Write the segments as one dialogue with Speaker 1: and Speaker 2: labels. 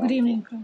Speaker 1: Good evening, Prof.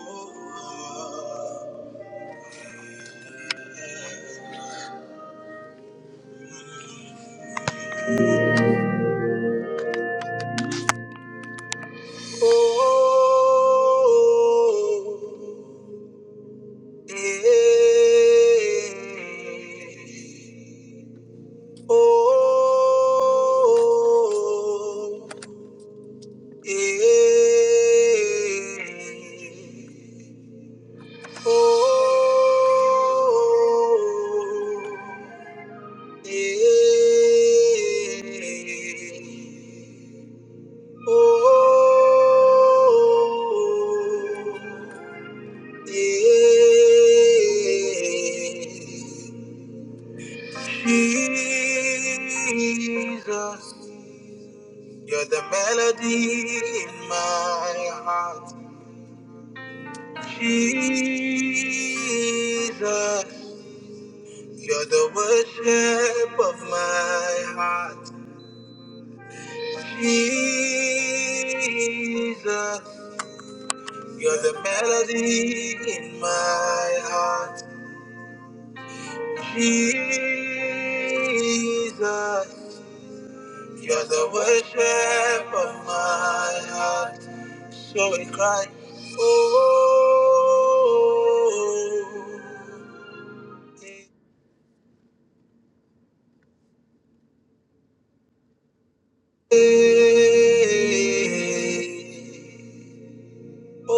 Speaker 2: Oh, eh, oh, eh, oh, eh, oh, Jesus, you're the melody in my heart. Jesus, you're the worship of my heart. Jesus, you're the melody in my heart. Jesus. You're the worship of my heart. So we cry, oh, eh, oh, eh, oh.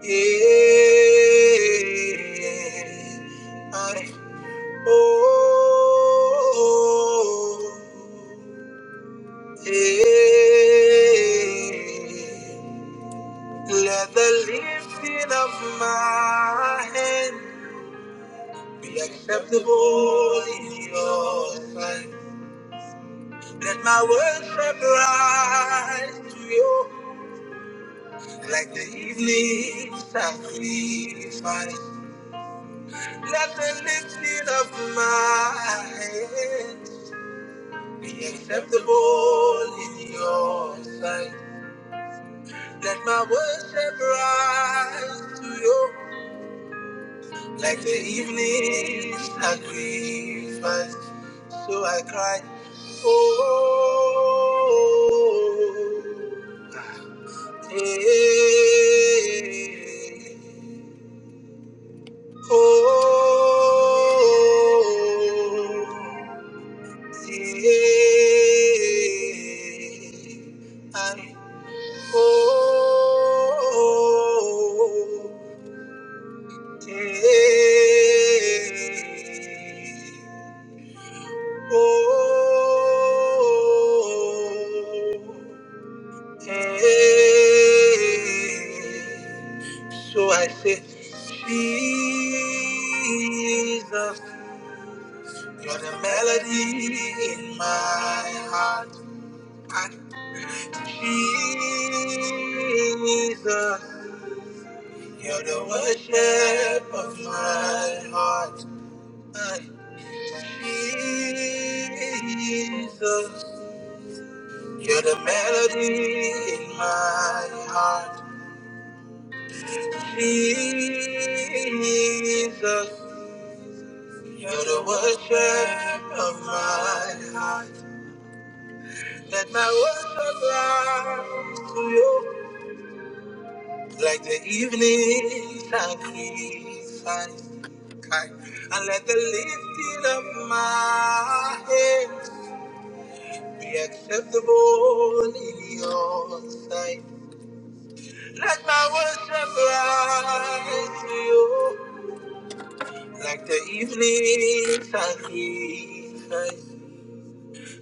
Speaker 2: Yeah, I, oh, yeah. Let the lifting of my hand be acceptable in your sight. Let my worship rise to you like the evening sacrifice. Let the lifting of my hands be acceptable in your sight. Let my worship rise to you like the evening sacrifice. So I cry, oh, eh, oh. And oh, oh, oh, so I say, Jesus, you're the melody in my heart. I Jesus, you're the worship of my heart. Aye. Jesus, you're the melody in my heart. Jesus, you're the worship of my heart. Let my worship rise to you. Like the evening sacrifice. Kai. And let the lifting of my hands be acceptable in your sight. Let my worship rise to you like the evening sacrifice.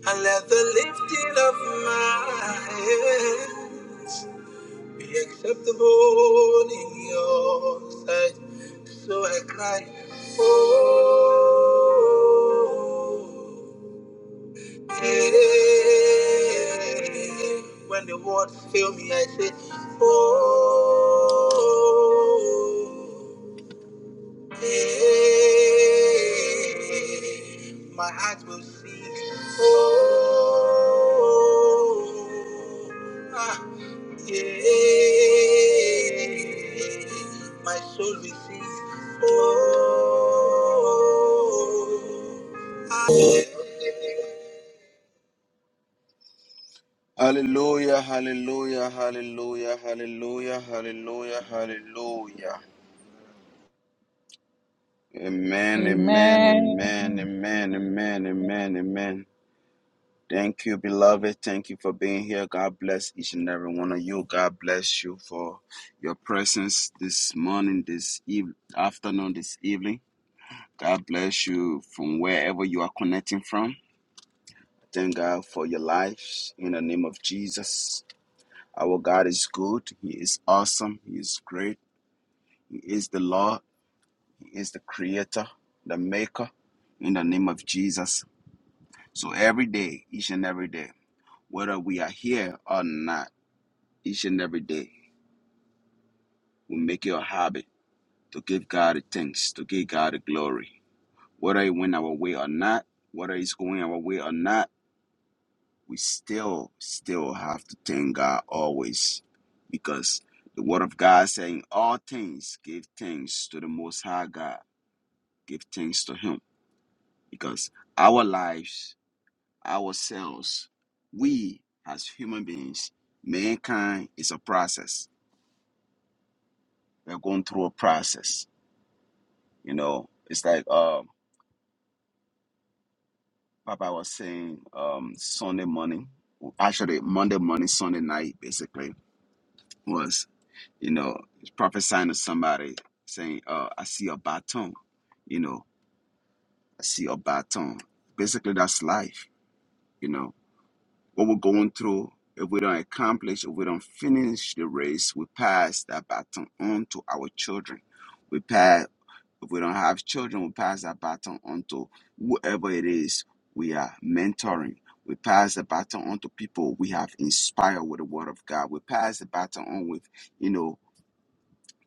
Speaker 2: And let the lifting of my hands be acceptable in your sight. So I cried, Oh, yeah. When the words fail me, I say, Oh. Hey, My heart will sing. Oh, ah, yeah. My soul will sing. Oh, ah, yeah. Hallelujah, hallelujah, hallelujah, hallelujah, hallelujah, hallelujah. Amen, amen, amen,
Speaker 3: Amen.
Speaker 2: amen, amen, amen, amen. Thank you, beloved. Thank you for being here. God bless each and every one of you. God bless you for your presence this morning, this eve- afternoon, this evening. God bless you from wherever you are connecting from. Thank God for your lives in the name of Jesus. Our God is good. He is awesome. He is great. He is the Lord. He is the creator, the maker in the name of Jesus. So every day, each and every day, whether we are here or not, each and every day. We make it a habit to give God the thanks, to give God the glory. Whether it went our way or not, whether it's going our way or not, we still, still have to thank God always. Because the word of God saying all things, give thanks to the most high God. Give thanks to him. Because our lives, ourselves, we as human beings, mankind is a process. We're going through a process. You know, it's like um Papa was saying um, Sunday morning, actually Monday morning, Sunday night, basically was you know prophesying to somebody saying, uh, "I see a baton," you know, "I see a baton." Basically, that's life, you know what we're going through, if we don't accomplish, if we don't finish the race, we pass that baton on to our children. We pass, if we don't have children, we pass that baton on to whoever it is we are mentoring. We pass the baton on to people we have inspired with the word of God. We pass the baton on with, you know,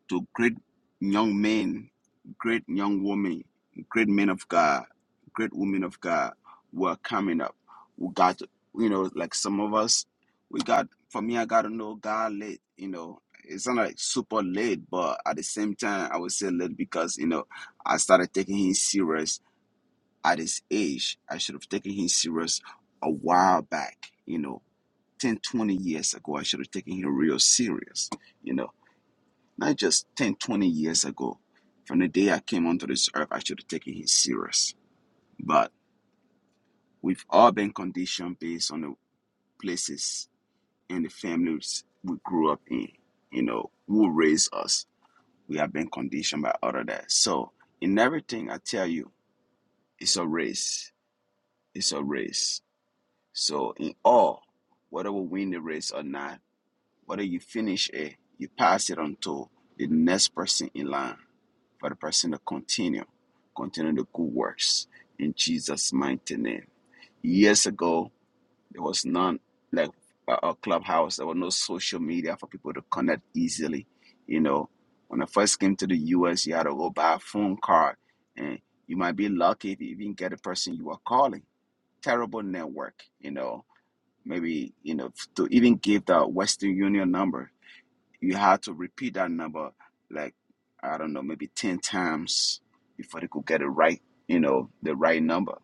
Speaker 2: to great young men, great young women, great men of God, great women of God who are coming up. We got, you know, like some of us, we got, for me, I got to know God late, you know. It's not like super late, but at the same time, I would say late because, you know, I started taking him serious at his age. I should have taken him serious a while back, you know, 10, 20 years ago. I should have taken him real serious, you know. Not just 10, 20 years ago. From the day I came onto this earth, I should have taken him serious. But we've all been conditioned based on the places and the families we grew up in, you know, who raised us. We have been conditioned by all of that. So in everything I tell you, it's a race. It's a race. So in all, whether we win the race or not, whether you finish it, you pass it on to the next person in line for the person to continue, continue the good works in Jesus' mighty name. Years ago, there was none like a, a clubhouse. There were no social media for people to connect easily. You know, when I first came to the U.S., you had to go buy a phone card, and you might be lucky if you even get the person you are calling. Terrible network, you know. Maybe you know to even give the Western Union number you had to repeat that number like I don't know, maybe ten times before they could get it right, you know, the right number,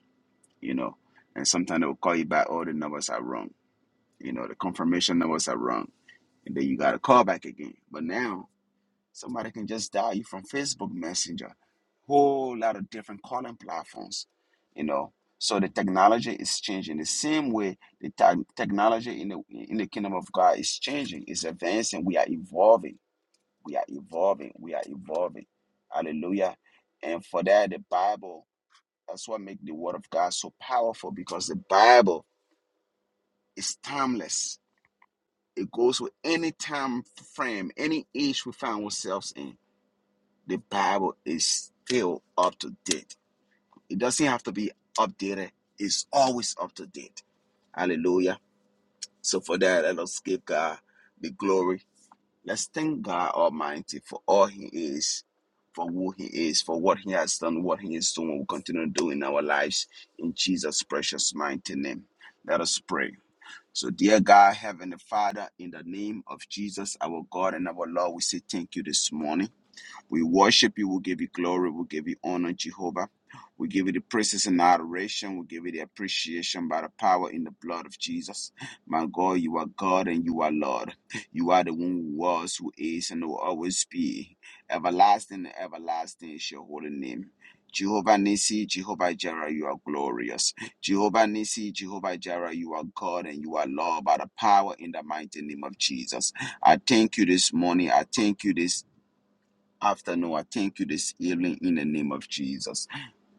Speaker 2: you know. And sometimes they will call you back, all the numbers are wrong. You know, the confirmation numbers are wrong. And then you gotta call back again. But now somebody can just dial you from Facebook Messenger. Whole lot of different calling platforms, you know. So the technology is changing. The same way the tech- technology in the in the kingdom of God is changing, it's advancing, we are evolving we are evolving. We are evolving. Hallelujah. And for that, the Bible, that's what makes the word of God so powerful because the Bible is timeless. It goes with any time frame, any age we find ourselves in. The Bible is still up to date. It doesn't have to be updated. It's always up to date. Hallelujah. So for that, let us give God the glory Let's thank God Almighty for all He is, for who He is, for what He has done, what He is doing, what we continue to do in our lives. In Jesus' precious mighty name. Let us pray. So, dear God, Heavenly Father, in the name of Jesus, our God and our Lord, we say thank you this morning. We worship you. we give you glory. we give you honor, Jehovah. We give you the praises and adoration. We give you the appreciation by the power in the blood of Jesus. My God, you are God and you are Lord. You are the one who was, who is, and who will always be. Everlasting and everlasting is your holy name. Jehovah Nissi, Jehovah Jireh, you are glorious. Jehovah Nissi, Jehovah Jireh, you are God and you are Lord by the power in the mighty name of Jesus. I thank you this morning. I thank you this afternoon. I thank you this evening in the name of Jesus.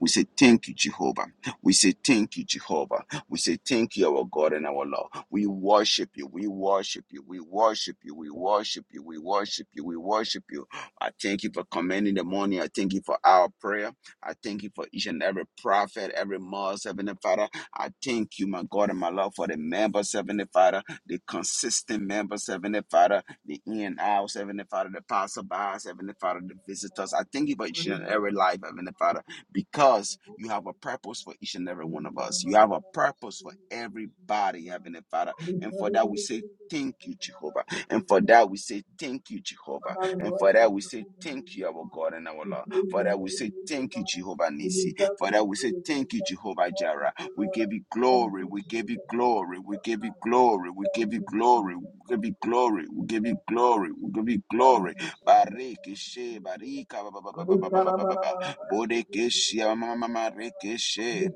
Speaker 2: We say thank you, Jehovah. We say thank you, Jehovah. We say thank you, our God and our Lord. We worship you. We worship you. We worship you. We worship you. We worship you. We worship you. I thank you for commanding the morning. I thank you for our prayer. I thank you for each and every prophet, every mother, Heavenly Father. I thank you, my God and my Lord, for the members, Heavenly Father the consistent members, Heavenly Father, the in and out, Heavenly Father, the passerbys, Heavenly Father, the visitors. I thank you for each
Speaker 4: Thank
Speaker 2: and every life, Heavenly Father, because you have a purpose for each and every one of us. You have a purpose for everybody, Heavenly Father. And for that, we say, Thank you, Jehovah. And for that, we say,
Speaker 4: you.
Speaker 2: Thank you, Jehovah.
Speaker 4: Father, we
Speaker 2: And for
Speaker 4: worship
Speaker 2: that, we
Speaker 4: your
Speaker 2: say,
Speaker 4: holy
Speaker 2: Thank
Speaker 4: name,
Speaker 2: you, our
Speaker 4: Lord.
Speaker 2: God and our
Speaker 4: We
Speaker 2: Lord.
Speaker 4: praise
Speaker 2: For
Speaker 4: your
Speaker 2: that, we
Speaker 4: holy
Speaker 2: say,
Speaker 4: name,
Speaker 2: Thank you,
Speaker 4: Lord.
Speaker 2: Jehovah
Speaker 4: You
Speaker 2: Nisi.
Speaker 4: deserve to
Speaker 2: Father,
Speaker 4: be
Speaker 2: we say
Speaker 4: praised. You
Speaker 2: thank you,
Speaker 4: deserve to be
Speaker 2: Jehovah Jireh.
Speaker 4: worshipped, O
Speaker 2: We give
Speaker 4: Lord.
Speaker 2: you
Speaker 4: Thank
Speaker 2: glory.
Speaker 4: you,
Speaker 2: We give
Speaker 4: Jesus,
Speaker 2: you
Speaker 4: for the
Speaker 2: glory.
Speaker 4: gift
Speaker 2: We
Speaker 4: of
Speaker 2: give you
Speaker 4: life.
Speaker 2: glory. We give
Speaker 4: Thank
Speaker 2: you
Speaker 4: you,
Speaker 2: glory. We
Speaker 4: Jesus.
Speaker 2: give
Speaker 4: Thank
Speaker 2: you
Speaker 4: you,
Speaker 2: glory. We
Speaker 4: Jesus.
Speaker 2: give you
Speaker 4: Thank you,
Speaker 2: glory. We
Speaker 4: Jesus.
Speaker 2: give you
Speaker 4: Thank
Speaker 2: glory.
Speaker 4: you, Jesus.
Speaker 2: Bareke
Speaker 4: Thank you, Jesus.
Speaker 2: barika ba ba ba ba ba ba ba ba ba ba. Bodeke she ma ma ma ma reke she.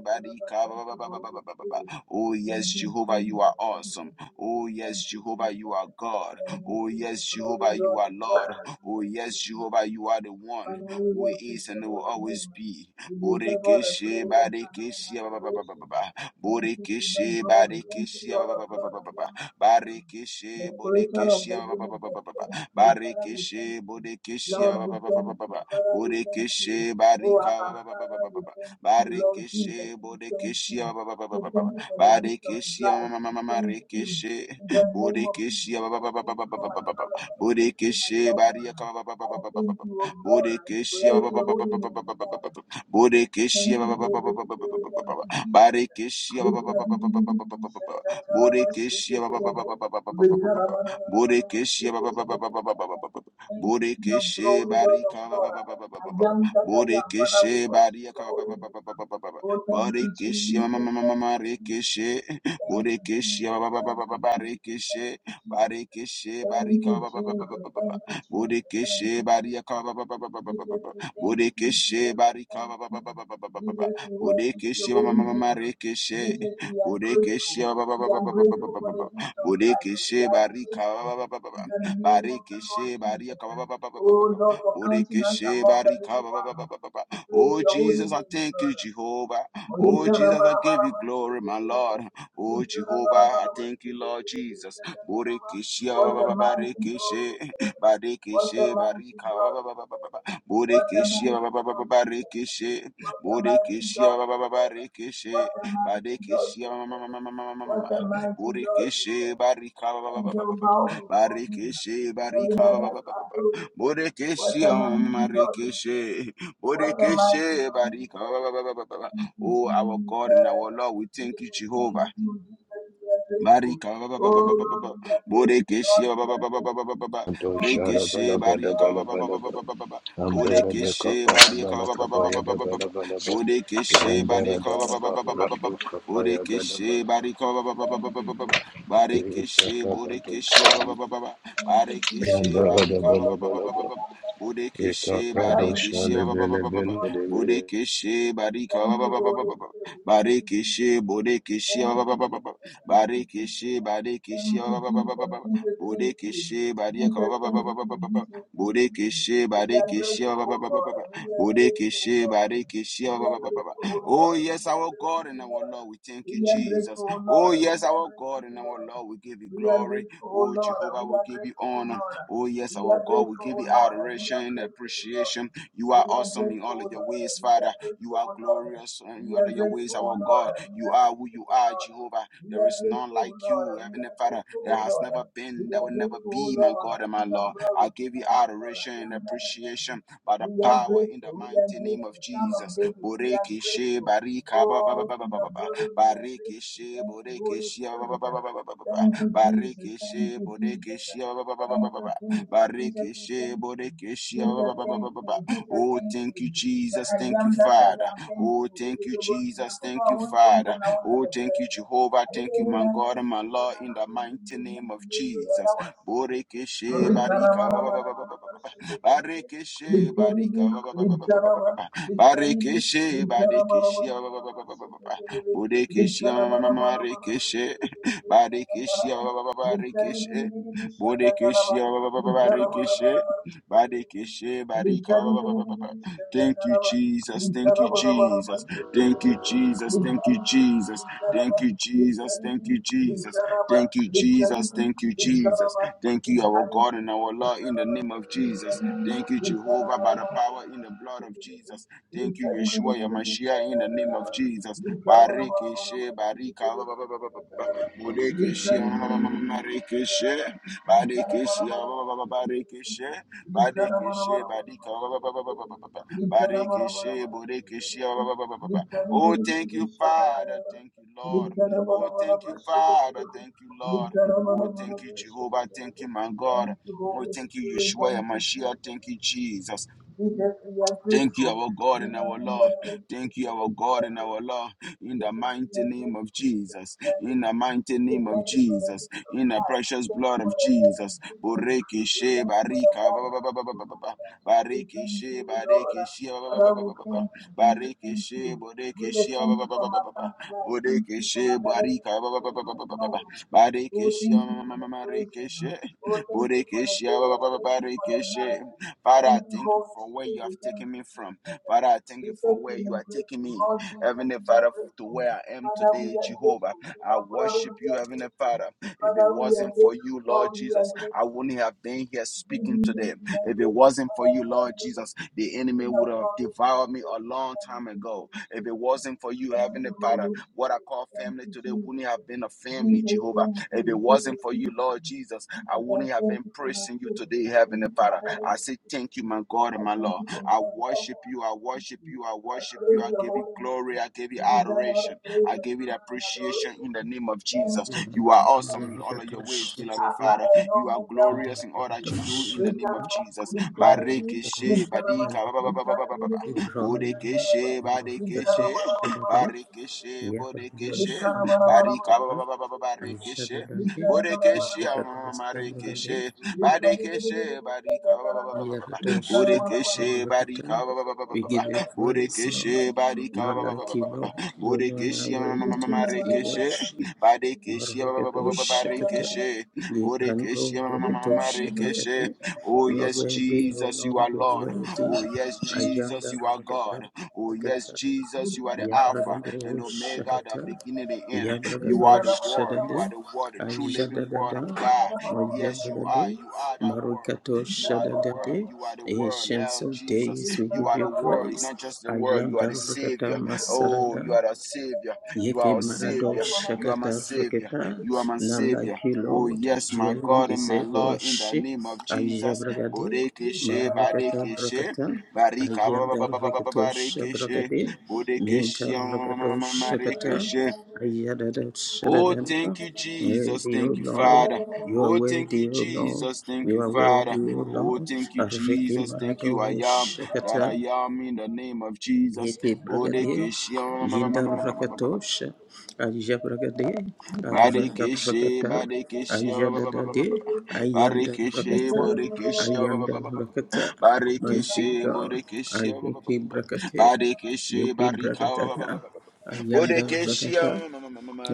Speaker 2: barika ba
Speaker 4: Thank
Speaker 2: ba
Speaker 4: you,
Speaker 2: ba ba ba
Speaker 4: Holy
Speaker 2: ba ba ba
Speaker 4: Spirit.
Speaker 2: ba. Oh
Speaker 4: Thank
Speaker 2: yes,
Speaker 4: you,
Speaker 2: Jehovah, you are
Speaker 4: Jesus. Thank you,
Speaker 2: awesome.
Speaker 4: Jesus.
Speaker 2: Oh yes,
Speaker 4: Thank you,
Speaker 2: Jehovah, you are
Speaker 4: Jesus.
Speaker 2: God.
Speaker 4: Thank you,
Speaker 2: Oh
Speaker 4: King
Speaker 2: yes,
Speaker 4: of glory,
Speaker 2: Jehovah, you
Speaker 4: Lord
Speaker 2: are
Speaker 4: of
Speaker 2: Lord.
Speaker 4: lords. I am
Speaker 2: Oh yes, Jehovah, you are the one
Speaker 4: Finally, we
Speaker 2: who
Speaker 4: worship
Speaker 2: is and
Speaker 4: your
Speaker 2: who will
Speaker 4: holy
Speaker 2: always
Speaker 4: name.
Speaker 2: be.
Speaker 4: We give the God a
Speaker 2: Borekeshe
Speaker 4: praise and honor and
Speaker 2: Barekeshe
Speaker 4: adoration. Thank you, King of
Speaker 2: Borekeshe
Speaker 4: glory. Thank you,
Speaker 2: Barekeshe
Speaker 4: Lord of Lord. I am that I am. The
Speaker 2: Barekeshe
Speaker 4: creator of the
Speaker 2: Borekeshe
Speaker 4: universe. Thank you. Father, we
Speaker 2: Barekeshe
Speaker 4: thank you.
Speaker 2: Borekeshe
Speaker 4: Lord, we thank you. Father, we thank you.
Speaker 2: Borekeshe
Speaker 4: Oh,
Speaker 2: Barika
Speaker 4: Abba, Father, we thank you. Lord Jesus,
Speaker 2: Barekeshe
Speaker 4: we thank
Speaker 2: Borekeshe
Speaker 4: you. We thank you for the gift of
Speaker 2: Barekeshe
Speaker 4: life. We thank you.
Speaker 2: Marekeshe
Speaker 4: In the name of Jesus, I
Speaker 2: Borekeshe
Speaker 4: thank you for my father, I thank you for my
Speaker 2: Borekeshe
Speaker 4: loved one. I
Speaker 2: Barika
Speaker 4: thank you, O God. I
Speaker 2: Bodekeshia
Speaker 4: praise
Speaker 2: ba- ba-
Speaker 4: your
Speaker 2: ba- ba-
Speaker 4: holy
Speaker 2: ba- ba-
Speaker 4: name,
Speaker 2: ba-
Speaker 4: O
Speaker 2: ba- ba- ba-
Speaker 4: God.
Speaker 2: ba- ba- Bodekeshia
Speaker 4: Thank
Speaker 2: ba-
Speaker 4: you,
Speaker 2: ba- ba- ba- ba-
Speaker 4: Holy
Speaker 2: ba- ba- ba- ba-
Speaker 4: Spirit.
Speaker 2: ba- ba-
Speaker 4: Thank
Speaker 2: ba-
Speaker 4: you, Jesus.
Speaker 2: Barekeshia ba- ba- ba- ba- ba- ba- ba- ba- ba- ba- ba- ba- Bodekeshia ba- ba- ba- ba- ba- ba- ba- ba- ba- ba- ba- ba- Bodekeshia ba- ba- ba- ba- ba- ba- ba- ba- ba- ba- ba-
Speaker 4: Thank you, King of
Speaker 2: Bodekeshe
Speaker 4: glory, Lord of
Speaker 2: barika ba-
Speaker 4: Lord.
Speaker 2: ba- ba- ba- ba- ba- ba-
Speaker 4: I
Speaker 2: ba-
Speaker 4: am
Speaker 2: ba-
Speaker 4: that I am. Father, we
Speaker 2: Bodekeshe
Speaker 4: worship your
Speaker 2: barika ba-
Speaker 4: holy
Speaker 2: ba- ba- ba- ba-
Speaker 4: name.
Speaker 2: ba- ba- ba- ba-
Speaker 4: Oh, thank you,
Speaker 2: Bodekeshia
Speaker 4: Jesus.
Speaker 2: ma- ma- ma- ma-
Speaker 4: Thank you,
Speaker 2: ma-
Speaker 4: Jesus.
Speaker 2: rekeshe
Speaker 4: Thank you,
Speaker 2: Bodekeshia ba-
Speaker 4: Jesus.
Speaker 2: ba- ba- ba-
Speaker 4: Thank
Speaker 2: ba- ba-
Speaker 4: you,
Speaker 2: ba-
Speaker 4: Jesus. Thank
Speaker 2: barika,
Speaker 4: you, Jesus. Thank you, Jesus. Thank you, Jesus. Thank
Speaker 2: Bodekeshe
Speaker 4: you, Jesus.
Speaker 2: Barika ba- ba- ba- ba- ba- ba- ba- ba-
Speaker 4: Jesus, we thank you.
Speaker 2: Bodekeshe
Speaker 4: Jesus, we
Speaker 2: Barika
Speaker 4: thank
Speaker 2: ba- ba-
Speaker 4: you.
Speaker 2: ba- ba- ba- ba- ba- ba-
Speaker 4: Jesus, we worship your
Speaker 2: Bodekeshe ma- ma-
Speaker 4: holy
Speaker 2: ma- ma- ma-
Speaker 4: name.
Speaker 2: Rekeshe
Speaker 4: Jesus, we are
Speaker 2: Bodekeshe
Speaker 4: grateful.
Speaker 2: ba- ba- ba-
Speaker 4: We
Speaker 2: ba-
Speaker 4: are
Speaker 2: ba- ba- ba- ba-
Speaker 4: grateful
Speaker 2: ba-
Speaker 4: for
Speaker 2: ba-
Speaker 4: the
Speaker 2: ba.
Speaker 4: gift of life. We
Speaker 2: Bodekeshe
Speaker 4: are
Speaker 2: Barika
Speaker 4: grateful
Speaker 2: ba- ba- ba- ba-
Speaker 4: in the name of the Lord
Speaker 2: Barekeshe
Speaker 4: Jesus.
Speaker 2: Barika ba- ba- ba- ba- ba- ba- ba-
Speaker 4: Oh
Speaker 2: ba.
Speaker 4: Lord, for counting us
Speaker 2: Bodekeshe
Speaker 4: among the
Speaker 2: Barika
Speaker 4: living
Speaker 2: ba- ba- ba- ba-
Speaker 4: ones.
Speaker 2: ba- ba- ba.
Speaker 4: We praise
Speaker 2: Oh
Speaker 4: your holy
Speaker 2: Jesus, I
Speaker 4: name,
Speaker 2: thank you,
Speaker 4: Lord.
Speaker 2: Jehovah.
Speaker 4: What
Speaker 2: Oh Jesus, I give you glory, my Lord. Oh Jehovah, I thank you, Lord Jesus. Bodekeshe ba- ba-
Speaker 4: a
Speaker 2: ba- ba-
Speaker 4: mighty God
Speaker 2: Rekeshe
Speaker 4: is doing. What a
Speaker 2: Barikishe,
Speaker 4: mighty
Speaker 2: barika, ba-
Speaker 4: God
Speaker 2: ba- ba-
Speaker 4: is
Speaker 2: ba- ba- ba- ba-
Speaker 4: doing. What a
Speaker 2: Bodekeshe, ba- ba- ba- ba- ba- barikishe,
Speaker 4: mighty
Speaker 2: Bodekeshe, ba-
Speaker 4: God is
Speaker 2: ba- ba- ba-
Speaker 4: doing.
Speaker 2: barikishe,
Speaker 4: What a mighty God is
Speaker 2: Badekeshe,
Speaker 4: doing.
Speaker 2: ma- ma- ma- ma- ma- ma- ma- ma- ma-
Speaker 4: What a mighty God is doing. What a
Speaker 2: ma-
Speaker 4: mighty God is doing.
Speaker 2: Bodekeshe, barika, ba- ba- ba-
Speaker 4: And go
Speaker 2: ba- ba- ba-
Speaker 4: bow
Speaker 2: ba-
Speaker 4: before him.
Speaker 2: Barikishe, barika,
Speaker 4: Whether
Speaker 2: ba- ba-
Speaker 4: that
Speaker 2: ba- ba-
Speaker 4: I
Speaker 2: ba- ba-
Speaker 4: doing. What
Speaker 2: Bodekeshe,
Speaker 4: a
Speaker 2: ma- ma- ma-
Speaker 4: mighty God we serve.
Speaker 2: marikishe,
Speaker 4: What a mighty
Speaker 2: Bodekeshe,
Speaker 4: God we
Speaker 2: barika, ba- ba-
Speaker 4: serve.
Speaker 2: ba- ba- ba- ba- ba-
Speaker 4: Thank you,
Speaker 2: Oh, our God and
Speaker 4: Jesus.
Speaker 2: our Lord, we thank you,
Speaker 4: Jesus, thank
Speaker 2: Jehovah.
Speaker 4: you. Jesus, we are grateful.
Speaker 2: Barika ba ba ba ba
Speaker 4: Oh,
Speaker 2: ba ba ba ba.
Speaker 4: Lord, we are grateful. Lord,
Speaker 2: Borekeshe ba
Speaker 4: we
Speaker 2: ba
Speaker 4: are
Speaker 2: ba ba ba ba ba
Speaker 4: grateful.
Speaker 2: ba ba ba.
Speaker 5: Do
Speaker 4: Lord, we are grateful. Lord, we
Speaker 5: shara
Speaker 2: Rekeshe
Speaker 5: bala gada
Speaker 2: barika
Speaker 5: bala
Speaker 2: ba ba ba ba
Speaker 5: bala
Speaker 2: ba
Speaker 4: are
Speaker 5: ba.
Speaker 2: ba
Speaker 4: grateful.
Speaker 2: ba ba ba.
Speaker 4: Father,
Speaker 5: Ambera
Speaker 4: we are
Speaker 5: beka
Speaker 2: Borekeshe
Speaker 4: grateful.
Speaker 5: pa
Speaker 2: barika
Speaker 4: Lord, We
Speaker 5: bala
Speaker 2: ba
Speaker 4: give
Speaker 2: ba
Speaker 4: you
Speaker 2: ba ba
Speaker 4: all
Speaker 2: ba
Speaker 5: kabaya
Speaker 2: ba
Speaker 5: da
Speaker 2: ba ba ba
Speaker 5: bala
Speaker 2: ba.
Speaker 5: bala ba.
Speaker 2: Borekeshe
Speaker 5: Yandara
Speaker 2: barika
Speaker 5: da
Speaker 2: ba
Speaker 5: da
Speaker 2: ba
Speaker 4: Thank
Speaker 2: ba
Speaker 4: you,
Speaker 5: ba.
Speaker 2: ba ba ba ba
Speaker 4: Holy
Speaker 2: ba
Speaker 5: Brando
Speaker 2: ba.
Speaker 4: Spirit. Thank
Speaker 5: kapaya
Speaker 4: you,
Speaker 5: gada
Speaker 4: Jesus.
Speaker 2: Borekeshe
Speaker 5: bala ba.
Speaker 2: barika ba ba ba ba
Speaker 4: Thank
Speaker 2: ba ba
Speaker 4: you,
Speaker 2: ba ba ba.
Speaker 4: Jesus. Thank you,
Speaker 5: Eka
Speaker 4: Jesus.
Speaker 2: Barekeshe
Speaker 5: da ba do
Speaker 4: Thank
Speaker 2: borekeshe
Speaker 4: you,
Speaker 2: ba
Speaker 5: sali.
Speaker 4: Jesus.
Speaker 2: ba ba ba ba ba.
Speaker 4: Thank you, King of
Speaker 2: Barekeshe
Speaker 5: Yandara
Speaker 4: glory.
Speaker 5: da
Speaker 2: barika ba
Speaker 4: Lord
Speaker 2: ba
Speaker 5: bala
Speaker 4: of
Speaker 2: ba ba
Speaker 5: bala
Speaker 2: ba ba
Speaker 4: power.
Speaker 5: ba.
Speaker 2: ba ba.
Speaker 4: Lamb that I am.
Speaker 5: Eka
Speaker 2: Borekeshe
Speaker 4: Father,
Speaker 5: prado
Speaker 4: we thank
Speaker 2: barekeshe
Speaker 5: shale
Speaker 2: ba ba
Speaker 4: you. We
Speaker 2: ba ba
Speaker 5: bele
Speaker 2: ba
Speaker 4: give
Speaker 2: ba
Speaker 4: you
Speaker 2: ba.
Speaker 4: all
Speaker 5: bele de bele.
Speaker 2: Borekeshe barika ba
Speaker 4: Thank
Speaker 2: ba
Speaker 4: you,
Speaker 2: ba ba ba
Speaker 4: Holy
Speaker 2: ba ba.
Speaker 4: Spirit. Thank you,
Speaker 2: Barekeshe
Speaker 4: Jesus.
Speaker 2: borekeshe ba
Speaker 4: Thank you,
Speaker 2: ba ba ba ba ba.
Speaker 4: Jesus. Thank you, Jesus.
Speaker 2: Barikishe, Barikishe,
Speaker 4: Thank you,
Speaker 2: ba- ba- ba- ba- ba-
Speaker 4: Jesus.
Speaker 2: ba- ba-
Speaker 4: Jesus, thank you.
Speaker 2: Bodekeshe,
Speaker 4: Jesus, thank you. Jesus, thank you. We are grateful, O Lord. We are grateful, O Lord. We are grateful, O Lord.
Speaker 2: Oh, yes,
Speaker 4: We are
Speaker 2: our God
Speaker 4: grateful, O
Speaker 2: and our
Speaker 4: Lord.
Speaker 2: Lord, we thank you,
Speaker 4: We are
Speaker 2: Jesus.
Speaker 4: grateful, O
Speaker 2: Oh,
Speaker 4: Lord.
Speaker 2: yes,
Speaker 4: We are
Speaker 2: our God and
Speaker 4: grateful, O
Speaker 2: our
Speaker 4: Lord.
Speaker 2: Lord, we give you
Speaker 4: We are
Speaker 2: glory.
Speaker 4: grateful, O
Speaker 2: Oh,
Speaker 4: Lord.
Speaker 2: Jehovah,
Speaker 4: We
Speaker 2: we
Speaker 4: are
Speaker 2: give you
Speaker 4: grateful, O
Speaker 2: honor.
Speaker 4: Lord.
Speaker 2: Oh, yes,
Speaker 4: We
Speaker 2: our
Speaker 4: are
Speaker 2: God, we
Speaker 4: grateful,
Speaker 2: give
Speaker 4: O
Speaker 2: you
Speaker 4: Lord. We
Speaker 2: adoration
Speaker 4: are
Speaker 2: and
Speaker 4: grateful, O Lord.
Speaker 2: appreciation. You
Speaker 4: We
Speaker 2: are
Speaker 4: are
Speaker 2: awesome in
Speaker 4: grateful,
Speaker 2: all of your ways, Father. You
Speaker 4: grateful,
Speaker 2: are
Speaker 4: O Lord.
Speaker 2: glorious in
Speaker 4: We
Speaker 2: all
Speaker 4: are
Speaker 2: of your ways,
Speaker 4: grateful,
Speaker 2: our
Speaker 4: O Lord.
Speaker 2: God.
Speaker 4: We
Speaker 2: You
Speaker 4: are
Speaker 2: are
Speaker 4: grateful,
Speaker 2: who you
Speaker 4: O
Speaker 2: are,
Speaker 4: Lord.
Speaker 2: Jehovah.
Speaker 4: We
Speaker 2: There
Speaker 4: are
Speaker 2: is none
Speaker 4: grateful, O
Speaker 2: like you,
Speaker 4: Lord. We
Speaker 2: Heavenly
Speaker 4: are
Speaker 2: Father.
Speaker 4: grateful,
Speaker 2: There
Speaker 4: O
Speaker 2: has
Speaker 4: Lord.
Speaker 2: never
Speaker 4: We
Speaker 2: been,
Speaker 4: are grateful, O Lord. We
Speaker 2: there will
Speaker 4: are
Speaker 2: never
Speaker 4: grateful, O
Speaker 2: be, my
Speaker 4: Lord.
Speaker 2: God and my
Speaker 4: King of
Speaker 2: Lord. I
Speaker 4: glory, the
Speaker 2: give you
Speaker 4: God of Lord, I
Speaker 2: adoration and
Speaker 4: am that I am.
Speaker 2: appreciation by the
Speaker 4: We are
Speaker 2: power in the
Speaker 4: grateful. We are
Speaker 2: mighty name of
Speaker 4: grateful. Son of
Speaker 2: Jesus.
Speaker 4: David, we are
Speaker 2: Boreke she
Speaker 4: grateful.
Speaker 2: barika ba ba ba
Speaker 4: Oh,
Speaker 2: ba ba
Speaker 4: King
Speaker 2: ba ba
Speaker 4: of glory
Speaker 2: ba.
Speaker 4: glory, we are
Speaker 2: Bareke
Speaker 4: Grateful.
Speaker 2: she
Speaker 4: Thank you,
Speaker 2: boreke
Speaker 4: Holy
Speaker 2: she ba ba
Speaker 4: Spirit.
Speaker 2: ba ba ba ba ba ba ba
Speaker 4: Thank you,
Speaker 2: ba.
Speaker 4: Jesus.
Speaker 2: Bareke
Speaker 4: Thank
Speaker 2: she
Speaker 4: you,
Speaker 2: boreke
Speaker 4: Jesus.
Speaker 2: she ba ba ba ba ba ba
Speaker 4: Thank
Speaker 2: ba
Speaker 4: you,
Speaker 2: ba.
Speaker 4: Jesus. Jesus,
Speaker 2: Bareke
Speaker 4: we
Speaker 2: she
Speaker 4: thank you.
Speaker 2: boreke she ba
Speaker 4: Jesus,
Speaker 2: ba ba ba ba
Speaker 4: thank
Speaker 2: ba ba
Speaker 4: you.
Speaker 2: ba.
Speaker 4: Jesus,
Speaker 2: Oh,
Speaker 4: thank
Speaker 2: thank
Speaker 4: you.
Speaker 2: you,
Speaker 4: The
Speaker 2: Jesus.
Speaker 4: I
Speaker 2: Thank you,
Speaker 4: am that I
Speaker 2: Father.
Speaker 4: am. Thank
Speaker 2: Oh,
Speaker 4: you.
Speaker 2: thank you, Jesus. Thank
Speaker 4: Ukitubukia
Speaker 2: you,
Speaker 4: wote
Speaker 2: Father.
Speaker 4: uko naona
Speaker 2: Oh,
Speaker 4: baba
Speaker 2: thank you,
Speaker 4: yangu.
Speaker 2: Jehovah. Thank you, my
Speaker 4: Aliyenilaza
Speaker 2: God and my
Speaker 4: usiku
Speaker 2: Lord,
Speaker 4: na
Speaker 2: in the
Speaker 4: mapendo
Speaker 2: mighty
Speaker 4: yenu
Speaker 2: name
Speaker 4: yenu
Speaker 2: of
Speaker 4: yenu
Speaker 2: Jesus.
Speaker 4: yadawa siku. Thank
Speaker 2: Borekeshe barika ba- ba- ba- ba- ba- ba- ba- ba- ba. Barekeshe barika ba- ba- ba- ba- ba- ba- ba- ba- ba- ba. Barekeshe barekeshe ba- ba- ba- ba- ba- ba- ba- ba- ba. Borekeshe ma- ma- ma- ma- ma- rekeshe. Barekeshe ba- ba- ba- ba- rekeshe. Borekeshe ba- ba- ba- ba- ba- rekeshe. Barekeshe barika ba- ba- ba- ba- ba- ba. Thank you, Jesus. Thank you, Jesus. Thank you, Jesus. Thank you, Jesus. Thank you, Jesus. Thank you,
Speaker 4: you.
Speaker 2: Jesus.
Speaker 4: Nikaraba,
Speaker 2: Thank you, Jesus.
Speaker 4: Nikaridi,
Speaker 2: Thank you, Jesus.
Speaker 4: Nikaraba,
Speaker 2: Thank you, our God
Speaker 4: Nikaridi,
Speaker 2: and our Lord, in the
Speaker 4: Nikaraba.
Speaker 2: name of
Speaker 4: Thank
Speaker 2: Jesus. Thank you, Jehovah, by the power in the blood of Jesus. Thank you, Yeshua, your Mashiach, in the name of Jesus. Barikeshe, barika, ba- ba- ba- ba- ba- ba- ba- Bodekeshe, ma- ma- ma- ma- ma- marekeshe. Badekeshe, ba- ba- ba- ba- ba- barekeshe. Badekeshe, badika, ba- ba- ba- ba- ba- ba- ba- ba- ba- Barekeshe, bodekeshe, ba- ba- ba- ba- ba- ba- Oh, thank you, Father. Thank you, Lord. Oh, thank you, Father. Thank you, Lord. Oh, thank you, Jehovah. Thank you, my God.
Speaker 4: you,
Speaker 2: Oh,
Speaker 4: Holy
Speaker 2: thank you,
Speaker 4: Spirit. We will
Speaker 2: Yeshua,
Speaker 4: thank you,
Speaker 2: Mashiach. Thank
Speaker 4: Jesus.
Speaker 2: you, Jesus.
Speaker 4: Jesus, we are
Speaker 2: Thank you,
Speaker 4: grateful.
Speaker 2: our God and
Speaker 4: Jesus,
Speaker 2: our
Speaker 4: we
Speaker 2: Lord.
Speaker 4: are grateful.
Speaker 2: Thank you, our
Speaker 4: Jesus, we
Speaker 2: God
Speaker 4: are
Speaker 2: and our
Speaker 4: grateful.
Speaker 2: Lord. In the
Speaker 4: Jesus, we
Speaker 2: mighty
Speaker 4: are
Speaker 2: name of
Speaker 4: grateful. Jesus,
Speaker 2: Jesus.
Speaker 4: we are
Speaker 2: In
Speaker 4: grateful.
Speaker 2: the mighty name
Speaker 4: We
Speaker 2: of
Speaker 4: thank you for the
Speaker 2: Jesus.
Speaker 4: gift of
Speaker 2: In the
Speaker 4: life. We
Speaker 2: precious
Speaker 4: thank you
Speaker 2: blood
Speaker 4: for
Speaker 2: of
Speaker 4: the early
Speaker 2: Jesus.
Speaker 4: wisdom.
Speaker 2: Boreke
Speaker 4: We
Speaker 2: she
Speaker 4: thank you for the
Speaker 2: barika ba-
Speaker 4: blood
Speaker 2: ba- ba-
Speaker 4: of
Speaker 2: ba- ba- ba- ba- ba.
Speaker 4: Jesus. We
Speaker 2: Bareke
Speaker 4: thank
Speaker 2: she
Speaker 4: you, Lord.
Speaker 2: bareke she ba- ba-
Speaker 4: Father,
Speaker 2: ba- ba-
Speaker 4: we
Speaker 2: ba- ba- ba.
Speaker 4: thank you. Jesus,
Speaker 2: Bareke
Speaker 4: thank you.
Speaker 2: she boreke
Speaker 4: Jesus,
Speaker 2: she ba-
Speaker 4: thank
Speaker 2: ba-
Speaker 4: you
Speaker 2: ba-
Speaker 4: for
Speaker 2: ba- ba-
Speaker 4: my
Speaker 2: ba- ba.
Speaker 4: son's life. Thank
Speaker 2: Boreke
Speaker 4: you for
Speaker 2: she
Speaker 4: my brother's life.
Speaker 2: barika ba- ba- ba-
Speaker 4: Thank you
Speaker 2: ba- ba- ba-
Speaker 4: for
Speaker 2: ba-
Speaker 4: No
Speaker 2: ba- ba.
Speaker 4: one.
Speaker 2: Bareke
Speaker 4: Oh,
Speaker 2: she ma-
Speaker 4: thank you
Speaker 2: ma-
Speaker 4: for
Speaker 2: ma- ma-
Speaker 4: the
Speaker 2: ma-
Speaker 4: creation.
Speaker 2: reke she.
Speaker 4: Oh, thank you for
Speaker 2: Boreke
Speaker 4: the
Speaker 2: she ba-
Speaker 4: day.
Speaker 2: ba-
Speaker 4: Oh,
Speaker 2: ba- ba-
Speaker 4: thank
Speaker 2: ba-
Speaker 4: you for
Speaker 2: reke
Speaker 4: the
Speaker 2: she.
Speaker 4: night.
Speaker 2: Father, I
Speaker 4: Thank coming
Speaker 2: thank you
Speaker 4: home
Speaker 2: for where
Speaker 4: today.
Speaker 2: you
Speaker 4: We
Speaker 2: have
Speaker 4: thank
Speaker 2: taken
Speaker 4: you,
Speaker 2: me
Speaker 4: Jesus.
Speaker 2: from. Father, I
Speaker 4: And
Speaker 2: thank you
Speaker 4: Jesus,
Speaker 2: for where
Speaker 4: we
Speaker 2: you
Speaker 4: are
Speaker 2: are taking
Speaker 4: grateful.
Speaker 2: me.
Speaker 4: Lord Jesus,
Speaker 2: Heavenly
Speaker 4: we are
Speaker 2: Father, to
Speaker 4: grateful.
Speaker 2: where I am
Speaker 4: Father, we
Speaker 2: today,
Speaker 4: are
Speaker 2: Jehovah.
Speaker 4: grateful. In
Speaker 2: I
Speaker 4: our glory,
Speaker 2: worship
Speaker 4: we
Speaker 2: you,
Speaker 4: are
Speaker 2: Heavenly
Speaker 4: grateful.
Speaker 2: Father. If it
Speaker 4: Father, we are
Speaker 2: wasn't for
Speaker 4: grateful.
Speaker 2: you, Lord
Speaker 4: Lord, we are
Speaker 2: Jesus, I
Speaker 4: grateful.
Speaker 2: wouldn't have been here speaking today.
Speaker 4: I'm
Speaker 2: If it
Speaker 4: grateful,
Speaker 2: wasn't for
Speaker 4: Father,
Speaker 2: you,
Speaker 4: I'm
Speaker 2: Lord
Speaker 4: grateful.
Speaker 2: Jesus, the enemy
Speaker 4: King of
Speaker 2: would have
Speaker 4: glory, King of
Speaker 2: devoured me a
Speaker 4: glory,
Speaker 2: long
Speaker 4: thank
Speaker 2: time
Speaker 4: you,
Speaker 2: ago.
Speaker 4: Holy
Speaker 2: If it
Speaker 4: Spirit.
Speaker 2: wasn't for you,
Speaker 4: Thank
Speaker 2: Heavenly
Speaker 4: you,
Speaker 2: Father,
Speaker 4: Holy
Speaker 2: what I
Speaker 4: Spirit.
Speaker 2: call
Speaker 4: Thank
Speaker 2: family
Speaker 4: you,
Speaker 2: today wouldn't
Speaker 4: Jesus.
Speaker 2: have been a family,
Speaker 4: Jesus,
Speaker 2: Jehovah.
Speaker 4: thank you.
Speaker 2: If it
Speaker 4: Jesus,
Speaker 2: wasn't for
Speaker 4: thank
Speaker 2: you,
Speaker 4: you.
Speaker 2: Lord Jesus,
Speaker 4: Jesus,
Speaker 2: I
Speaker 4: I
Speaker 2: wouldn't have
Speaker 4: thank
Speaker 2: been
Speaker 4: you for my
Speaker 2: praising you
Speaker 4: children.
Speaker 2: today,
Speaker 4: I thank
Speaker 2: Heavenly
Speaker 4: you for my
Speaker 2: Father. I
Speaker 4: relatives.
Speaker 2: say thank you, my God and
Speaker 4: I
Speaker 2: my
Speaker 4: thank
Speaker 2: Lord.
Speaker 4: you for my
Speaker 2: I
Speaker 4: loved
Speaker 2: worship
Speaker 4: one.
Speaker 2: you.
Speaker 4: I
Speaker 2: I
Speaker 4: thank
Speaker 2: worship
Speaker 4: you.
Speaker 2: you. I
Speaker 4: I
Speaker 2: worship you.
Speaker 4: praise
Speaker 2: I
Speaker 4: your
Speaker 2: give you
Speaker 4: holy
Speaker 2: glory.
Speaker 4: name.
Speaker 2: I give you
Speaker 4: You deserve all the
Speaker 2: adoration.
Speaker 4: praise
Speaker 2: I
Speaker 4: and
Speaker 2: give you
Speaker 4: honor and
Speaker 2: appreciation
Speaker 4: adoration.
Speaker 2: in the name of
Speaker 4: Thank
Speaker 2: Jesus.
Speaker 4: you,
Speaker 6: The growing
Speaker 2: You
Speaker 4: Jesus you. Thank you,
Speaker 2: are
Speaker 6: Lord,
Speaker 2: awesome in all of your ways,
Speaker 6: Marokatos
Speaker 4: Jesus.
Speaker 2: beloved
Speaker 4: Alpha
Speaker 2: Father.
Speaker 4: and
Speaker 2: You are
Speaker 4: Omega, we
Speaker 2: glorious in all
Speaker 4: thank you.
Speaker 2: that you do in the name of
Speaker 4: Rikarama,
Speaker 2: Jesus.
Speaker 4: Rikaribi,
Speaker 2: Barikishe,
Speaker 4: Rikarama,
Speaker 2: badika, ba- ba- ba- ba- ba- ba- ba-
Speaker 4: Rikaribi,
Speaker 2: ba.
Speaker 4: Ribi, Shakarama,
Speaker 2: Bodekeshe, badekeshe,
Speaker 4: Rikarama, Rama,
Speaker 6: Shadadu,
Speaker 2: barikishe,
Speaker 4: Shakarama,
Speaker 6: Yapanos
Speaker 2: bodekeshe,
Speaker 4: Rikarama, Rama,
Speaker 2: barika, ba-
Speaker 4: Rama,
Speaker 6: Sandal,
Speaker 2: ba- ba- ba- ba- ba-
Speaker 6: and
Speaker 4: Shakarama,
Speaker 2: barikishe,
Speaker 6: Shadadadi,
Speaker 4: Rikarama,
Speaker 2: bodekeshe,
Speaker 4: Rama, Rama,
Speaker 6: Marokatos
Speaker 4: Shakarama,
Speaker 2: amamarikishe.
Speaker 6: Sandaladi,
Speaker 4: Rikaribi, Ribi,
Speaker 2: Badekeshe
Speaker 4: Ribi,
Speaker 2: Barika ba- ba- ba-
Speaker 4: Shakarama,
Speaker 2: ba- ba- ba- ba- ba.
Speaker 6: Yarados
Speaker 4: Rikarama, Rama,
Speaker 2: Bodekeshe Barika
Speaker 6: Shadadu,
Speaker 2: ba-
Speaker 6: we give you praise, Lord.
Speaker 2: Bodekeshe
Speaker 4: Rikaribi,
Speaker 2: Barika
Speaker 6: Not
Speaker 4: Ribi,
Speaker 6: like you, Lord. You alone are
Speaker 2: Bodekeshe ma-
Speaker 6: worthy
Speaker 4: Thank
Speaker 6: to receive worship.
Speaker 2: Badekeshe ba-
Speaker 6: Barokato Shakata, Librando
Speaker 2: Bodekeshe ma-
Speaker 6: Rokato Shabrakate,
Speaker 2: Oh
Speaker 6: you are
Speaker 4: you.
Speaker 2: yes
Speaker 6: worthy, O
Speaker 2: Jesus you
Speaker 6: Lord,
Speaker 2: are
Speaker 6: you are
Speaker 2: Lord
Speaker 4: Thank
Speaker 6: worthy,
Speaker 2: Oh yes Jesus
Speaker 6: Ayanda
Speaker 2: you are
Speaker 6: Rakata,
Speaker 2: God Oh yes
Speaker 6: Sakata,
Speaker 2: Jesus you are the Alpha
Speaker 6: Yabragado
Speaker 2: and Omega the
Speaker 6: Shakata,
Speaker 2: beginning and the end you
Speaker 6: Yabragado
Speaker 2: are the word. You are
Speaker 6: Shadade,
Speaker 2: the word, the true living word of
Speaker 6: Ajadadada,
Speaker 2: God. Yes, you are.
Speaker 6: Yabragade,
Speaker 2: You are that word.
Speaker 6: Marukato
Speaker 2: You are the word.
Speaker 6: Shadadade,
Speaker 2: You are the word,
Speaker 6: Ancients
Speaker 2: Lord
Speaker 6: of
Speaker 2: Jesus.
Speaker 6: Days, we
Speaker 2: You
Speaker 6: give
Speaker 2: are
Speaker 6: you
Speaker 2: the word,
Speaker 6: praise,
Speaker 2: not just the word. You are
Speaker 6: Ayanda
Speaker 2: the
Speaker 6: Rakata
Speaker 2: Savior. Oh,
Speaker 6: Masarada,
Speaker 2: you are the Savior. You are
Speaker 6: Yeke
Speaker 2: our
Speaker 6: marado
Speaker 2: Savior. You are my
Speaker 6: shakata
Speaker 2: Savior.
Speaker 6: freketa,
Speaker 2: You are my
Speaker 6: none
Speaker 2: Savior.
Speaker 6: like you,
Speaker 2: Oh,
Speaker 6: Lord.
Speaker 2: yes,
Speaker 6: You
Speaker 2: my
Speaker 6: alone
Speaker 2: God and my
Speaker 6: deserve
Speaker 2: Lord, in the
Speaker 6: worship.
Speaker 2: name of
Speaker 4: you.
Speaker 2: Jesus.
Speaker 6: Ayabragade,
Speaker 2: Bodekeshe,
Speaker 6: marakata
Speaker 2: Badekeshe,
Speaker 6: brakata,
Speaker 2: Barika,
Speaker 6: ayanda reketo
Speaker 2: Barikeshe,
Speaker 6: shabragade, minta
Speaker 2: Bodekeshe,
Speaker 6: ragado shakata,
Speaker 2: Marekeshe.
Speaker 6: ayadada
Speaker 2: Oh,
Speaker 6: shadadada.
Speaker 2: thank you, Jesus.
Speaker 6: Worthy, O
Speaker 2: Thank you,
Speaker 6: Lord.
Speaker 2: Father.
Speaker 6: You are
Speaker 2: Oh, thank you,
Speaker 6: worthy, O Lord.
Speaker 2: Jesus. Thank
Speaker 6: You
Speaker 2: you,
Speaker 6: are worthy,
Speaker 2: Father.
Speaker 6: O
Speaker 2: Oh,
Speaker 6: Lord.
Speaker 2: thank you,
Speaker 6: Ariki
Speaker 2: Jesus. Thank you, I
Speaker 6: marado
Speaker 2: am that
Speaker 6: shakata,
Speaker 2: I am in the name of Jesus.
Speaker 6: Yete bragade,
Speaker 2: Bodekeshia,
Speaker 6: yindar rakatosha, aja bragade, arjada
Speaker 2: Badekeshe,
Speaker 6: rakata, ajada
Speaker 2: Badekeshia,
Speaker 6: dade,
Speaker 4: Thank you.
Speaker 6: ayanda
Speaker 4: Thank
Speaker 2: Badekeshe,
Speaker 6: rakata, ayanda
Speaker 2: Bodekeshia,
Speaker 6: rakata, mighty
Speaker 2: Barikishe,
Speaker 6: God,
Speaker 2: Bodekishia,
Speaker 6: ayeke brakate,
Speaker 2: Badikishe,
Speaker 6: yeke
Speaker 2: Barika,
Speaker 6: bragatata, ayanda rakata,
Speaker 2: Bodekishia,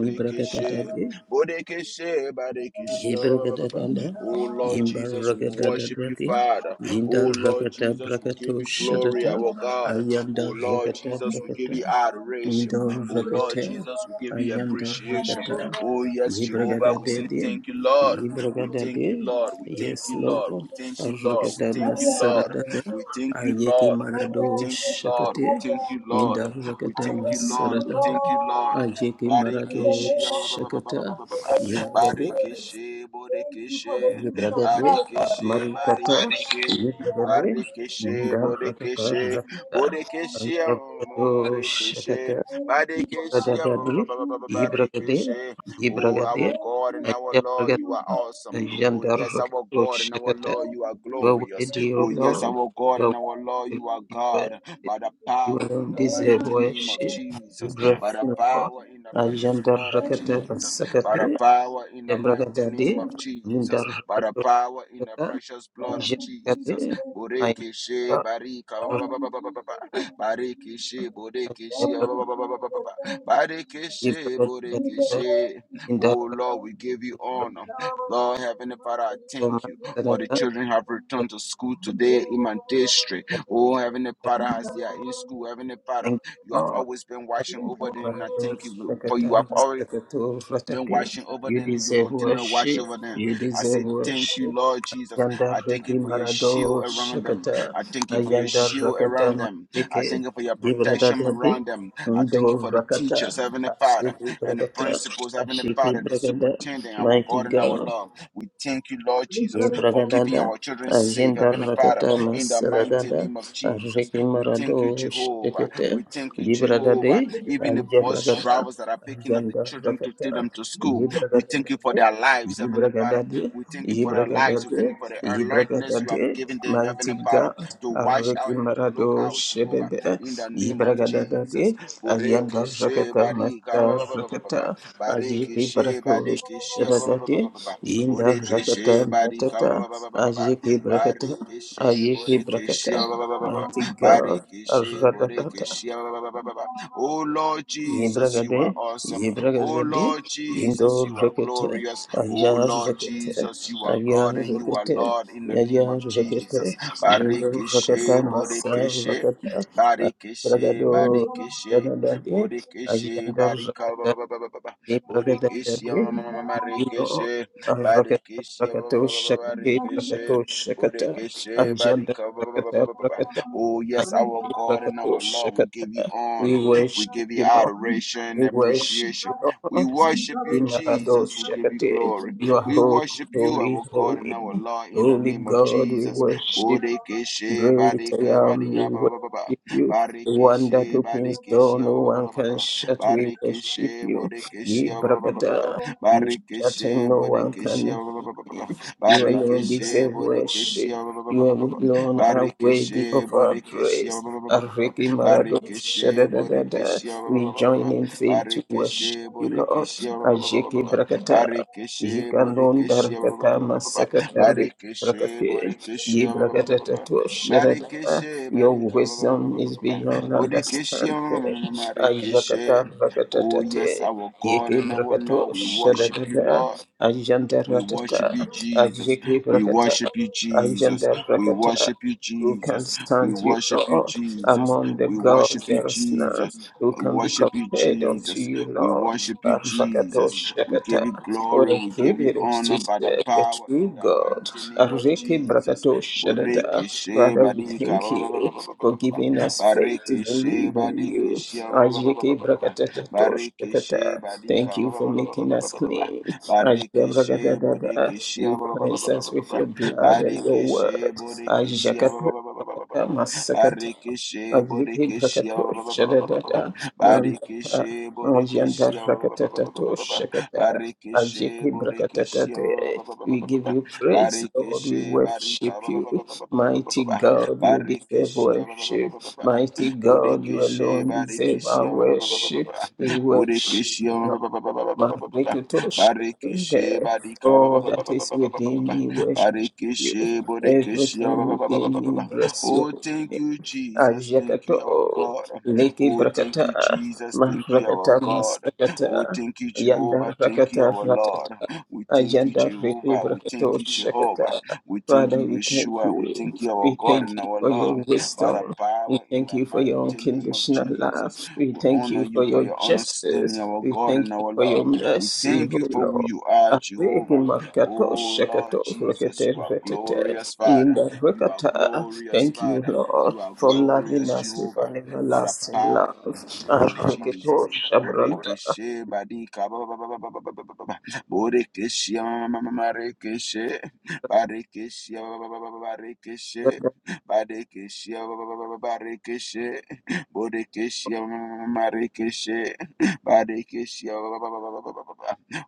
Speaker 6: ni brakatata
Speaker 2: Bodekishe, Badikishia.
Speaker 6: Yebrakadadada,
Speaker 2: Oh Lord Jesus, we worship you,
Speaker 6: Yimbarakadadadadi,
Speaker 4: you.
Speaker 2: Father.
Speaker 4: Thank
Speaker 2: Oh Lord
Speaker 6: Yindarakata
Speaker 2: Jesus, we give
Speaker 6: Brakato
Speaker 2: you glory,
Speaker 6: Shatata,
Speaker 2: our God. Oh
Speaker 6: Ayanda
Speaker 2: Lord
Speaker 6: Rakata
Speaker 2: Jesus, we give you
Speaker 6: Brakata,
Speaker 2: adoration. Oh Lord
Speaker 6: Yindarakata,
Speaker 2: Jesus, we give you
Speaker 6: Ayanda
Speaker 2: appreciation.
Speaker 6: Rakata,
Speaker 2: Oh yes, Jehovah, we say
Speaker 6: Yebrakadadadi,
Speaker 2: thank you, Lord. We thank you,
Speaker 6: Yebrakadadi,
Speaker 2: Lord. We thank
Speaker 6: Yes
Speaker 2: you, Lord.
Speaker 6: Lord,
Speaker 2: We thank you, Lord. We
Speaker 6: Rakata
Speaker 2: thank you, Lord.
Speaker 6: Masaradada,
Speaker 2: We
Speaker 4: you.
Speaker 2: thank you,
Speaker 6: Ayeki
Speaker 2: Lord.
Speaker 4: Maybe I
Speaker 2: We
Speaker 6: Marado
Speaker 4: am
Speaker 2: thank you,
Speaker 4: grateful.
Speaker 2: Lord. We
Speaker 6: Shakati,
Speaker 4: Maybe I
Speaker 2: thank
Speaker 4: am
Speaker 2: you, Lord.
Speaker 4: grateful.
Speaker 2: We
Speaker 4: I
Speaker 6: Yindarakata
Speaker 2: thank you,
Speaker 4: thank
Speaker 2: Lord.
Speaker 4: you,
Speaker 2: We
Speaker 6: Masaradada,
Speaker 2: thank you, Lord.
Speaker 4: God,
Speaker 6: Ajiki
Speaker 4: in the
Speaker 6: Marado
Speaker 2: Barikeshi,
Speaker 4: name of
Speaker 2: ba- ba- ba- ba- ba-
Speaker 4: Jesus,
Speaker 2: ba- ba-
Speaker 6: Shakata,
Speaker 4: and
Speaker 2: ba- ba-
Speaker 4: for very
Speaker 2: ba.
Speaker 4: much
Speaker 6: Yagade,
Speaker 4: today.
Speaker 2: Barikeshe,
Speaker 4: Thank you for
Speaker 2: Bodekeshe,
Speaker 4: the gift of
Speaker 6: Yebradebe,
Speaker 4: life, Lord.
Speaker 2: Barikeshe,
Speaker 4: But I
Speaker 6: Marikata,
Speaker 4: am grateful,
Speaker 2: Barikeshe,
Speaker 4: Lord. I am
Speaker 6: Yebradebe,
Speaker 4: grateful, Lord.
Speaker 2: Barikeshe,
Speaker 6: Indar Rakata
Speaker 4: I
Speaker 2: Bodekeshe,
Speaker 4: am
Speaker 6: Rakata,
Speaker 4: grateful. I am
Speaker 2: Bodekeshe,
Speaker 4: grateful. I
Speaker 6: Ayabrado
Speaker 4: am grateful.
Speaker 2: Marikeshe,
Speaker 6: Shakata,
Speaker 4: Thank you for
Speaker 2: Barikeshe,
Speaker 4: life. Thank
Speaker 6: Yebradadabe,
Speaker 4: you. Thank you.
Speaker 6: Yebragade,
Speaker 2: Barikeshe,
Speaker 4: Thank you.
Speaker 2: Oh,
Speaker 6: Yebragade,
Speaker 2: our
Speaker 4: Thank you. Thank
Speaker 2: God and our Lord,
Speaker 4: you.
Speaker 2: you are
Speaker 6: Ayabragata,
Speaker 4: Thank
Speaker 2: awesome.
Speaker 4: you,
Speaker 2: Oh,
Speaker 6: Ayandar
Speaker 4: Jesus.
Speaker 2: yes, our
Speaker 6: Rakato
Speaker 2: God and our
Speaker 4: Thank
Speaker 6: Shakata.
Speaker 2: Lord, you are
Speaker 6: You are
Speaker 2: glorious.
Speaker 6: worthy,
Speaker 4: you,
Speaker 6: O
Speaker 2: Oh, yes,
Speaker 6: Lord.
Speaker 4: Jesus.
Speaker 2: our God
Speaker 6: You are
Speaker 2: and our
Speaker 4: Thank you, Jesus. Thank you,
Speaker 2: Lord,
Speaker 6: worthy
Speaker 2: you are
Speaker 4: Jesus.
Speaker 6: of worship.
Speaker 2: God.
Speaker 4: Thank you,
Speaker 2: By the
Speaker 4: Jesus.
Speaker 6: You
Speaker 2: power in
Speaker 6: alone
Speaker 2: the
Speaker 4: Thank
Speaker 6: deserve
Speaker 4: you,
Speaker 2: mighty
Speaker 4: Jesus.
Speaker 2: name of
Speaker 6: worship. You
Speaker 2: Jesus, by the
Speaker 6: breathing
Speaker 4: Thank you,
Speaker 6: for
Speaker 4: Jesus. Thank you,
Speaker 2: power in the
Speaker 4: Jesus.
Speaker 2: precious
Speaker 6: Ayandar
Speaker 2: blood of
Speaker 4: Thank you,
Speaker 6: Rakata
Speaker 4: Jesus.
Speaker 2: Jesus, by the
Speaker 6: Basakate,
Speaker 2: power in the mighty name
Speaker 6: Yebragadade,
Speaker 4: Thank
Speaker 2: of
Speaker 4: you, Jesus. Thank you,
Speaker 2: Jesus,
Speaker 4: Jesus.
Speaker 2: by the
Speaker 4: Thank you,
Speaker 2: power in the
Speaker 6: Jagada,
Speaker 2: precious
Speaker 4: Jesus.
Speaker 2: blood
Speaker 4: Thank
Speaker 2: of
Speaker 6: Aisha
Speaker 4: you,
Speaker 2: Jesus.
Speaker 4: Jesus. Thank
Speaker 6: Jagade,
Speaker 4: you, Jesus.
Speaker 6: I
Speaker 2: Boreke she barika ba-
Speaker 6: Arusha
Speaker 4: Thank
Speaker 2: ba- ba-
Speaker 4: you,
Speaker 2: ba- ba- ba- ba-
Speaker 4: Jesus.
Speaker 2: ba.
Speaker 4: Thank you,
Speaker 2: Bareke she boreke she ba-
Speaker 4: Jesus. Thank
Speaker 6: Jagada,
Speaker 4: you,
Speaker 2: ba- ba- ba- ba- ba- ba-
Speaker 4: Jesus.
Speaker 2: ba.
Speaker 4: Thank you, Jesus. Jesus,
Speaker 2: Bareke she
Speaker 4: thank
Speaker 2: boreke
Speaker 6: Jagada,
Speaker 2: she
Speaker 4: you.
Speaker 6: Indara
Speaker 2: Oh
Speaker 4: Jesus,
Speaker 2: Lord,
Speaker 4: thank
Speaker 2: we
Speaker 4: you.
Speaker 2: give you
Speaker 6: Jagada,
Speaker 4: We
Speaker 2: honor.
Speaker 4: come to
Speaker 2: Lord
Speaker 4: the
Speaker 2: Heavenly Father, I
Speaker 4: worship
Speaker 2: thank
Speaker 4: you,
Speaker 2: you
Speaker 4: this
Speaker 2: for the
Speaker 6: Masterada,
Speaker 4: is the
Speaker 2: children have
Speaker 4: time.
Speaker 2: returned
Speaker 6: Jagada,
Speaker 2: to school
Speaker 4: We come
Speaker 2: today
Speaker 4: to
Speaker 2: in my
Speaker 4: the
Speaker 2: district.
Speaker 4: worship
Speaker 2: Oh Heavenly Father,
Speaker 4: you, we come to the
Speaker 2: as they are in school,
Speaker 4: worship
Speaker 2: Heavenly Father,
Speaker 6: Thank you,
Speaker 2: you have
Speaker 6: Lord.
Speaker 2: always been
Speaker 4: you,
Speaker 2: watching
Speaker 4: we come to the
Speaker 2: over them. And I thank
Speaker 6: Marados,
Speaker 2: you for
Speaker 6: Jagada,
Speaker 2: you
Speaker 4: worship
Speaker 2: have always
Speaker 6: Masterada,
Speaker 4: you.
Speaker 2: been
Speaker 6: Fratati.
Speaker 2: washing over
Speaker 6: You
Speaker 2: them and you
Speaker 6: deserve
Speaker 2: continue to wash
Speaker 6: worship.
Speaker 2: over them.
Speaker 6: You
Speaker 2: I
Speaker 6: deserve
Speaker 2: say, Thank
Speaker 6: worship.
Speaker 2: you, Lord Jesus.
Speaker 6: Yandar
Speaker 2: I thank
Speaker 6: Reki
Speaker 2: you for your
Speaker 6: Marado
Speaker 2: shield around them.
Speaker 6: Shakata
Speaker 2: I thank you for your
Speaker 6: Yandar
Speaker 2: shield
Speaker 6: Rakata
Speaker 2: around them. I
Speaker 6: Majike
Speaker 2: thank you for your
Speaker 6: Gibrada
Speaker 2: protection
Speaker 6: Dadi
Speaker 2: around them. I thank you
Speaker 6: Ndo
Speaker 2: for the
Speaker 6: Rakata
Speaker 2: teachers, Heavenly Father,
Speaker 6: Ashiki
Speaker 2: and the
Speaker 6: Brakata
Speaker 2: principals, Heavenly
Speaker 6: Ashiki
Speaker 2: Father, the
Speaker 6: Brakada
Speaker 2: superintendent, our
Speaker 6: Mighty
Speaker 2: God and our
Speaker 6: God
Speaker 2: Lord. We thank you, Lord
Speaker 6: Ye
Speaker 2: Jesus, for keeping
Speaker 6: bragadada,
Speaker 2: our children safe,
Speaker 6: agenda
Speaker 2: Heavenly Father,
Speaker 6: ragata
Speaker 2: in the mighty
Speaker 6: masaragada,
Speaker 2: name of Jesus.
Speaker 6: arreki
Speaker 2: We
Speaker 6: marado
Speaker 2: thank you, Jehovah.
Speaker 6: shekete,
Speaker 2: We thank you,
Speaker 6: ye bradade,
Speaker 2: Jehovah
Speaker 4: Thank you.
Speaker 2: even the
Speaker 6: aja
Speaker 2: bus
Speaker 6: bragada,
Speaker 2: drivers that are picking up the
Speaker 6: agenda
Speaker 2: children to
Speaker 6: ragata,
Speaker 2: take them to school.
Speaker 6: ye
Speaker 2: We thank you
Speaker 6: bragadade,
Speaker 2: for their lives,
Speaker 6: ye
Speaker 2: Heavenly Father.
Speaker 6: bragadade,
Speaker 2: We thank you
Speaker 6: ye
Speaker 2: for their lives. We
Speaker 6: bragadade,
Speaker 2: thank you for the
Speaker 6: ye
Speaker 2: alertness you have
Speaker 6: bragadade,
Speaker 2: given them,
Speaker 6: mighty
Speaker 2: Heavenly Father,
Speaker 6: God,
Speaker 2: to watch
Speaker 6: arreki
Speaker 2: out and to
Speaker 6: marado
Speaker 2: look out, Jehovah,
Speaker 6: shebebe,
Speaker 2: in the
Speaker 6: ye
Speaker 2: name of
Speaker 6: bragadade,
Speaker 2: Jesus.
Speaker 6: agenda
Speaker 2: Boreke she
Speaker 6: ragata
Speaker 2: barika ba ba ba ba ba ba ba.
Speaker 6: masaragata,
Speaker 2: Bareke
Speaker 6: ajiki
Speaker 2: she
Speaker 6: bragado
Speaker 2: bareke she ba ba ba ba ba
Speaker 6: shedadade,
Speaker 2: ba ba ba.
Speaker 6: Inda
Speaker 2: Boreke
Speaker 6: rakata
Speaker 2: she barika ba
Speaker 6: rakata
Speaker 2: ba ba ba ba ba ba.
Speaker 6: ayeke brakata
Speaker 2: Bareke she
Speaker 6: ayeke
Speaker 2: boreke
Speaker 6: brakata
Speaker 2: she ba ba ba ba ba ba.
Speaker 6: mighty God
Speaker 2: Bareke she boreke
Speaker 6: radadada
Speaker 2: she ba ba ba ba ba ba. Oh Lord Jesus, you
Speaker 6: yebragade
Speaker 2: are awesome. Oh
Speaker 6: yebragazade
Speaker 2: Lord
Speaker 6: indo
Speaker 2: Jesus, you are
Speaker 6: rakete
Speaker 2: glorious.
Speaker 6: aya
Speaker 2: Oh Lord
Speaker 6: rakete
Speaker 2: Jesus, you are
Speaker 6: aya
Speaker 2: God and you are
Speaker 6: rakete
Speaker 2: Lord in the
Speaker 6: aya
Speaker 2: name of
Speaker 6: rakete
Speaker 2: Jesus.
Speaker 6: indo rakata
Speaker 2: Barikishe,
Speaker 6: masa
Speaker 2: Bodikishe,
Speaker 6: rakata
Speaker 2: Barikishe,
Speaker 6: bragado
Speaker 2: Barikishe,
Speaker 6: radadade
Speaker 2: Bodikishe,
Speaker 6: ayanda
Speaker 2: Barika, ba- ba- ba- ba- ba- ba-
Speaker 6: Ibrahim,
Speaker 2: Bodikishe, ma- ma-
Speaker 6: you Lord. Rakata,
Speaker 2: Barikishe,
Speaker 6: rakata, shakati, rakata, shakata,
Speaker 2: Bodikishe,
Speaker 6: ajanda,
Speaker 2: Barika,
Speaker 6: rakata, rakata,
Speaker 2: Oh, yes, our
Speaker 6: ajanda,
Speaker 2: God and
Speaker 6: rakata,
Speaker 2: our Lord, we give you
Speaker 6: shakata.
Speaker 2: honor.
Speaker 6: We
Speaker 2: We
Speaker 6: worship
Speaker 2: give you
Speaker 6: you, Lord.
Speaker 2: adoration and
Speaker 6: We worship you,
Speaker 2: appreciation. We
Speaker 6: Lord.
Speaker 2: worship you,
Speaker 6: Imarado,
Speaker 2: Jesus. We give you
Speaker 6: shakati.
Speaker 2: glory.
Speaker 6: You are
Speaker 2: We
Speaker 6: holy,
Speaker 2: worship you,
Speaker 6: holy,
Speaker 2: our God and
Speaker 6: holy.
Speaker 2: our Lord, in the
Speaker 6: Holy
Speaker 2: name of
Speaker 6: God, we
Speaker 2: Jesus.
Speaker 6: worship
Speaker 2: Bodekeshe,
Speaker 6: Great I
Speaker 2: badeke,
Speaker 6: am, we
Speaker 2: badiya, ba, ba, ba, ba,
Speaker 6: worship
Speaker 2: ba.
Speaker 6: you. The one that
Speaker 4: Thank
Speaker 2: Barekeshe,
Speaker 6: opens
Speaker 2: badekeshe,
Speaker 6: door, no
Speaker 2: ba, ba,
Speaker 6: one
Speaker 2: ba, ba, ba,
Speaker 6: can
Speaker 2: ba.
Speaker 6: shut. We worship
Speaker 2: Barekeshe,
Speaker 6: you. Ye
Speaker 2: bodekeshe, ba, ba, ba, ba, ba, ba.
Speaker 6: Brakata, you shut and
Speaker 2: Barekeshe,
Speaker 6: no one
Speaker 2: bodekeshe,
Speaker 6: can.
Speaker 2: ba, ba, ba, ba, ba, ba.
Speaker 6: You alone
Speaker 2: Barekeshe,
Speaker 6: deserve
Speaker 2: bodekeshe,
Speaker 6: worship.
Speaker 2: ba, ba, ba, ba,
Speaker 6: You
Speaker 2: ba, ba, ba.
Speaker 6: alone are worthy
Speaker 2: Barekeshe,
Speaker 6: of
Speaker 2: bodekeshe,
Speaker 6: our
Speaker 2: ba,
Speaker 6: praise.
Speaker 2: ba, ba, ba, ba, ba.
Speaker 6: Ariki Marado
Speaker 2: Barikeshe,
Speaker 6: Shadadadada.
Speaker 2: Borikeshe, ba- ba-
Speaker 6: We
Speaker 2: ba- ba- ba-
Speaker 6: join
Speaker 2: ba- ba.
Speaker 6: in faith to
Speaker 2: Barikeshe,
Speaker 6: worship you, Lord.
Speaker 2: Borikeshe, ba-
Speaker 6: Ajiki Brakata.
Speaker 2: Barikeshe,
Speaker 6: Yikaron
Speaker 2: Borikeshe,
Speaker 6: darakata masakatar
Speaker 2: Barikeshe,
Speaker 6: vikrakate.
Speaker 2: Borikeshe,
Speaker 6: Yibrakatatato shadada.
Speaker 2: Barikeshe,
Speaker 6: Your
Speaker 2: Barika, ba- ba-
Speaker 6: wisdom is beyond understanding. Ayakatar
Speaker 2: Oh, yes,
Speaker 6: rakatatate.
Speaker 2: our God and our
Speaker 6: Yikibrakato
Speaker 2: Lord, we worship you,
Speaker 6: shadada.
Speaker 2: Lord. We worship you,
Speaker 6: Ajandaratata.
Speaker 2: Jesus. We
Speaker 6: Ajikibrakata.
Speaker 2: worship you, Jesus. We
Speaker 6: Ajandarakata.
Speaker 2: worship you,
Speaker 6: Who can
Speaker 2: Jesus. We
Speaker 6: stand you,
Speaker 2: worship you,
Speaker 6: Lord?
Speaker 2: Jesus.
Speaker 6: Among the
Speaker 2: We
Speaker 6: gods
Speaker 2: worship you,
Speaker 6: there is none.
Speaker 2: Jesus.
Speaker 6: Who
Speaker 2: We
Speaker 6: can be
Speaker 2: worship you,
Speaker 6: compared unto
Speaker 2: Jesus.
Speaker 6: you,
Speaker 2: We
Speaker 6: Lord?
Speaker 2: worship you,
Speaker 6: Arakato
Speaker 2: Jesus. We give
Speaker 6: Shakata.
Speaker 2: you
Speaker 6: What
Speaker 2: glory.
Speaker 6: a
Speaker 2: We give you
Speaker 6: privilege to
Speaker 2: honor by the
Speaker 6: serve the
Speaker 2: power
Speaker 6: true
Speaker 2: in the
Speaker 6: God.
Speaker 2: mighty name of
Speaker 6: Ariki
Speaker 2: Jesus.
Speaker 6: Brakato Shadada.
Speaker 2: Bareke
Speaker 6: Father, we
Speaker 2: shebadika.
Speaker 6: thank you for giving us faith to
Speaker 2: Bareke
Speaker 6: believe in
Speaker 2: shebadika.
Speaker 6: you. Ajeke brakatata
Speaker 2: Bareke
Speaker 6: toshkata.
Speaker 2: shebadika.
Speaker 6: Thank you for making us clean. Ajeke
Speaker 2: Barikishe,
Speaker 6: brakatata.
Speaker 2: Bodikishia,
Speaker 6: You cleanse us with your blood and your
Speaker 2: Barikishe,
Speaker 6: word.
Speaker 2: Bodikishia,
Speaker 6: Ajakato brakata masakata.
Speaker 2: Barikishe,
Speaker 6: Aziki
Speaker 2: Bodikishia,
Speaker 6: Brakato Shadada
Speaker 2: Barikishe, Bodikishia, Barikishe, Bodikishia,
Speaker 6: We give you praise, Lord. We
Speaker 2: Barikishe, Barika,
Speaker 6: worship you. Mighty God, you deserve
Speaker 2: Barikishia,
Speaker 6: worship. Mighty God, you
Speaker 2: Bodikishe,
Speaker 6: alone deserve
Speaker 2: Barikishia,
Speaker 6: our worship. We worship you.
Speaker 2: Bodikishia,
Speaker 6: Makrikatosh
Speaker 2: Barikishe
Speaker 6: there.
Speaker 2: barika
Speaker 6: Oh, that is within me, worship you.
Speaker 2: Barikishe borikishe
Speaker 6: Everything within me, bless your
Speaker 2: Oh,
Speaker 6: holy
Speaker 2: thank you,
Speaker 6: name.
Speaker 2: Jesus. Thank you, our
Speaker 6: Ajakato,
Speaker 2: God.
Speaker 6: Leki
Speaker 2: Oh, thank you,
Speaker 6: Brakata,
Speaker 2: Jesus. Thank you, our
Speaker 6: Mahrakata
Speaker 2: God. Oh,
Speaker 6: Masakata,
Speaker 2: thank you, Jehovah.
Speaker 6: Yanda
Speaker 2: Thank you,
Speaker 6: Rakata
Speaker 2: our Lord.
Speaker 6: Ratata,
Speaker 2: We thank you,
Speaker 6: Ajanda Reki
Speaker 2: Jehovah. We thank
Speaker 6: Brakato
Speaker 2: you, Jehovah.
Speaker 6: Shakata.
Speaker 2: We thank
Speaker 6: Father,
Speaker 2: you,
Speaker 6: we thank
Speaker 2: Yeshua. We
Speaker 6: you.
Speaker 2: thank you, our
Speaker 6: We
Speaker 2: God
Speaker 6: thank
Speaker 2: and
Speaker 6: you
Speaker 2: our
Speaker 6: for
Speaker 2: Lord.
Speaker 6: your
Speaker 2: By the
Speaker 6: wisdom. We
Speaker 2: power in
Speaker 6: thank
Speaker 2: the
Speaker 6: you for your
Speaker 2: mighty name of
Speaker 6: unconditional
Speaker 2: Jesus,
Speaker 6: love. We
Speaker 2: we
Speaker 6: thank
Speaker 2: honor
Speaker 6: you for
Speaker 2: you for
Speaker 6: your
Speaker 2: your understanding,
Speaker 6: justice.
Speaker 2: our
Speaker 6: We
Speaker 2: God and
Speaker 6: thank you
Speaker 2: our
Speaker 6: for
Speaker 2: Lord.
Speaker 6: your
Speaker 2: We
Speaker 6: mercy,
Speaker 2: thank
Speaker 6: O
Speaker 2: you for who
Speaker 6: Lord.
Speaker 2: you are,
Speaker 6: Areki
Speaker 2: Jehovah.
Speaker 6: markato
Speaker 2: Oh, Lord
Speaker 6: shakato
Speaker 2: Jesus,
Speaker 6: rakete
Speaker 2: you are
Speaker 6: retete.
Speaker 2: glorious, Father.
Speaker 6: Inda
Speaker 2: You are
Speaker 6: rakata.
Speaker 2: glorious,
Speaker 6: Thank you,
Speaker 2: Father.
Speaker 6: Lord,
Speaker 2: You are
Speaker 6: for loving
Speaker 2: glorious,
Speaker 6: us with
Speaker 2: Jehovah.
Speaker 6: an
Speaker 2: By the
Speaker 6: everlasting
Speaker 2: power
Speaker 6: love.
Speaker 2: in the name of Jesus.
Speaker 6: Ariketo shabranda
Speaker 2: Borekeshe badika ba- ba- ba- ba- ba- ba- ba- ba- ba- ba- ba. Borekeshe ma- ma- ma- ma- ma- rekeshe. Barekeshe ba- ba- ba- ba- ba- ba- rekeshe.
Speaker 6: yada
Speaker 2: Barekeshe ba- ba- ba- ba- ba- ba- rekeshe. Borekeshe ma- ma- ma- ma- ma- rekeshe. Barikishia,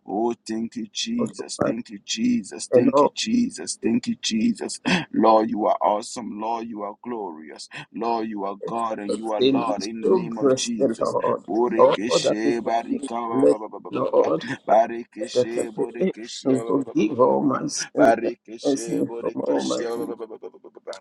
Speaker 2: Oh, thank you, Jesus.
Speaker 6: oduma.
Speaker 2: Thank you, Jesus.
Speaker 6: And
Speaker 2: Thank you,
Speaker 6: all
Speaker 2: Jesus. Thank you, Jesus. Lord, you are awesome. Lord, you are glorious. Lord, you are God and
Speaker 6: the
Speaker 2: you are Lord
Speaker 6: things
Speaker 2: in the
Speaker 6: so
Speaker 2: name of
Speaker 6: bless the
Speaker 2: Jesus.
Speaker 6: Lord. All that we
Speaker 2: Borikishe,
Speaker 6: can make,
Speaker 2: barika,
Speaker 6: bless Lord.
Speaker 2: Barikishe, borikishia,
Speaker 6: and forgive all my sins and cleanse
Speaker 2: Barikishe,
Speaker 6: me from all my
Speaker 2: borikishia,
Speaker 6: sins.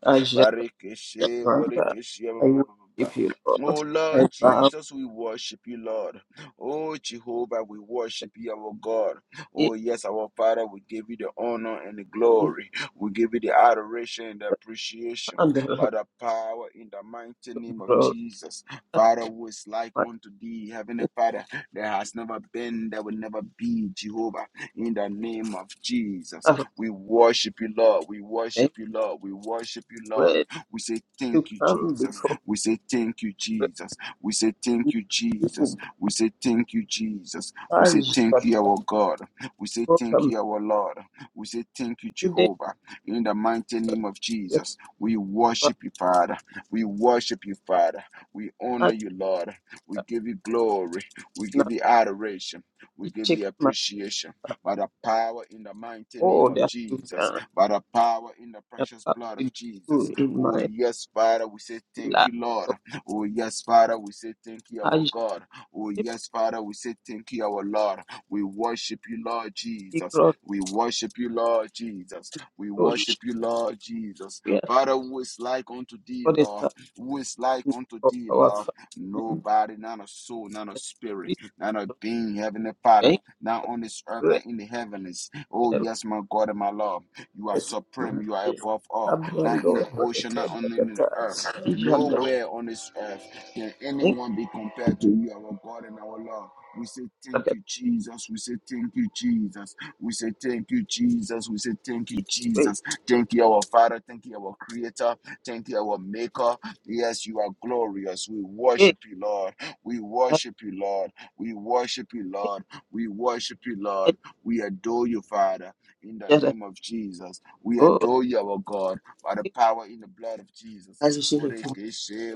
Speaker 6: I shall
Speaker 2: Barikishe,
Speaker 6: surrender.
Speaker 2: borikishia,
Speaker 6: I worship you, Lord.
Speaker 2: Oh Lord
Speaker 6: I bow
Speaker 2: Jesus, we worship you, Lord. Oh, Jehovah, we worship you, our God.
Speaker 6: in
Speaker 2: Oh, yes, our Father, we give you the honor and the glory. We give you the adoration and the appreciation
Speaker 6: under the
Speaker 2: by the power in the mighty name of
Speaker 6: glory
Speaker 2: Jesus.
Speaker 6: and
Speaker 2: Father, who is like unto thee, Heavenly
Speaker 6: majesty
Speaker 2: Father, there has never been, there will never be, Jehovah, in the name of Jesus.
Speaker 6: of
Speaker 2: We worship you, Lord. We
Speaker 6: thy
Speaker 2: worship you, Lord. We worship you, Lord.
Speaker 6: word
Speaker 2: We say
Speaker 6: to
Speaker 2: thank you,
Speaker 6: come
Speaker 2: Jesus.
Speaker 6: before
Speaker 2: We say thank you, Jesus. We say thank
Speaker 6: you.
Speaker 2: you, Jesus.
Speaker 6: You
Speaker 2: We say thank you, Jesus. We say
Speaker 6: encourage
Speaker 2: thank
Speaker 6: that
Speaker 2: you, our God. We say thank
Speaker 6: welcome
Speaker 2: you, our Lord. We say thank you,
Speaker 6: today.
Speaker 2: Jehovah. In the mighty name of
Speaker 6: Yes,
Speaker 2: Jesus, we
Speaker 6: but
Speaker 2: worship you, Father. We worship you, Father. We honor
Speaker 6: I
Speaker 2: you, Lord. We give you glory. We
Speaker 6: now
Speaker 2: give you adoration. We give
Speaker 6: check
Speaker 2: you
Speaker 6: my
Speaker 2: appreciation by the power in the mighty name
Speaker 6: all
Speaker 2: of
Speaker 6: that you've
Speaker 2: Jesus,
Speaker 6: done
Speaker 2: by the power in the
Speaker 6: and
Speaker 2: precious
Speaker 6: how
Speaker 2: blood of
Speaker 6: to
Speaker 2: Jesus.
Speaker 6: do in
Speaker 2: Oh,
Speaker 6: my
Speaker 2: yes, Father, we say thank
Speaker 6: life.
Speaker 2: you, Lord. Oh, yes, Father, we say thank you, our
Speaker 6: I
Speaker 2: God. Oh,
Speaker 6: shall
Speaker 2: yes, Father, we say thank you, our Lord. We worship you, Lord
Speaker 6: be
Speaker 2: Jesus. We worship you, Lord Jesus. We
Speaker 6: glorious.
Speaker 2: worship you, Lord Jesus. Father, who is like unto thee,
Speaker 6: What is
Speaker 2: Lord?
Speaker 6: happening
Speaker 2: Who is like unto
Speaker 6: for
Speaker 2: thee,
Speaker 6: our
Speaker 2: Lord?
Speaker 6: family?
Speaker 2: Nobody, not a soul, not a spirit,
Speaker 6: We
Speaker 2: not a being, Heavenly Father,
Speaker 6: thank
Speaker 2: not on this earth,
Speaker 6: you
Speaker 2: not in the heavens. Oh,
Speaker 6: and
Speaker 2: yes, my God and my Lord. You are
Speaker 6: praise
Speaker 2: supreme. You are
Speaker 6: you.
Speaker 2: above all. Not
Speaker 6: Abando
Speaker 2: in the ocean,
Speaker 6: rakete
Speaker 2: not on in the
Speaker 6: rakata.
Speaker 2: earth.
Speaker 6: Ijando
Speaker 2: Nowhere on this earth. Can
Speaker 6: thank
Speaker 2: anyone be compared to you, our God and our Lord? We say thank you,
Speaker 6: rakati.
Speaker 2: Jesus. We say thank you, Jesus. We say thank you, Jesus. We say thank you,
Speaker 6: Praise.
Speaker 2: Jesus. Thank you, our Father. Thank you, our Creator. Thank you, our Maker. Yes, you are glorious. We
Speaker 6: Eh,
Speaker 2: worship you, Lord. We
Speaker 6: mate,
Speaker 2: worship you, Lord. We worship you, Lord. We worship you, Lord. We adore you, Father. In the
Speaker 6: ajara.
Speaker 2: name of Jesus, we
Speaker 6: Oh,
Speaker 2: adore you, our God, by the
Speaker 6: thank
Speaker 2: power in the blood of Jesus.
Speaker 6: you, Jesus.
Speaker 2: Borekeshe,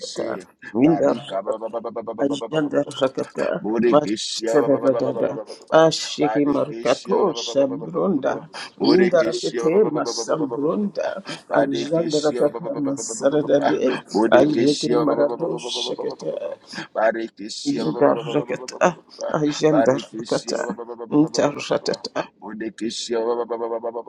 Speaker 6: rakata windar
Speaker 2: Barika ba- ba-
Speaker 6: rakata ajandar rakata
Speaker 2: Bodekeshia
Speaker 6: masebe bagada ashiki markato
Speaker 2: Badekeshia
Speaker 6: shabronda windar
Speaker 2: Bodekeshia
Speaker 6: rakate masambronda ajanda
Speaker 2: Barikishia
Speaker 6: rakata masarada de ajiki
Speaker 2: Bodekeshia
Speaker 6: marado shakata
Speaker 2: Barikishia
Speaker 6: windar rakata ajanda
Speaker 2: Barikishia
Speaker 6: rakata
Speaker 2: Bodekeshia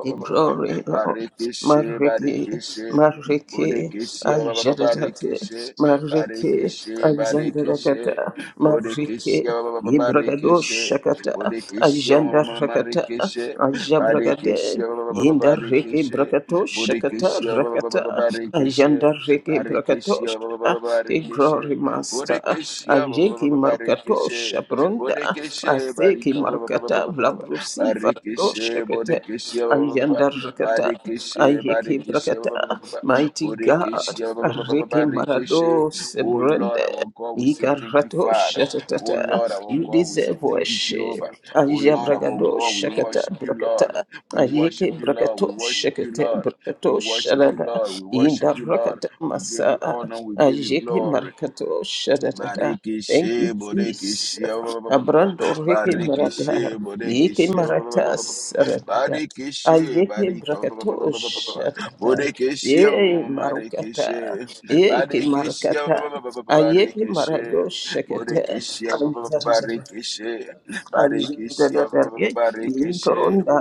Speaker 6: Hey, glory, Lord.
Speaker 2: Barikishe Barikishe Bodekeshia Barikishe Barikishe
Speaker 6: Mariki,
Speaker 2: Barikishe
Speaker 6: Mariki,
Speaker 2: Bodekeshia
Speaker 6: Ajadadate, Mariki, Ajandarakata, Mariki, Ibragado
Speaker 2: Barikishe
Speaker 6: Shakata,
Speaker 2: Bodekeshia
Speaker 6: Ajanda rakata
Speaker 2: Marikishe
Speaker 6: Ajabragade,
Speaker 2: Barikishia
Speaker 6: Yindariki
Speaker 2: Barikishe
Speaker 6: Brakato Shakata,
Speaker 2: Bodekeshia Barikeshe
Speaker 6: Rakata, Rigi
Speaker 2: Barikeshia
Speaker 6: Brakatosha, the glory
Speaker 2: Barikeshe
Speaker 6: master,
Speaker 2: Bodekeshia
Speaker 6: Ajiki
Speaker 2: Barikeshe
Speaker 6: Markatosha Brunda,
Speaker 2: Bodekeshe Barika
Speaker 6: Aseki Markata, Blabrusi
Speaker 2: Barikeshe
Speaker 6: Fardoshakata,
Speaker 2: Bodekeshia
Speaker 6: Ayanda Rakata,
Speaker 2: Barikeshe
Speaker 6: Ayiki
Speaker 2: Barikeshia
Speaker 6: Brakata, Mighty God, a
Speaker 2: Bodekeshia
Speaker 6: Riki
Speaker 2: Barikeshe
Speaker 6: Marados
Speaker 2: Oh Lord
Speaker 6: Brunda.
Speaker 2: our God we say thank you
Speaker 6: Ikarato
Speaker 2: Father Oh
Speaker 6: shatatata.
Speaker 2: Lord our
Speaker 6: You
Speaker 2: God we say
Speaker 6: deserve
Speaker 2: thank you
Speaker 6: worship.
Speaker 2: Jehovah Oh Lord our
Speaker 6: Ayabragado
Speaker 2: God we
Speaker 6: shakata
Speaker 2: worship you Lord
Speaker 6: brakata.
Speaker 2: we worship
Speaker 6: Ayeke
Speaker 2: you, Lord. We
Speaker 6: brakato
Speaker 2: worship you,
Speaker 6: shakate
Speaker 2: Lord. We worship you,
Speaker 6: brakato
Speaker 2: Lord. We worship you, Lord.
Speaker 6: Indarakata
Speaker 2: We give you
Speaker 6: masa
Speaker 2: honor. We give you
Speaker 6: ajeke
Speaker 2: glory.
Speaker 6: marakato shadadada. Thank you,
Speaker 2: Barikishe,
Speaker 6: Jesus.
Speaker 2: Bodekishia,
Speaker 6: Abrando reke
Speaker 2: Barikishe,
Speaker 6: marada. Yeke
Speaker 2: Bodekishia,
Speaker 6: marata saradada.
Speaker 2: Barikishe,
Speaker 6: Ayeke
Speaker 2: Barika,
Speaker 6: brakato shadada.
Speaker 2: Bodekishia,
Speaker 6: Ye marukata.
Speaker 2: Marikishe,
Speaker 6: Yeke
Speaker 2: Barikishia,
Speaker 6: marakata. Ayeke
Speaker 2: Barikishe,
Speaker 6: marado
Speaker 2: Bodekishia, Barikishe,
Speaker 6: shakata.
Speaker 2: Barikishia, Barikishe, Bodekishia,
Speaker 6: Ajigadadarye,
Speaker 2: Barikishe,
Speaker 6: Yintoronda,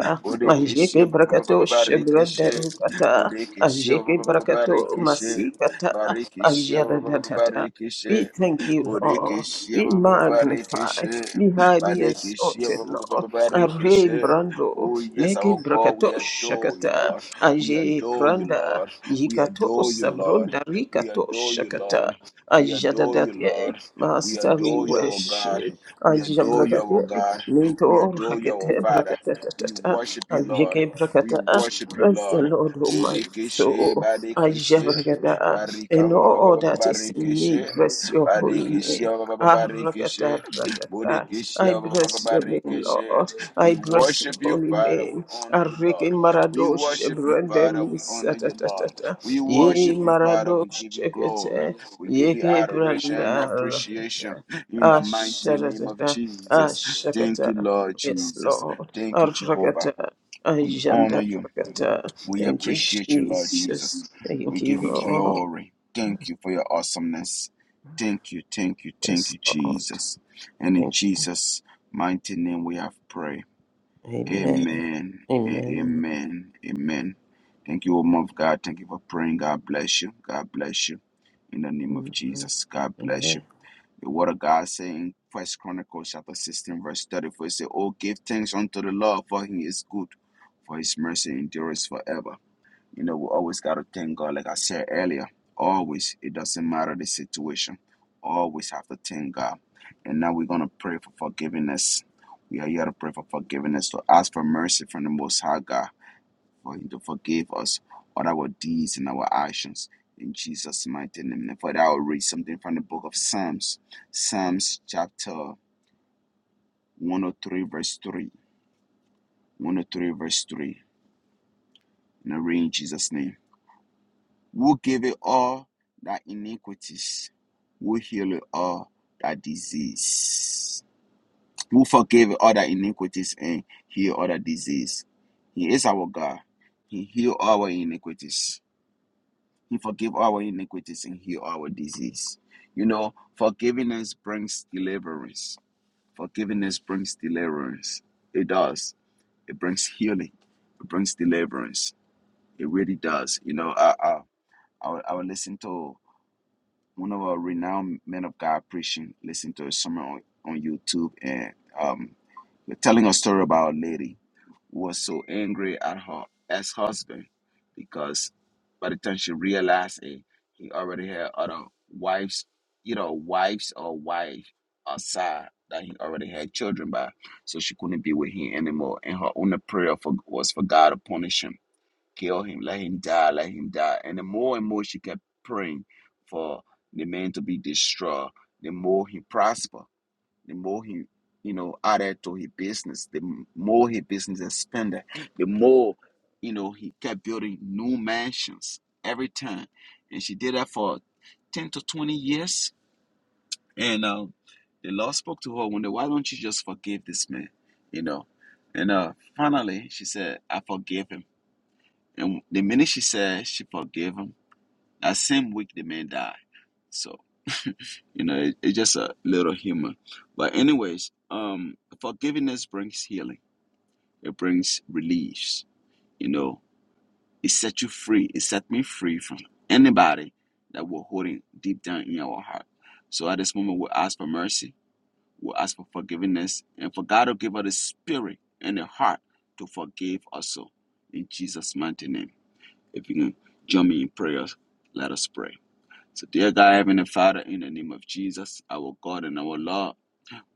Speaker 6: Ajeke Brakato, Shebradarukata, Ajeke
Speaker 2: Bodekishia,
Speaker 6: Brakato,
Speaker 2: Barikishe,
Speaker 6: Masikata,
Speaker 2: Barikishia,
Speaker 6: Ajadadadada.
Speaker 2: Barikishe,
Speaker 6: We thank you, Lord.
Speaker 2: Borekeshe,
Speaker 6: We magnify.
Speaker 2: Barekeshe,
Speaker 6: We highly
Speaker 2: Barekeshe,
Speaker 6: exalted, Lord. Arre
Speaker 2: Barekeshe.
Speaker 6: Brando,
Speaker 2: Oh, yes,
Speaker 6: Leke
Speaker 2: our God,
Speaker 6: Brakato
Speaker 2: we adore you,
Speaker 6: Shakata,
Speaker 2: Lord. We
Speaker 6: Aje
Speaker 2: adore you,
Speaker 6: Pranda,
Speaker 2: Lord. We
Speaker 6: Yikato
Speaker 2: adore you, Lord.
Speaker 6: Sabronda
Speaker 2: We
Speaker 6: Rikato
Speaker 2: adore you,
Speaker 6: Shakata,
Speaker 2: Lord. We adore you,
Speaker 6: Ajadadadye,
Speaker 2: Lord. We
Speaker 6: Master, we
Speaker 2: adore you, our God.
Speaker 6: worship.
Speaker 2: We
Speaker 6: Aja
Speaker 2: adore you, our
Speaker 6: brakatete,
Speaker 2: God. We
Speaker 6: Minto
Speaker 2: adore you, our
Speaker 6: rakete
Speaker 2: Father. We
Speaker 6: brakatata,
Speaker 2: worship you, Lord.
Speaker 6: Ajeke
Speaker 2: We
Speaker 6: brakata,
Speaker 2: worship you,
Speaker 6: bless the
Speaker 2: Lord.
Speaker 6: Lord, O my
Speaker 2: Borekeshe,
Speaker 6: soul, Aja
Speaker 2: Barekeshe,
Speaker 6: brakata, and
Speaker 2: Barika,
Speaker 6: all that is in me,
Speaker 2: Barekeshe.
Speaker 6: bless your holy name.
Speaker 2: Barikishia, ba- ba- ba- barikishe,
Speaker 6: Arakata ratata. I
Speaker 2: bodikishia, ba- ba- ba-
Speaker 6: bless
Speaker 2: ba-
Speaker 6: your name,
Speaker 2: barikishe.
Speaker 6: Lord.
Speaker 2: We
Speaker 6: I bless your
Speaker 2: worship you,
Speaker 6: holy
Speaker 2: Father. We
Speaker 6: name.
Speaker 2: honor you,
Speaker 6: Arike
Speaker 2: Lord. We
Speaker 6: maradosh
Speaker 2: worship you, Father. We
Speaker 6: brandemis
Speaker 2: honor you, Lord.
Speaker 6: atatatata.
Speaker 2: We
Speaker 6: Ye
Speaker 2: worship you, Father. We
Speaker 6: maradosh
Speaker 2: give you glory.
Speaker 6: kete.
Speaker 2: We give you
Speaker 6: Yeke
Speaker 2: adoration and
Speaker 6: branda.
Speaker 2: appreciation in the
Speaker 6: Ah,
Speaker 2: mighty name of
Speaker 6: shakata, ah,
Speaker 2: Jesus. Thank you,
Speaker 6: shakata.
Speaker 2: Lord
Speaker 6: Yes,
Speaker 2: Jesus.
Speaker 6: Lord.
Speaker 2: Thank
Speaker 6: Ah,
Speaker 2: you, Jehovah.
Speaker 6: rakata, ah,
Speaker 2: We honor
Speaker 6: yanda,
Speaker 2: you.
Speaker 6: rakata.
Speaker 2: We
Speaker 6: Thank you,
Speaker 2: appreciate you, Lord
Speaker 6: Jesus.
Speaker 2: Jesus. We
Speaker 6: Thank
Speaker 2: give
Speaker 6: you,
Speaker 2: you
Speaker 6: Lord.
Speaker 2: glory. Thank you for your awesomeness. Thank you, thank you, thank
Speaker 6: Yes,
Speaker 2: you,
Speaker 6: Lord.
Speaker 2: Jesus. And in
Speaker 6: Thank you.
Speaker 2: Jesus' mighty name we have prayed.
Speaker 6: Amen.
Speaker 2: Amen. and
Speaker 6: Amen.
Speaker 2: Amen. Amen. Thank you, woman of God. Thank you for praying. God bless you. God bless you. In the name of
Speaker 6: Amen.
Speaker 2: Jesus. God bless you.
Speaker 6: Amen.
Speaker 2: The word of God saying, First Chronicles chapter 16, verse 34, it says, Oh, give thanks unto the Lord, for he is good, for his mercy endures forever. You know, we always got to thank God, like I said earlier. Always, it doesn't matter the situation. Always have to thank God. And now we're going to pray for forgiveness. We are here to pray for forgiveness, to ask for mercy from the Most High God, for Him to forgive us all our deeds and our actions. In Jesus' mighty name. And for that, I'll read something from the book of Psalms. Psalms chapter 103, verse 3. 103, verse 3. And I read in Jesus' name. will give it all thy iniquities, will heal it all thy disease, will forgive all thy iniquities and heal all thy disease. He is our God. He heal our iniquities. He forgive our iniquities and heal our disease. You know, forgiveness brings deliverance. Forgiveness brings deliverance. It does. It brings healing. It brings deliverance. It really does. You know, I I I, I would listen to one of our renowned men of God preaching, listening to a sermon on, on YouTube, and um, he was telling a story about a lady who was so angry at her ex husband because by the time she realized it, he already had other wives, you know, wives or wife outside that he already had children by, so she couldn't be with him anymore. And her only prayer for was for God to punish him kill him, let him die, let him die. And the more and more she kept praying for the man to be destroyed, the more he prospered, the more he, you know, added to his business, the more his business expanded, the more, you know, he kept building new mansions every time. And she did that for 10 to 20 years. And um, the Lord spoke to her one day, why don't you just forgive this man, you know? And uh, finally, she said, I forgive him and the minute she said she forgave him, that same week the man died. So, you know, it, it's just a little humor. But anyways, um, forgiveness brings healing. It brings reliefs. You know, it set you free. It set me free from anybody that we're holding deep down in our heart. So at this moment, we ask for mercy. We ask for forgiveness, and for God to give us the spirit and the heart to forgive also. In Jesus' mighty name. If you can join me in prayers, let us pray. So, dear God, Heavenly Father, in the name of Jesus, our God and our Lord.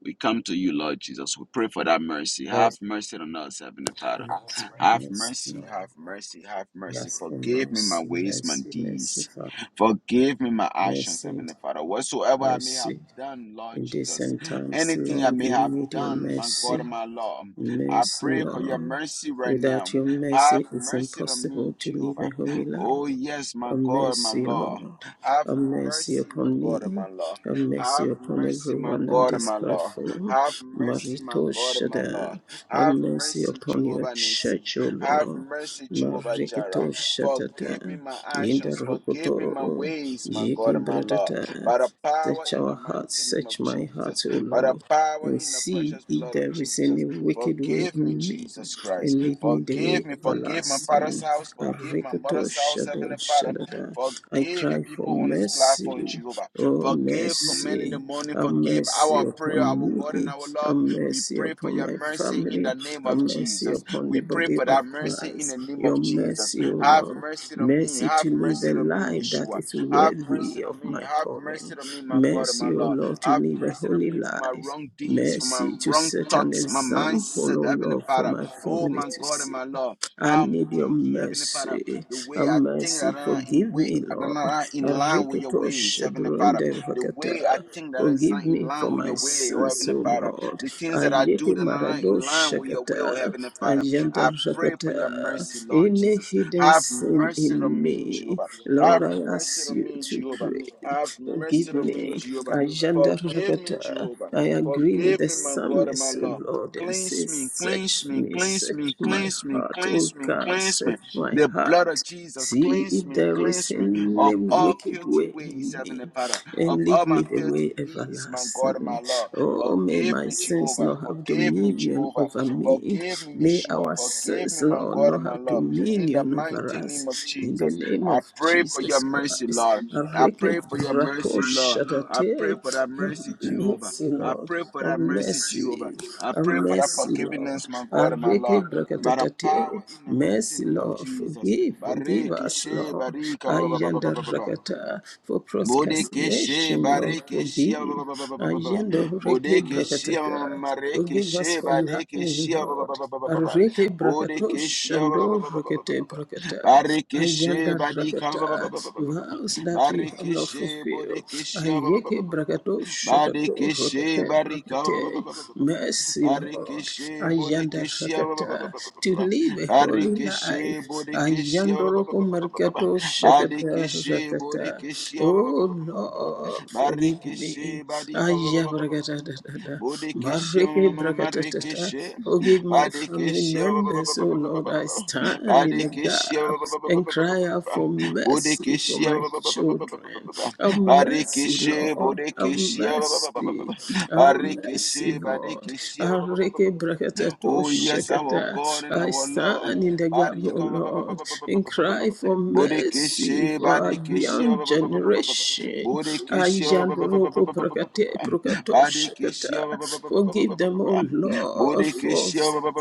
Speaker 2: We come to you, Lord Jesus. We pray for that mercy. Have
Speaker 6: Mercy,
Speaker 2: mercy on us, Heavenly Father.
Speaker 6: mercy,
Speaker 2: Have
Speaker 6: mercy,
Speaker 2: mercy,
Speaker 6: Lord.
Speaker 2: have mercy, have
Speaker 6: We
Speaker 2: mercy.
Speaker 6: ask for
Speaker 2: Forgive me my
Speaker 6: mercy,
Speaker 2: ways, my
Speaker 6: mercy, mercy,
Speaker 2: deeds.
Speaker 6: Father.
Speaker 2: Forgive me my actions,
Speaker 6: Mercy,
Speaker 2: Heavenly Father. Whatsoever I may have
Speaker 6: mercy.
Speaker 2: done, Lord
Speaker 6: In this
Speaker 2: Jesus.
Speaker 6: end times,
Speaker 2: Anything I
Speaker 6: Lord,
Speaker 2: may
Speaker 6: we
Speaker 2: have
Speaker 6: need your
Speaker 2: done, my God
Speaker 6: mercy.
Speaker 2: and my Lord. I
Speaker 6: Mercy,
Speaker 2: pray for your
Speaker 6: Lord.
Speaker 2: mercy right now.
Speaker 6: Without your
Speaker 2: Have
Speaker 6: mercy, it's
Speaker 2: mercy on me,
Speaker 6: impossible to live
Speaker 2: Jehovah.
Speaker 6: a holy
Speaker 2: Oh,
Speaker 6: life.
Speaker 2: yes, my
Speaker 6: Have
Speaker 2: God, my
Speaker 6: mercy,
Speaker 2: Lord.
Speaker 6: Lord.
Speaker 2: Have
Speaker 6: Have mercy
Speaker 2: mercy, my
Speaker 6: upon
Speaker 2: God and
Speaker 6: me.
Speaker 2: my Lord.
Speaker 6: Have mercy
Speaker 2: Have
Speaker 6: upon
Speaker 2: mercy, my
Speaker 6: everyone on
Speaker 2: God and
Speaker 6: this
Speaker 2: my Lord.
Speaker 6: platform.
Speaker 2: Have mercy, my
Speaker 6: Marito
Speaker 2: God and my Lord.
Speaker 6: Shada. Have
Speaker 2: Have
Speaker 6: mercy
Speaker 2: mercy,
Speaker 6: upon your
Speaker 2: Jehovah Nissi.
Speaker 6: church, O
Speaker 2: Have
Speaker 6: Lord.
Speaker 2: mercy, Jehovah
Speaker 6: Marikito
Speaker 2: Jireh. Forgive me
Speaker 6: Shadada.
Speaker 2: my
Speaker 6: Yinda
Speaker 2: actions. Forgive me my
Speaker 6: Rokoto.
Speaker 2: ways, my
Speaker 6: Yiki
Speaker 2: God and my Lord.
Speaker 6: Bradada.
Speaker 2: By the power
Speaker 6: Search
Speaker 2: in
Speaker 6: our
Speaker 2: the mighty
Speaker 6: hearts,
Speaker 2: name of
Speaker 6: search my heart,
Speaker 2: Jesus.
Speaker 6: O
Speaker 2: By the
Speaker 6: Lord
Speaker 2: power
Speaker 6: and
Speaker 2: in the
Speaker 6: see
Speaker 2: precious
Speaker 6: if
Speaker 2: blood of
Speaker 6: there is any
Speaker 2: Jesus.
Speaker 6: wicked way
Speaker 2: Forgive me,
Speaker 6: in me,
Speaker 2: Jesus Christ.
Speaker 6: and lead me the
Speaker 2: Forgive
Speaker 6: way
Speaker 2: me. Forgive my father's
Speaker 6: everlasting.
Speaker 2: house. Forgive my
Speaker 6: Arikoto
Speaker 2: mother's house,
Speaker 6: shado
Speaker 2: Heavenly Father.
Speaker 6: shadada. I
Speaker 2: Forgive your
Speaker 6: cry for
Speaker 2: people on this
Speaker 6: mercy,
Speaker 2: platform, Jehovah.
Speaker 6: oh
Speaker 2: Forgive, command in the
Speaker 6: mercy,
Speaker 2: morning.
Speaker 6: have
Speaker 2: Forgive
Speaker 6: mercy
Speaker 2: our prayer,
Speaker 6: upon
Speaker 2: our God and
Speaker 6: me,
Speaker 2: our
Speaker 6: have
Speaker 2: Lord. We
Speaker 6: mercy
Speaker 2: pray for
Speaker 6: upon
Speaker 2: your
Speaker 6: my
Speaker 2: mercy in the
Speaker 6: family,
Speaker 2: name
Speaker 6: have
Speaker 2: of
Speaker 6: mercy
Speaker 2: Jesus.
Speaker 6: upon the
Speaker 2: We pray
Speaker 6: body
Speaker 2: for
Speaker 6: of
Speaker 2: that mercy in
Speaker 6: Christ.
Speaker 2: the name
Speaker 6: Your
Speaker 2: of Jesus.
Speaker 6: mercy, O
Speaker 2: Have
Speaker 6: Lord,
Speaker 2: mercy on me.
Speaker 6: mercy
Speaker 2: Have
Speaker 6: to live
Speaker 2: mercy
Speaker 6: a
Speaker 2: on me,
Speaker 6: life that
Speaker 2: Yeshua.
Speaker 6: is
Speaker 2: Have mercy
Speaker 6: worthy
Speaker 2: on
Speaker 6: of
Speaker 2: me.
Speaker 6: my
Speaker 2: Have
Speaker 6: calling.
Speaker 2: mercy on me, my God and my
Speaker 6: Mercy, O
Speaker 2: Lord.
Speaker 6: Lord, to
Speaker 2: Have
Speaker 6: live a
Speaker 2: mercy on
Speaker 6: holy
Speaker 2: me for my
Speaker 6: life.
Speaker 2: wrong deeds, for my
Speaker 6: Mercy to
Speaker 2: wrong
Speaker 6: set an
Speaker 2: thoughts, my
Speaker 6: example,
Speaker 2: mindset,
Speaker 6: O
Speaker 2: Heavenly
Speaker 6: Lord, for
Speaker 2: Father.
Speaker 6: my
Speaker 2: Oh,
Speaker 6: family
Speaker 2: my
Speaker 6: to
Speaker 2: God and
Speaker 6: see.
Speaker 2: my Lord.
Speaker 6: I
Speaker 2: How I'm
Speaker 6: need your
Speaker 2: thinking, Heavenly Father.
Speaker 6: mercy.
Speaker 2: The way
Speaker 6: A
Speaker 2: I think that I'm
Speaker 6: mercy.
Speaker 2: not in,
Speaker 6: Forgive
Speaker 2: way,
Speaker 6: me,
Speaker 2: that I'm
Speaker 6: Lord.
Speaker 2: not in line with your
Speaker 6: Ariketo
Speaker 2: ways, Heavenly Father
Speaker 6: shebrende
Speaker 2: the way I
Speaker 6: rakata.
Speaker 2: think that is not
Speaker 6: Forgive
Speaker 2: in
Speaker 6: me
Speaker 2: line
Speaker 6: for
Speaker 2: with
Speaker 6: my
Speaker 2: your way, oh
Speaker 6: sins,
Speaker 2: Heavenly
Speaker 6: O
Speaker 2: Father,
Speaker 6: Lord.
Speaker 2: the things that I do
Speaker 6: Ayeke
Speaker 2: that are not in
Speaker 6: marado
Speaker 2: line with your will, oh
Speaker 6: shakata.
Speaker 2: Heavenly Father.
Speaker 6: Ayanda
Speaker 2: I pray for your
Speaker 6: rakata.
Speaker 2: mercy, Lord
Speaker 6: Any
Speaker 2: Jesus.
Speaker 6: hidden
Speaker 2: Have
Speaker 6: sin
Speaker 2: mercy
Speaker 6: in
Speaker 2: on me,
Speaker 6: me,
Speaker 2: Jehovah.
Speaker 6: Lord,
Speaker 2: Have
Speaker 6: I
Speaker 2: mercy
Speaker 6: ask
Speaker 2: on
Speaker 6: you
Speaker 2: me,
Speaker 6: to
Speaker 2: Jehovah.
Speaker 6: pray.
Speaker 2: Have mercy
Speaker 6: Forgive
Speaker 2: on me,
Speaker 6: me.
Speaker 2: Jehovah.
Speaker 6: Ayanda
Speaker 2: Forgive me,
Speaker 6: rakata.
Speaker 2: Jehovah.
Speaker 6: I agree with
Speaker 2: Forgive
Speaker 6: the
Speaker 2: me, my God and my
Speaker 6: psalmist, O
Speaker 2: Lord.
Speaker 6: Lord, and
Speaker 2: Cleanse
Speaker 6: say,
Speaker 2: me, cleanse
Speaker 6: Search
Speaker 2: me,
Speaker 6: me,
Speaker 2: cleanse me,
Speaker 6: search my
Speaker 2: cleanse
Speaker 6: heart
Speaker 2: me,
Speaker 6: heart, O
Speaker 2: cleanse me,
Speaker 6: God,
Speaker 2: cleanse me.
Speaker 6: search my
Speaker 2: The blood of
Speaker 6: heart.
Speaker 2: Jesus,
Speaker 6: See
Speaker 2: cleanse
Speaker 6: if
Speaker 2: me,
Speaker 6: there is
Speaker 2: cleanse me
Speaker 6: any
Speaker 2: of all
Speaker 6: wicked
Speaker 2: filthy
Speaker 6: way
Speaker 2: ways,
Speaker 6: in
Speaker 2: Heavenly
Speaker 6: me,
Speaker 2: Father of
Speaker 6: and
Speaker 2: all
Speaker 6: lead me
Speaker 2: my
Speaker 6: the
Speaker 2: filthy
Speaker 6: way
Speaker 2: deeds, my God and my
Speaker 6: everlasting.
Speaker 2: Lord.
Speaker 6: Oh, may
Speaker 2: Forgive
Speaker 6: my
Speaker 2: me,
Speaker 6: sins
Speaker 2: Jehovah.
Speaker 6: not have
Speaker 2: Forgive me,
Speaker 6: dominion
Speaker 2: Jehovah.
Speaker 6: over me.
Speaker 2: Forgive me,
Speaker 6: May
Speaker 2: Yeshua.
Speaker 6: our
Speaker 2: Forgive
Speaker 6: sins,
Speaker 2: me, my
Speaker 6: Lord,
Speaker 2: God
Speaker 6: not
Speaker 2: and my
Speaker 6: have
Speaker 2: Lord. In the
Speaker 6: dominion over
Speaker 2: mighty name of
Speaker 6: us. In the
Speaker 2: Jesus,
Speaker 6: name
Speaker 2: I
Speaker 6: of
Speaker 2: pray for your
Speaker 6: Jesus
Speaker 2: mercy,
Speaker 6: Christ.
Speaker 2: Lord. I
Speaker 6: Areke
Speaker 2: pray for your
Speaker 6: brako
Speaker 2: mercy, Lord. I pray
Speaker 6: shadate.
Speaker 2: for that mercy,
Speaker 6: Have
Speaker 2: Jehovah.
Speaker 6: mercy,
Speaker 2: I
Speaker 6: Lord.
Speaker 2: pray for
Speaker 6: Have
Speaker 2: that mercy, Jehovah.
Speaker 6: mercy.
Speaker 2: I
Speaker 6: Have
Speaker 2: pray for that
Speaker 6: mercy, Lord.
Speaker 2: forgiveness, my God and my Lord.
Speaker 6: Areke
Speaker 2: By the power in the mighty
Speaker 6: Mercy,
Speaker 2: name of
Speaker 6: Lord,
Speaker 2: Jesus.
Speaker 6: forgive, forgive
Speaker 2: Bareke
Speaker 6: us,
Speaker 2: she
Speaker 6: Lord.
Speaker 2: barika
Speaker 6: Ayanda rakata for
Speaker 2: Bodekeshe
Speaker 6: procrastination, Lord,
Speaker 2: barekeshia ba-
Speaker 6: forgive.
Speaker 2: ba- ba- ba- ba- ba- ba- ba- ba.
Speaker 6: Ayanda reke
Speaker 2: Bodekeshia ma- ma-
Speaker 6: brakatata.
Speaker 2: ma-
Speaker 6: Forgive us
Speaker 2: marekeshe
Speaker 6: for lying,
Speaker 2: badekeshia ba- ba- ba-
Speaker 6: Lord.
Speaker 2: ba- ba- ba- ba- ba.
Speaker 6: Areke brakatosh
Speaker 2: Bodekeshia
Speaker 6: and
Speaker 2: ba- ba- ba- ba- ba- ba- ba- ba-
Speaker 6: rakete
Speaker 2: ba- ba.
Speaker 6: brakata.
Speaker 2: barekeshe
Speaker 6: Ayanda
Speaker 2: badika ba- ba-
Speaker 6: rakata.
Speaker 2: ba- ba- ba- ba- ba- ba- ba.
Speaker 6: Vows that we have not
Speaker 2: barekeshe
Speaker 6: fulfilled.
Speaker 2: bodekeshia ba- ba- ba-
Speaker 6: Ayeke
Speaker 2: ba- ba- ba- ba.
Speaker 6: brakatosh shakato
Speaker 2: badekeshe
Speaker 6: rakete
Speaker 2: barika ba- ba- ba- ba-
Speaker 6: brakate.
Speaker 2: ba- ba- ba- ba.
Speaker 6: Mercy, Lord.
Speaker 2: barekeshe
Speaker 6: Ayanda
Speaker 2: bodekeshia ba- ba- ba-
Speaker 6: rakata
Speaker 2: ba- ba- ba- ba-
Speaker 6: to
Speaker 2: ba.
Speaker 6: live a holy
Speaker 2: barekeshe
Speaker 6: life.
Speaker 2: bodekeshia
Speaker 6: Ayandoroko Markato Shakata
Speaker 2: Barikishi,
Speaker 6: Ratata.
Speaker 2: Burikishi, ba- ba- ba-
Speaker 6: Oh
Speaker 2: ba- ba- ba- ba- ba-
Speaker 6: Lord, forgive
Speaker 2: Barikishi,
Speaker 6: me.
Speaker 2: Barika, ba- ba- ba- ba- ba-
Speaker 6: Ayabragatatata.
Speaker 2: Burikishi,
Speaker 6: Marike Brakatatata.
Speaker 2: Marikishi,
Speaker 6: Forgive my family
Speaker 2: Barikishi,
Speaker 6: members, oh Lord. I stand in a
Speaker 2: Barikishi,
Speaker 6: gap and cry out for mercy for
Speaker 2: Burikishi,
Speaker 6: my children. Have mercy,
Speaker 2: Barikishi,
Speaker 6: Lord. Have
Speaker 2: Burikishi,
Speaker 6: mercy. Have
Speaker 2: Barikishi,
Speaker 6: mercy, Lord.
Speaker 2: Barikishi,
Speaker 6: Areke brakatato
Speaker 2: Oh, yes, our God and
Speaker 6: I
Speaker 2: our Lord.
Speaker 6: stand in the gap, O Lord, and
Speaker 2: Barika-
Speaker 6: cry for mercy
Speaker 2: Borekeshe,
Speaker 6: for our
Speaker 2: Badekeshe,
Speaker 6: young generation.
Speaker 2: Borekeshe,
Speaker 6: Ayandoroko prakate
Speaker 2: Badekeshe,
Speaker 6: prakatoshakata. Forgive them, O Lord, for
Speaker 2: Borekeshe,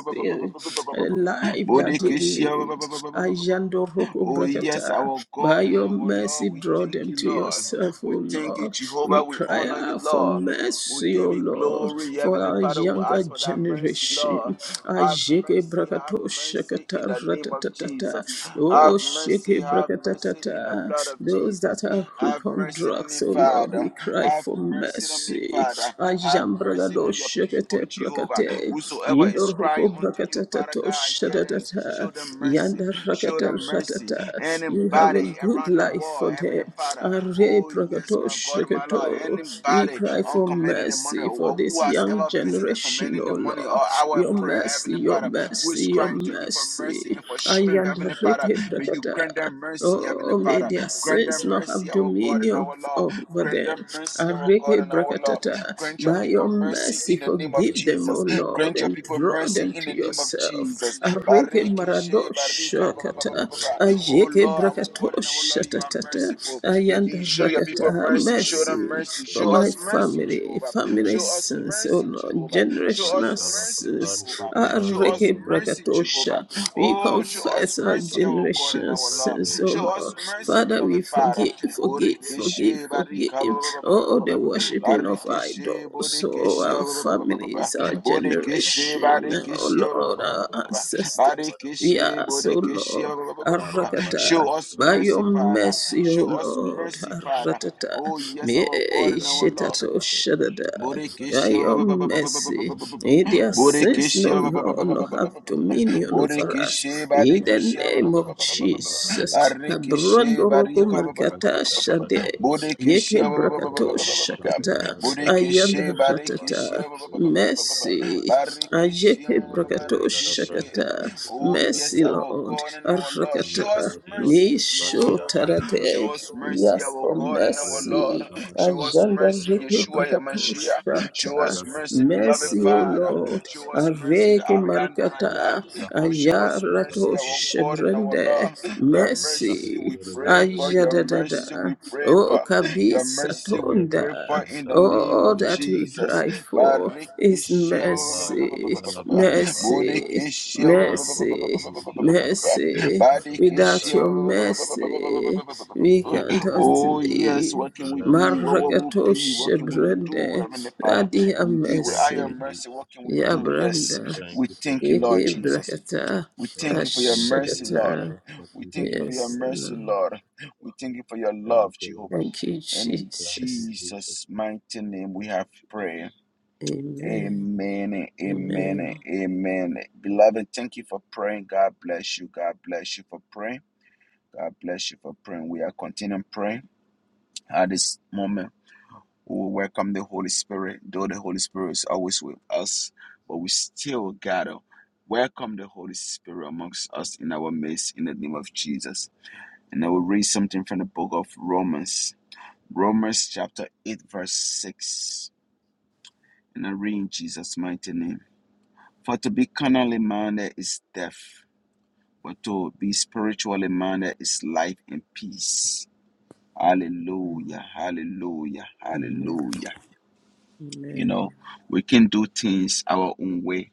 Speaker 6: the life that they lead.
Speaker 2: Borekeshe.
Speaker 6: Ayandoroko
Speaker 2: Oh, yes,
Speaker 6: brakata.
Speaker 2: our
Speaker 6: By
Speaker 2: God and
Speaker 6: your
Speaker 2: our Lord,
Speaker 6: mercy,
Speaker 2: we
Speaker 6: draw
Speaker 2: thank
Speaker 6: them
Speaker 2: you,
Speaker 6: to
Speaker 2: Lord.
Speaker 6: yourself,
Speaker 2: We
Speaker 6: O
Speaker 2: thank you,
Speaker 6: Lord.
Speaker 2: Jehovah.
Speaker 6: We
Speaker 2: We
Speaker 6: cry
Speaker 2: honor you,
Speaker 6: out for
Speaker 2: Lord. We
Speaker 6: mercy, O
Speaker 2: give you
Speaker 6: Lord,
Speaker 2: glory,
Speaker 6: for
Speaker 2: Heavenly
Speaker 6: our
Speaker 2: Father. We
Speaker 6: younger
Speaker 2: ask for that mercy, Lord.
Speaker 6: generation.
Speaker 2: Have
Speaker 6: Ajeke
Speaker 2: mercy, have
Speaker 6: brakato
Speaker 2: mercy
Speaker 6: shakata
Speaker 2: in the name of
Speaker 6: ratatata.
Speaker 2: Jesus. Have
Speaker 6: Oh, shake
Speaker 2: mercy, have mercy in the
Speaker 6: brakatatata.
Speaker 2: blood of
Speaker 6: Those that
Speaker 2: Jesus.
Speaker 6: are
Speaker 2: Have
Speaker 6: hooked on
Speaker 2: mercy on me,
Speaker 6: drugs, oh Lord, we
Speaker 2: Father.
Speaker 6: cry
Speaker 2: Have
Speaker 6: for
Speaker 2: mercy on me,
Speaker 6: mercy.
Speaker 2: Father. Have
Speaker 6: Ajam
Speaker 2: mercy
Speaker 6: bragado
Speaker 2: on your people,
Speaker 6: shakate
Speaker 2: Jehovah.
Speaker 6: brakate.
Speaker 2: Whosoever is
Speaker 6: Indor
Speaker 2: crying
Speaker 6: hoko
Speaker 2: unto you, Father
Speaker 6: brakatatato
Speaker 2: God, hear them, show
Speaker 6: shadadata.
Speaker 2: them mercy.
Speaker 6: Yanda
Speaker 2: Show
Speaker 6: rakata
Speaker 2: them mercy.
Speaker 6: ratata. You have a
Speaker 2: Anybody
Speaker 6: good
Speaker 2: around the
Speaker 6: life
Speaker 2: world,
Speaker 6: for
Speaker 2: Heavenly
Speaker 6: them.
Speaker 2: Father.
Speaker 6: Are
Speaker 2: Oh, yes,
Speaker 6: brakato
Speaker 2: my God, my Lord.
Speaker 6: shakato. We
Speaker 2: Anybody
Speaker 6: cry
Speaker 2: on
Speaker 6: for
Speaker 2: commanding the money
Speaker 6: mercy for
Speaker 2: or who
Speaker 6: this
Speaker 2: has
Speaker 6: young
Speaker 2: ever visited
Speaker 6: generation,
Speaker 2: commanding
Speaker 6: oh
Speaker 2: the money or
Speaker 6: Lord.
Speaker 2: our
Speaker 6: Your your
Speaker 2: prayer,
Speaker 6: mercy,
Speaker 2: Heavenly
Speaker 6: your
Speaker 2: Father who is
Speaker 6: mercy, your
Speaker 2: crying to you for mercy
Speaker 6: mercy.
Speaker 2: and for strength,
Speaker 6: Ayanda
Speaker 2: Heavenly Father.
Speaker 6: reke
Speaker 2: May you grant
Speaker 6: brakata.
Speaker 2: them mercy, Heavenly
Speaker 6: Oh, may
Speaker 2: Father.
Speaker 6: their
Speaker 2: Grant them
Speaker 6: sins not
Speaker 2: mercy,
Speaker 6: have
Speaker 2: our God and
Speaker 6: dominion
Speaker 2: our Lord.
Speaker 6: over
Speaker 2: Grant
Speaker 6: them.
Speaker 2: them mercy, our God
Speaker 6: Areke
Speaker 2: and our Lord.
Speaker 6: brakatata.
Speaker 2: Grant your
Speaker 6: By
Speaker 2: people
Speaker 6: your
Speaker 2: mercy
Speaker 6: mercy,
Speaker 2: in the name of
Speaker 6: forgive
Speaker 7: Yarata
Speaker 6: them, O
Speaker 2: Jesus.
Speaker 7: Ijala
Speaker 6: Lord,
Speaker 2: Grant your
Speaker 6: and
Speaker 2: people
Speaker 7: Bragata
Speaker 6: draw
Speaker 2: mercy
Speaker 6: them
Speaker 7: Ishata
Speaker 2: in
Speaker 6: to
Speaker 2: the name of
Speaker 7: Shashkata
Speaker 6: yourself.
Speaker 2: Jesus.
Speaker 6: Areke
Speaker 2: Bareke she, barika, ba, ba, ba, ba,
Speaker 6: maradoshakata.
Speaker 2: ba, ba,
Speaker 7: Rabada
Speaker 2: ba. Oh Lord,
Speaker 6: Ayeke
Speaker 7: Parampara
Speaker 2: our
Speaker 7: Dero
Speaker 2: God and our
Speaker 7: Shakata
Speaker 2: Lord, you are
Speaker 7: Bragata
Speaker 6: brakatoshatatata.
Speaker 2: merciful.
Speaker 6: Ayanda
Speaker 2: Indeed, show your people
Speaker 6: rakata.
Speaker 2: mercy. Show
Speaker 7: Rampatil
Speaker 2: them
Speaker 6: Mercy
Speaker 2: mercy.
Speaker 6: for
Speaker 7: Shashkata
Speaker 2: Show
Speaker 6: my
Speaker 2: us mercy,
Speaker 7: Barabata
Speaker 6: family,
Speaker 2: Jehovah.
Speaker 6: family
Speaker 2: Show us
Speaker 6: sins, O
Speaker 2: mercy,
Speaker 6: Lord,
Speaker 2: Jehovah. Show us
Speaker 6: generational
Speaker 7: Rabashala
Speaker 6: sins
Speaker 2: mercy,
Speaker 6: sins.
Speaker 7: Barante
Speaker 2: Jehovah. Show
Speaker 7: Barante
Speaker 2: us
Speaker 6: Areke
Speaker 7: Baria
Speaker 2: mercy, Jehovah.
Speaker 6: brakatosha.
Speaker 7: Kapadabana
Speaker 6: We
Speaker 2: Oh, show us
Speaker 6: confess our
Speaker 2: mercy, our God and
Speaker 6: generational
Speaker 7: Rabashakata
Speaker 2: our Lord.
Speaker 7: Bragata
Speaker 6: sins, O
Speaker 2: Show
Speaker 6: Lord.
Speaker 2: us
Speaker 7: Ibaragata
Speaker 2: mercy,
Speaker 7: Ibar
Speaker 6: Father,
Speaker 2: beloved
Speaker 6: we
Speaker 2: Father.
Speaker 6: forgive, forgive, forgive,
Speaker 2: Borekeshe,
Speaker 6: forgive.
Speaker 2: barika, ba- ba- ba- ba- ba- ba-
Speaker 6: Oh,
Speaker 2: ba-
Speaker 6: the
Speaker 2: ba- ba-
Speaker 7: Rampate
Speaker 6: worshipping of
Speaker 7: Barashakata
Speaker 2: Barekeshe,
Speaker 6: idols,
Speaker 7: Bragata
Speaker 6: oh,
Speaker 2: borekeshe,
Speaker 6: our
Speaker 2: ba- ba- ba- ba- ba- ba- ba-
Speaker 6: families, our
Speaker 7: Rabashakata
Speaker 2: Borekeshe,
Speaker 6: generation,
Speaker 7: Barabana
Speaker 6: oh
Speaker 2: barekeshe, ba- ba- ba-
Speaker 6: Lord,
Speaker 2: ba-
Speaker 7: Barashakata
Speaker 2: ba-
Speaker 6: our
Speaker 2: ba- ba-
Speaker 7: Bragata
Speaker 2: ba-
Speaker 7: Bragata
Speaker 6: ancestors.
Speaker 7: Barabata
Speaker 6: We
Speaker 2: Barekeshe,
Speaker 6: ask, O
Speaker 2: borekeshe,
Speaker 6: Lord.
Speaker 2: ba- ba- ba- ba- ba- ba- ba. Show
Speaker 6: Arakata.
Speaker 7: Arabade
Speaker 2: us
Speaker 6: By
Speaker 7: Shala
Speaker 2: mercy,
Speaker 6: your
Speaker 2: Father.
Speaker 7: Brambade
Speaker 6: mercy, O
Speaker 2: Show
Speaker 7: Arabade
Speaker 2: us
Speaker 6: Lord,
Speaker 7: Shada
Speaker 2: mercy,
Speaker 7: Bragata
Speaker 2: Father.
Speaker 6: Aratata,
Speaker 2: Oh, yes,
Speaker 6: me
Speaker 2: our God and our
Speaker 7: Rambo
Speaker 2: Lord.
Speaker 6: shetato
Speaker 7: Shakatova Sheta
Speaker 6: shadada.
Speaker 7: Bragata
Speaker 6: By
Speaker 2: Borekeshia ba-
Speaker 6: your
Speaker 2: ba- ba- ba- ba- ba- ba- ba- ba- ba-
Speaker 6: mercy,
Speaker 7: Robo
Speaker 2: ba- ba-
Speaker 6: in
Speaker 7: Shokoto
Speaker 2: ba-
Speaker 6: their
Speaker 7: Bragata
Speaker 6: sins, no
Speaker 2: Borekeshia ba- ba- ba-
Speaker 6: law,
Speaker 2: ba- ba-
Speaker 6: no
Speaker 2: ba- ba- ba- ba-
Speaker 6: have
Speaker 2: ba- ba-
Speaker 6: dominion over
Speaker 2: Borekeshe
Speaker 6: us. In
Speaker 7: Robo
Speaker 6: the
Speaker 2: Barekeshia ba- ba-
Speaker 6: name
Speaker 2: ba- ba-
Speaker 6: of
Speaker 2: ba-
Speaker 7: Shakatava
Speaker 2: ba- ba- ba- ba-
Speaker 6: Jesus,
Speaker 7: Yambaradeva
Speaker 2: Barekeshe
Speaker 6: Abrandoroko
Speaker 2: Bariaka ba-
Speaker 7: and
Speaker 2: ba- ba- ba- ba-
Speaker 6: Markata
Speaker 2: ba-
Speaker 7: Bragata
Speaker 2: ba- ba- ba-
Speaker 7: Sheta
Speaker 6: Shade,
Speaker 7: Bragata
Speaker 2: Borekeshia
Speaker 6: Yeke
Speaker 2: ba- ba- ba- ba- ba-
Speaker 6: Brakato
Speaker 7: Rabba Shakata
Speaker 6: Shakata,
Speaker 7: Baraba Sheta
Speaker 6: Ayanda
Speaker 7: Bragata Baraba
Speaker 2: Barekeshia
Speaker 6: Shakatata,
Speaker 7: Sheta Bragata
Speaker 6: Mercy, Ajeke Brakato
Speaker 7: Jara
Speaker 2: Marekeshe
Speaker 7: Bragata
Speaker 6: Shakata,
Speaker 7: Sheta
Speaker 2: Oh yes
Speaker 6: Mercy,
Speaker 7: Bragata
Speaker 2: our
Speaker 6: Lord,
Speaker 2: God and our Lord show
Speaker 6: Arakata,
Speaker 2: us
Speaker 7: Zaradira
Speaker 2: mercy
Speaker 6: Misho
Speaker 7: Sopratira
Speaker 2: Jehovah
Speaker 7: Arati
Speaker 2: show
Speaker 6: Tarate,
Speaker 2: us mercy
Speaker 7: Shashkataiva
Speaker 6: yes,
Speaker 2: our
Speaker 6: for
Speaker 2: God and our
Speaker 7: Romo
Speaker 2: Lord
Speaker 6: mercy.
Speaker 2: Show
Speaker 7: Shakatava
Speaker 2: us
Speaker 6: Ajanda
Speaker 2: mercy,
Speaker 7: Shakata
Speaker 6: Reke
Speaker 2: Yeshua
Speaker 7: Bragatava
Speaker 6: Brakato
Speaker 2: Yamashiach. Show
Speaker 6: Shata,
Speaker 2: us mercy,
Speaker 7: Brakatava
Speaker 2: beloved
Speaker 6: Mercy,
Speaker 7: Shala
Speaker 6: O
Speaker 7: Bragata
Speaker 2: Father.
Speaker 6: Lord,
Speaker 7: Shada
Speaker 2: Show us mercy,
Speaker 6: Areke
Speaker 2: I am that
Speaker 7: Rubber
Speaker 6: Marukata,
Speaker 2: I am.
Speaker 7: Shaka
Speaker 2: Oh, show us
Speaker 7: Shaka
Speaker 2: mercy,
Speaker 6: Ayarato
Speaker 2: our God and our
Speaker 6: Shebrende,
Speaker 2: Lord. Your
Speaker 7: Rubber Shaka
Speaker 2: mercy we
Speaker 6: Mercy.
Speaker 2: pray for. Your mercy
Speaker 6: Ajadadada.
Speaker 2: we pray for.
Speaker 6: Oh,
Speaker 2: Your mercy we
Speaker 7: Lebra
Speaker 2: pray
Speaker 6: Kabisatonda.
Speaker 2: for in
Speaker 7: Shanta
Speaker 2: the name
Speaker 6: All
Speaker 2: of
Speaker 7: Bragade
Speaker 6: that we
Speaker 2: Jesus.
Speaker 6: cry for is
Speaker 2: Barikishia
Speaker 7: Kabaya
Speaker 6: mercy,
Speaker 7: Shala Bradebaya
Speaker 6: mercy,
Speaker 2: Bodikishia
Speaker 7: Rambo
Speaker 6: mercy,
Speaker 7: Shada Prakata
Speaker 6: mercy.
Speaker 7: Shada
Speaker 2: Badikishia
Speaker 6: Without
Speaker 7: Brangada
Speaker 6: your
Speaker 7: Badabada
Speaker 6: mercy, we
Speaker 7: Oh
Speaker 6: cannot
Speaker 2: Oh,
Speaker 7: Zolero
Speaker 2: yes,
Speaker 6: live.
Speaker 2: what can we
Speaker 7: Soskabalam
Speaker 2: be? What what
Speaker 7: Branero
Speaker 2: will be?
Speaker 7: Skate
Speaker 2: What
Speaker 6: Marakatoshe
Speaker 2: can
Speaker 7: Badabada
Speaker 2: we do,
Speaker 6: brende,
Speaker 2: Heavenly Father?
Speaker 6: Adi
Speaker 2: Indeed,
Speaker 7: Thank
Speaker 2: without your
Speaker 6: mercy.
Speaker 7: you
Speaker 2: mercy, what
Speaker 7: Jesus
Speaker 2: can we
Speaker 6: يا
Speaker 2: do?
Speaker 7: Manish
Speaker 2: Yes,
Speaker 7: Soska
Speaker 6: برندا
Speaker 7: Thank
Speaker 2: we
Speaker 7: you for
Speaker 2: thank you,
Speaker 7: showing
Speaker 2: Lord
Speaker 6: يكي
Speaker 7: us
Speaker 2: Jesus.
Speaker 7: mercy
Speaker 6: بركتا
Speaker 2: We thank you for your
Speaker 7: Rakim
Speaker 2: mercy, Lord.
Speaker 6: أشكتا
Speaker 7: Pelirosha
Speaker 2: We thank you
Speaker 7: Prakira
Speaker 2: for your
Speaker 6: Yes,
Speaker 7: Akadira
Speaker 2: mercy,
Speaker 6: Lord.
Speaker 2: Lord. We thank you for your
Speaker 7: Thank
Speaker 2: love,
Speaker 7: you, Lord.
Speaker 2: Jehovah.
Speaker 6: Thank you,
Speaker 2: And in
Speaker 7: Thank you,
Speaker 6: Jesus.
Speaker 7: Jesus.
Speaker 2: Jesus' mighty name we have prayer.
Speaker 6: Amen.
Speaker 2: Amen, and amen,
Speaker 6: Amen.
Speaker 2: and amen. Beloved, thank you for praying. God bless you. God bless you for praying. God bless you for praying. We are continuing praying. At this moment, we will welcome the Holy Spirit, though the Holy Spirit is always with us, but we still gotta welcome the Holy Spirit amongst us in our midst in the name of Jesus. And I will read something from the book of Romans, Romans chapter 8, verse 6. And I read in Jesus' mighty name. For to be carnally minded is death, but to be spiritually minded is life and peace. Hallelujah, hallelujah,
Speaker 6: Amen.
Speaker 2: hallelujah. You
Speaker 6: Amen.
Speaker 2: know, we can do things our own way